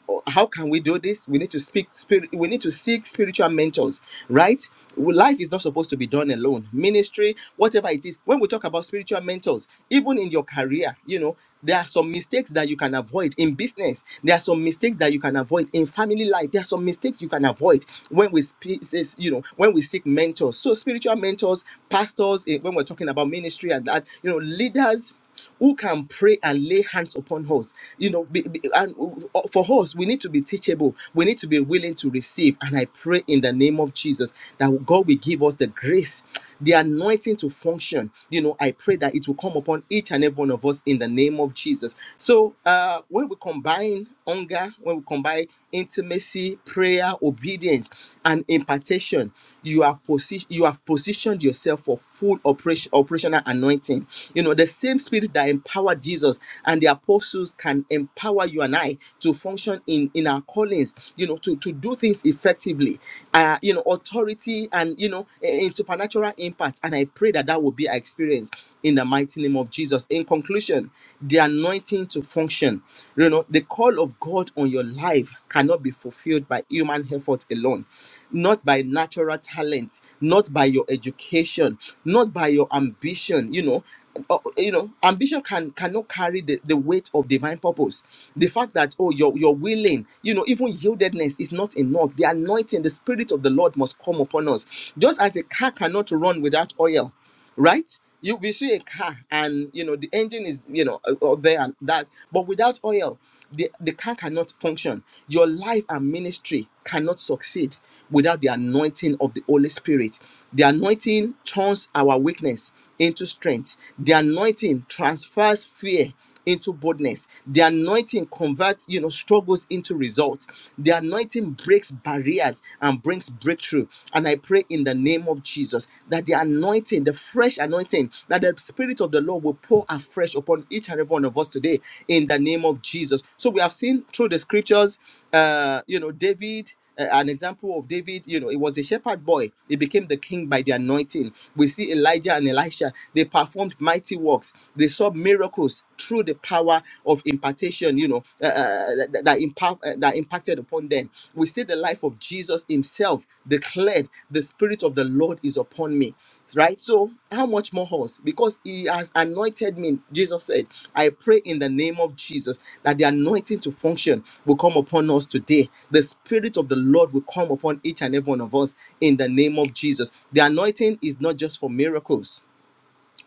"Oh, how can we do this we need to speak spirit we need to seek spiritual mentors right Well, life is not supposed to be done alone ministry whatever it is when we talk about spiritual mentors even in your career you know there are some mistakes that you can avoid in business there are some mistakes that you can avoid in family life there are some mistakes you can avoid when we speak says, you know when we seek mentors so spiritual mentors pastors eh, when we're talking about ministry and that you know leaders who can pray and lay hands upon us you know be, be- and uh, uh, for us we need to be teachable we need to be willing to receive and i pray in the name of jesus that god will give us the grace the anointing to function you know i pray that it will come upon each and every one of us in the name of jesus so uh when we combine hunger when we combine intimacy prayer obedience and impartation you are position you have positioned yourself for full operation operational anointing you know the same spirit that empowered Jesus and the apostles can empower you and I to function in, in our callings, you know, to, to do things effectively, uh, you know, authority and, you know, a- a supernatural impact. And I pray that that will be our experience in the mighty name of Jesus. In conclusion, the anointing to function, you know, the call of God on your life cannot be fulfilled by human effort alone, not by natural talent, not by your education, not by your ambition, you know oh, you know ambition can cannot carry the, the weight of divine purpose the fact that oh you're you're willing you know even yieldedness is not enough the anointing the spirit of the lord must come upon us just as a car cannot run without oil right you we see a car and you know the engine is you know uh, uh, there and that but without oil the, the car cannot function your life and ministry cannot succeed without the anointing of the Holy Spirit. The anointing turns our weakness into strength. The anointing transfers fear into boldness. The anointing converts, you know, struggles into results. The anointing breaks barriers and brings breakthrough. And I pray in the name of Jesus that the anointing, the fresh anointing, that the Spirit of the Lord will pour afresh upon each and every one of us today in the name of Jesus. So we have seen through the scriptures, uh, you know, David uh, an example of David, you know, it was a shepherd boy. He became the king by the anointing. We see Elijah and Elisha. They performed mighty works. They saw miracles through the power of impartation, you know, uh, uh, that, that, impact, uh, that impacted upon them. We see the life of Jesus himself declared, the spirit of the Lord is upon me right? So, how much more us? Because he has anointed me, Jesus said, I pray in the name of Jesus that the anointing to function will come upon us today. The Spirit of the Lord will come upon each and every one of us in the name of Jesus. The anointing is not just for miracles,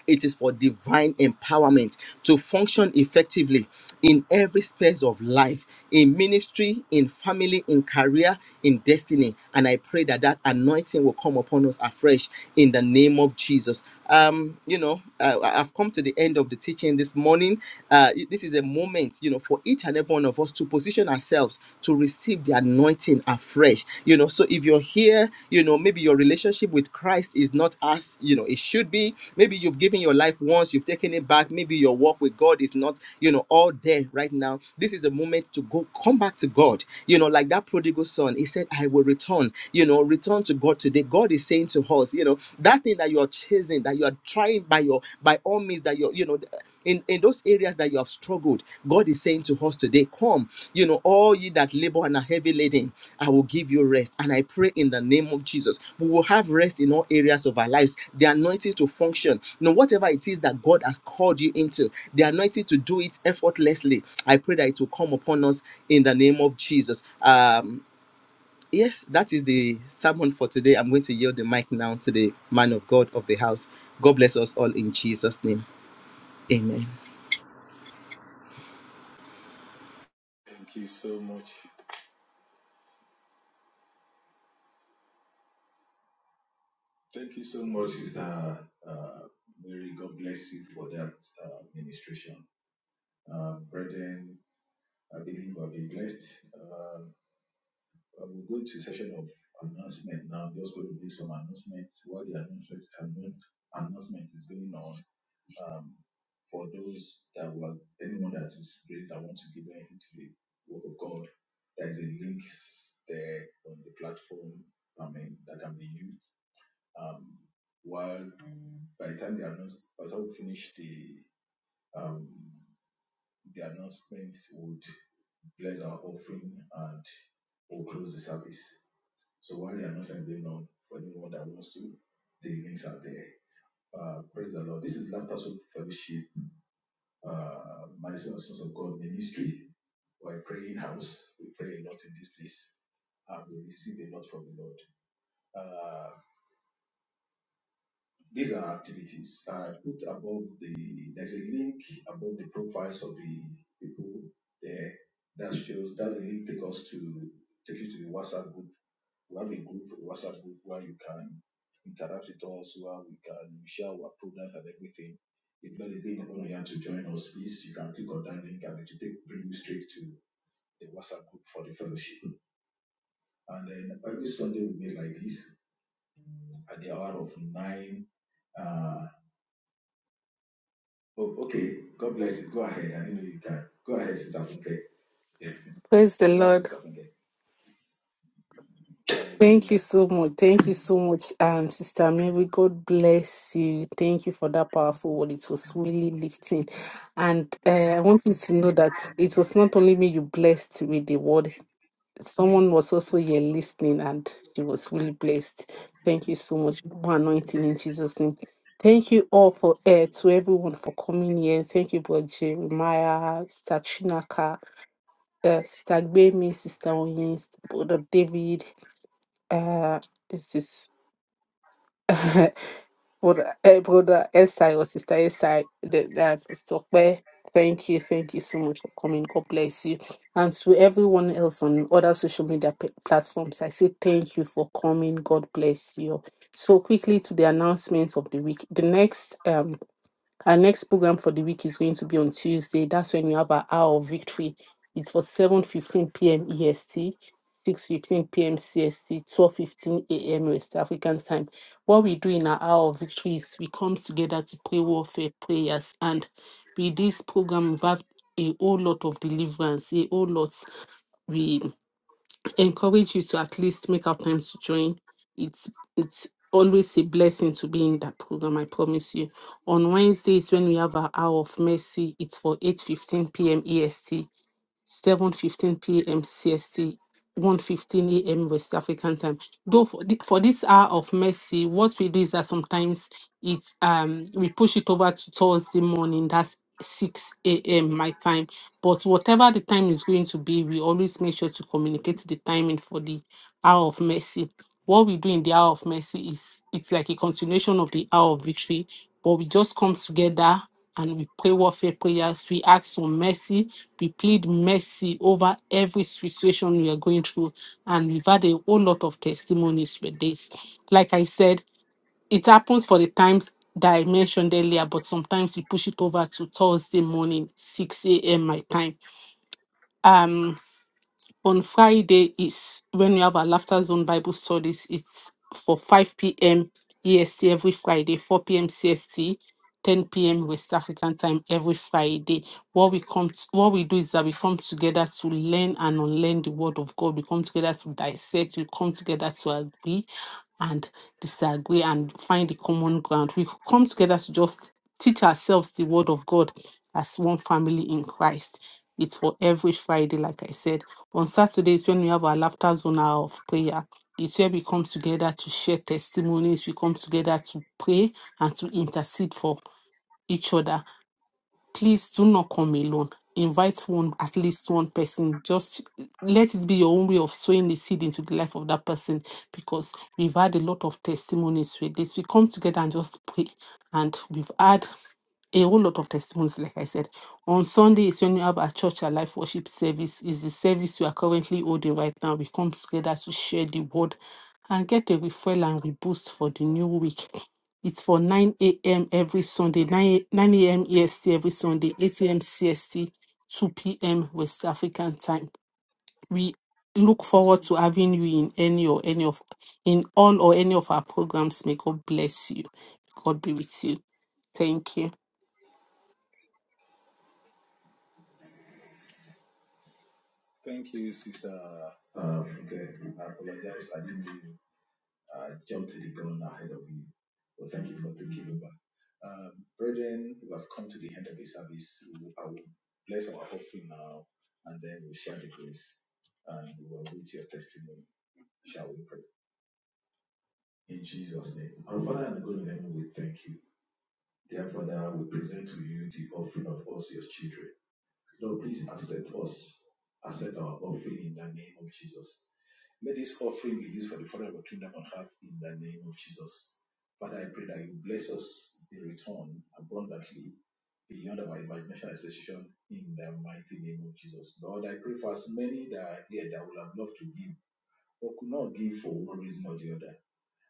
it is for divine empowerment to function effectively in every space of life, in ministry, in family, in career, in destiny. And I pray that that anointing will come upon us afresh in the name of Jesus. Um, you know, uh, I've come to the end of the teaching this morning. Uh, this is a moment, you know, for each and every one of us to position ourselves to receive the anointing afresh. You know, so if you're here, you know, maybe your relationship with Christ is not as, you know, it should be. Maybe you've given your life once, you've taken it back. Maybe your walk with God is not, you know, all there right now. This is a moment to go come back to God. You know, like that prodigal son, he said, I will return, you know, return to God today. God is saying to us, you know, that thing that you're chasing, that you're trying by your by all means that you're you know in in those areas that you have struggled god is saying to us today come you know all ye that labor and are heavy laden i will give you rest and i pray in the name of jesus we will have rest in all areas of our lives the anointing to function you know whatever it is that god has called you into the anointing to do it effortlessly i pray that it will come upon us in the name of jesus um yes that is the sermon for today i'm going to yield the mic now to the man of god of the house god bless us all in jesus name Amen. Thank you so much. Thank you so much, Sister uh, Mary. God bless you for that uh, ministration. Uh, brethren, I believe I've been blessed. Uh, I will go to a session of announcement now. Just going to do some announcements while the announcements announce- announcement is going on. Um, for those that were anyone that is raised that want to give anything to the work of God, there is a link s- there on the platform. I mean that can be used. Um, while by the time the announce, by the time we finish the um, The announcement would bless our offering and we'll close the service. So while the announcement is going on, for anyone that wants to, the links are there. Uh, praise the Lord. This is Laughter Soul Fellowship, uh, Madison and Sons of God Ministry. We're a praying house. We pray a lot in this place and we receive a lot from the Lord. Uh, These are activities I put above the, there's a link above the profiles of the people there. That shows, that's a link take us to, take you to the WhatsApp group. We have a group, a WhatsApp group where you can interact with us, where we can share our programs and everything. If God is laying upon you to join us, please, you can click on that link and it will take, bring you straight to the WhatsApp group for the fellowship. And then every Sunday we meet like this at the hour of nine Uh, Oh, okay. God bless you. Go ahead. I didn't know you can. Go ahead, Sister Funke. Praise the Over to Lord. Sister Funke. Thank you Hallelujah. so much. Thank you so much, um, Sister Mary. God bless you. Thank you for that powerful word. It was really lifting. And uh, I want you to know that it was not only me you blessed with the word, someone was also here listening and she was really blessed. Thank you so much. More anointing in Jesus' name. Thank you all for uh, to everyone for coming here. Thank you, Brother Jeremiah, Sister Chinaka, uh, Sister Gbemi, Sister Oyin, Brother David, uh, this is brother, uh, brother SI or sister SI. That that is Tokwe. Thank you, thank you so much for coming. God bless you, and to everyone else on other social media p- platforms. I say thank you for coming. God bless you. So quickly to the announcements of the week. The next um our next program for the week is going to be on Tuesday. That's when we have our hour of victory. It's for 7.15 p.m. EST, 6.15 p.m. CST, 12.15 a.m. West African time. What we do in our hour of victory is we come together to pray warfare prayers. And with this program, we have a whole lot of deliverance, a whole lot. We encourage you to at least make out time to join. It's it's always a blessing to be in that program, I promise you. On Wednesdays when we have our hour of mercy, it's for eight fifteen 15 p.m. EST. 7:15 p.m. CST, 1:15 a.m. West African time. Though for, thi- for this hour of mercy, what we do is that sometimes it um we push it over to Thursday morning. That's 6 a.m. my time. But whatever the time is going to be, we always make sure to communicate the timing for the hour of mercy. What we do in the hour of mercy is it's like a continuation of the hour of victory, but we just come together and we pray warfare prayers. We ask for mercy. We plead mercy over every situation we are going through. And we've had a whole lot of testimonies with this. Like I said, it happens for the times that I mentioned earlier, but sometimes we push it over to Thursday morning, 6 a.m. my time. Um, on Friday is when we have our laughter zone Bible studies. It's for 5 p.m. EST every Friday, 4 p.m. CST 10 p.m. West African time every Friday. What we come, t- what we do is that we come together to learn and unlearn the Word of God. We come together to dissect. We come together to agree and disagree and find the common ground. We come together to just teach ourselves the Word of God as one family in Christ. It's for every Friday, like I said. On Saturdays, when we have our laughter zone hour of prayer, it's where we come together to share testimonies. We come together to pray and to intercede for each other. Please do not come alone. Invite one, at least one person. Just let it be your own way of sowing the seed into the life of that person because we've had a lot of testimonies with this. We come together and just pray, and we've had a whole lot of testimonies, like I said. On Sunday is when we have our church, our life worship service. Is the service we are currently holding right now. We come together to share the word and get a refill and reboost for the new week. It's for 9 a.m. every Sunday, 9, 9 a.m. EST every Sunday, 8 a.m. CST, 2 p.m. West African time. We look forward to having you in any or any of in all or any of our programs. May God bless you. God be with you. Thank you. Thank you, Sister Uh, Funke, I apologize. I didn't know you. I jumped to the gun ahead of you. But thank you for taking over. Um, brethren, we have come to the end of the service. We- I will bless our offering now, and then we'll share the grace, and we will wait your testimony. Shall we pray? In Jesus' name. Our Father and God in heaven, we thank you. Therefore, now we present to you the offering of us, your children. Lord, please accept us, accept our offering in the name of Jesus. May this offering be used for the further of your kingdom on earth in the name of Jesus. Father, I pray that you bless us in return abundantly beyond our imagination and expectation in the mighty name of Jesus. Lord, I pray for as many that are here that would have loved to give but could not give for one reason or the other.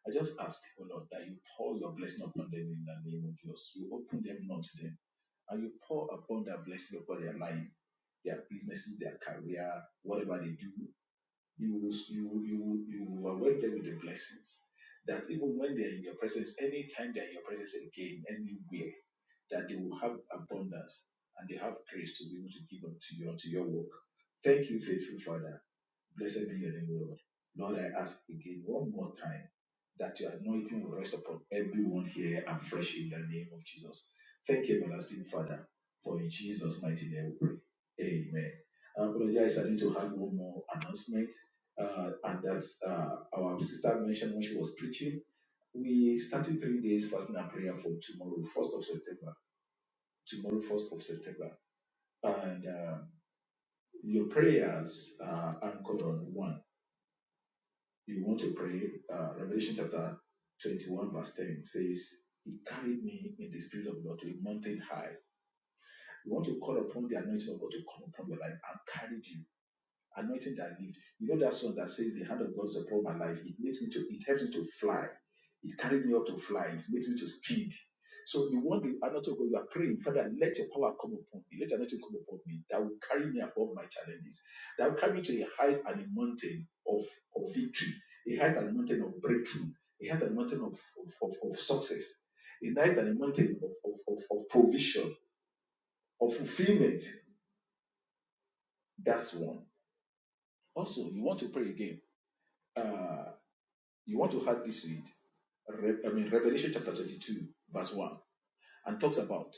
I just ask, oh Lord, that you pour your blessing upon them in the name of Jesus. You open them not to them and you pour upon their blessings upon their life, their businesses, their career, whatever they do, you will you will, you will, you will award them with the blessings. That even when they're in your presence, anytime they're in your presence again, anywhere, that they will have abundance and they have grace to be able to give unto you unto your work. Thank you, faithful Father. Blessed be your name, O Lord. Lord, I ask again one more time that your anointing will rest upon everyone here and fresh in the name of Jesus. Thank you, everlasting Father, for in Jesus' mighty name we pray. Amen. I apologize, I need to have one more announcement. Uh, and that's uh, our sister mentioned when she was preaching. We started three days fasting and prayer for tomorrow, 1st of September. Tomorrow, 1st of September. And uh, your prayers are anchored on one. You want to pray. Uh, Revelation chapter 21, verse 10 says, He carried me in the spirit of the Lord to a mountain high. You want to call upon the anointing of God to come upon your life and carry you. Anointing that lift. You know that song that says the hand of God is upon my life. It makes me to it helps me to fly. It carried me up to fly. It makes me to speed. So you want the anointing of God, you are praying, Father, let your power come upon me. Let your anointing come upon me. That will carry me above my challenges. That will carry me to a height and a mountain of, of victory, a height and a mountain of breakthrough, a height and a mountain of, of, of, of success, a height and a mountain of, of, of, of provision, of fulfillment. That's one. Also, you want to pray again. Uh, You want to have this read? Re- I mean, Revelation chapter 22, verse 1, and talks about,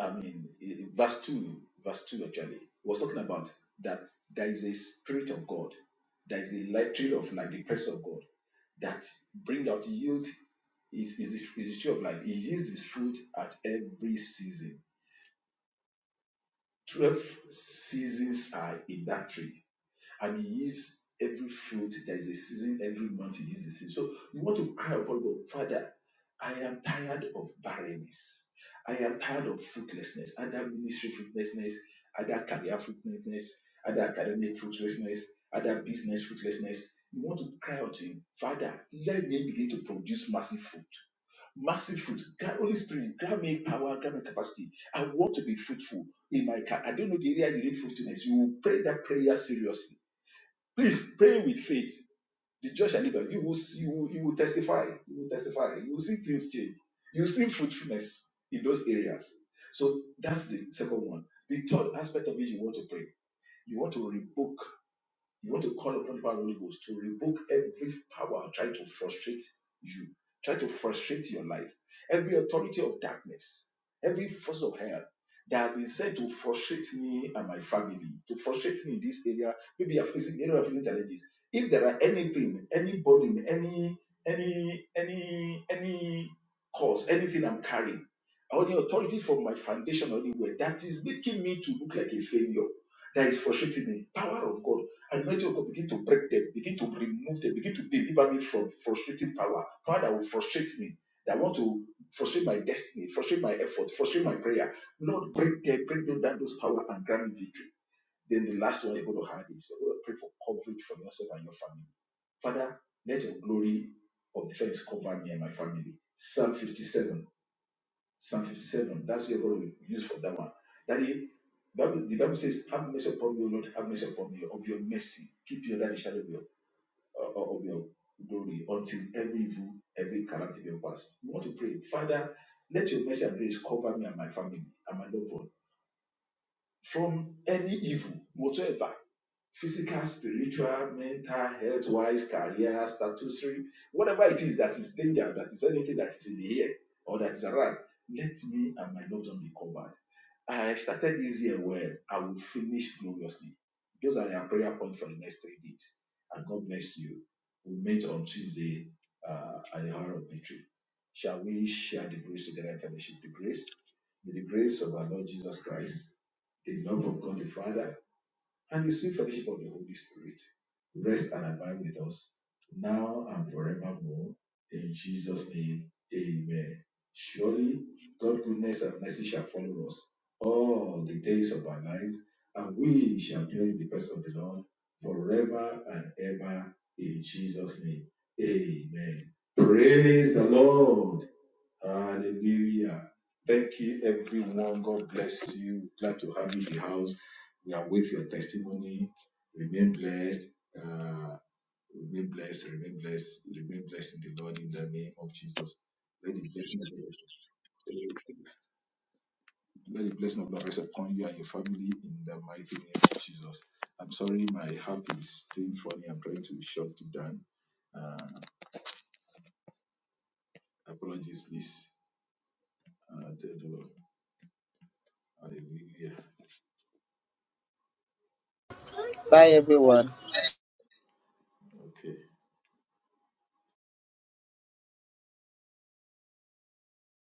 I mean, eh, verse 2, verse 2 actually, was talking about that there is a spirit of God, there is a light trail of light, the presence of God, that bring out yield is, is, the- is the tree of life. It yields his fruit at every season. Twelve seasons are in that tree and he yields every fruit. There is a season every month he yields the season. So you want to cry upon God, Father, I am tired of barrenness. I am tired of fruitlessness, either ministry fruitlessness, either career fruitlessness, either academic fruitlessness, either business fruitlessness. You want to cry out to him, Father, let me begin to produce massive fruit. Massive fruit. God, Holy Spirit, grant me power, grant me capacity. I want to be fruitful in my car. I don't know the area you need fruitfulness. You will pray that prayer seriously Please pray with faith. The judge shall live you. Will see, you, will, you will testify. You will testify. You will see things change. You will see fruitfulness in those areas. So that's the second one. The third aspect of it you want to pray. You want to rebuke. You want to call upon the power of the Holy Ghost to revoke every power trying to frustrate you, trying to frustrate your life, every authority of darkness, every force of hell that has been sent to frustrate me and my family, to frustrate me in this area. Maybe you're facing area of challenges. If there are anything, any burden, any any any any cause, anything I'm carrying, or the authority from my foundation or anywhere that is making me to look like a failure, that is frustrating me. Power of God and mighty God, begin to break them, begin to remove them, begin to deliver me from frustrating power, power that will frustrate me, that want to frustrate my destiny, frustrate my effort, frustrate my prayer. Lord, break them, break them down those power and grant me victory. Then the last one you're going to have is you're going to pray for coverage for yourself and your family. Father, let your glory of defense cover me and my family. Psalm 57. Psalm 57. That's the word we use for that one. Daddy, Bible, the Bible says, Have mercy upon me, O Lord, have mercy upon me of your mercy. Keep your daddy shadow of your, uh, uh, of your glory until every evil, every calamity be past. We want to pray, Father, let your mercy and grace cover me and my family and my loved one from any evil, whatsoever. Physical, spiritual, mental, health wise, career, statutory, whatever it is that is danger, that is anything that is in the air or that is around, let me and my loved one be covered I started this year well. I will finish gloriously. Those are your prayer points for the next three days. And God bless you. We meet on Tuesday uh, at the hour of victory. Shall we share the grace together and fellowship the grace? May the grace of our Lord Jesus Christ, the love of God the Father, and the sweet fellowship of the Holy Spirit rest and abide with us now and forevermore. In Jesus' name, amen. Surely, God's goodness and mercy shall follow us all the days of our lives, and we shall dwell in the presence of the Lord forever and ever. In Jesus' name, amen. Praise the Lord. Hallelujah. Thank you, everyone. God bless you. Glad to have you in the house. We await your testimony. Remain blessed. Uh, remain blessed. Remain blessed. Remain blessed in the Lord in the name of Jesus. Let the blessing of the, let the blessing of the Lord rest upon you and your family in the mighty name of Jesus. I'm sorry, my heart is doing funny. I'm trying to shut it down. Uh, apologies, please. Uh, Hallelujah. Bye, everyone. Okay.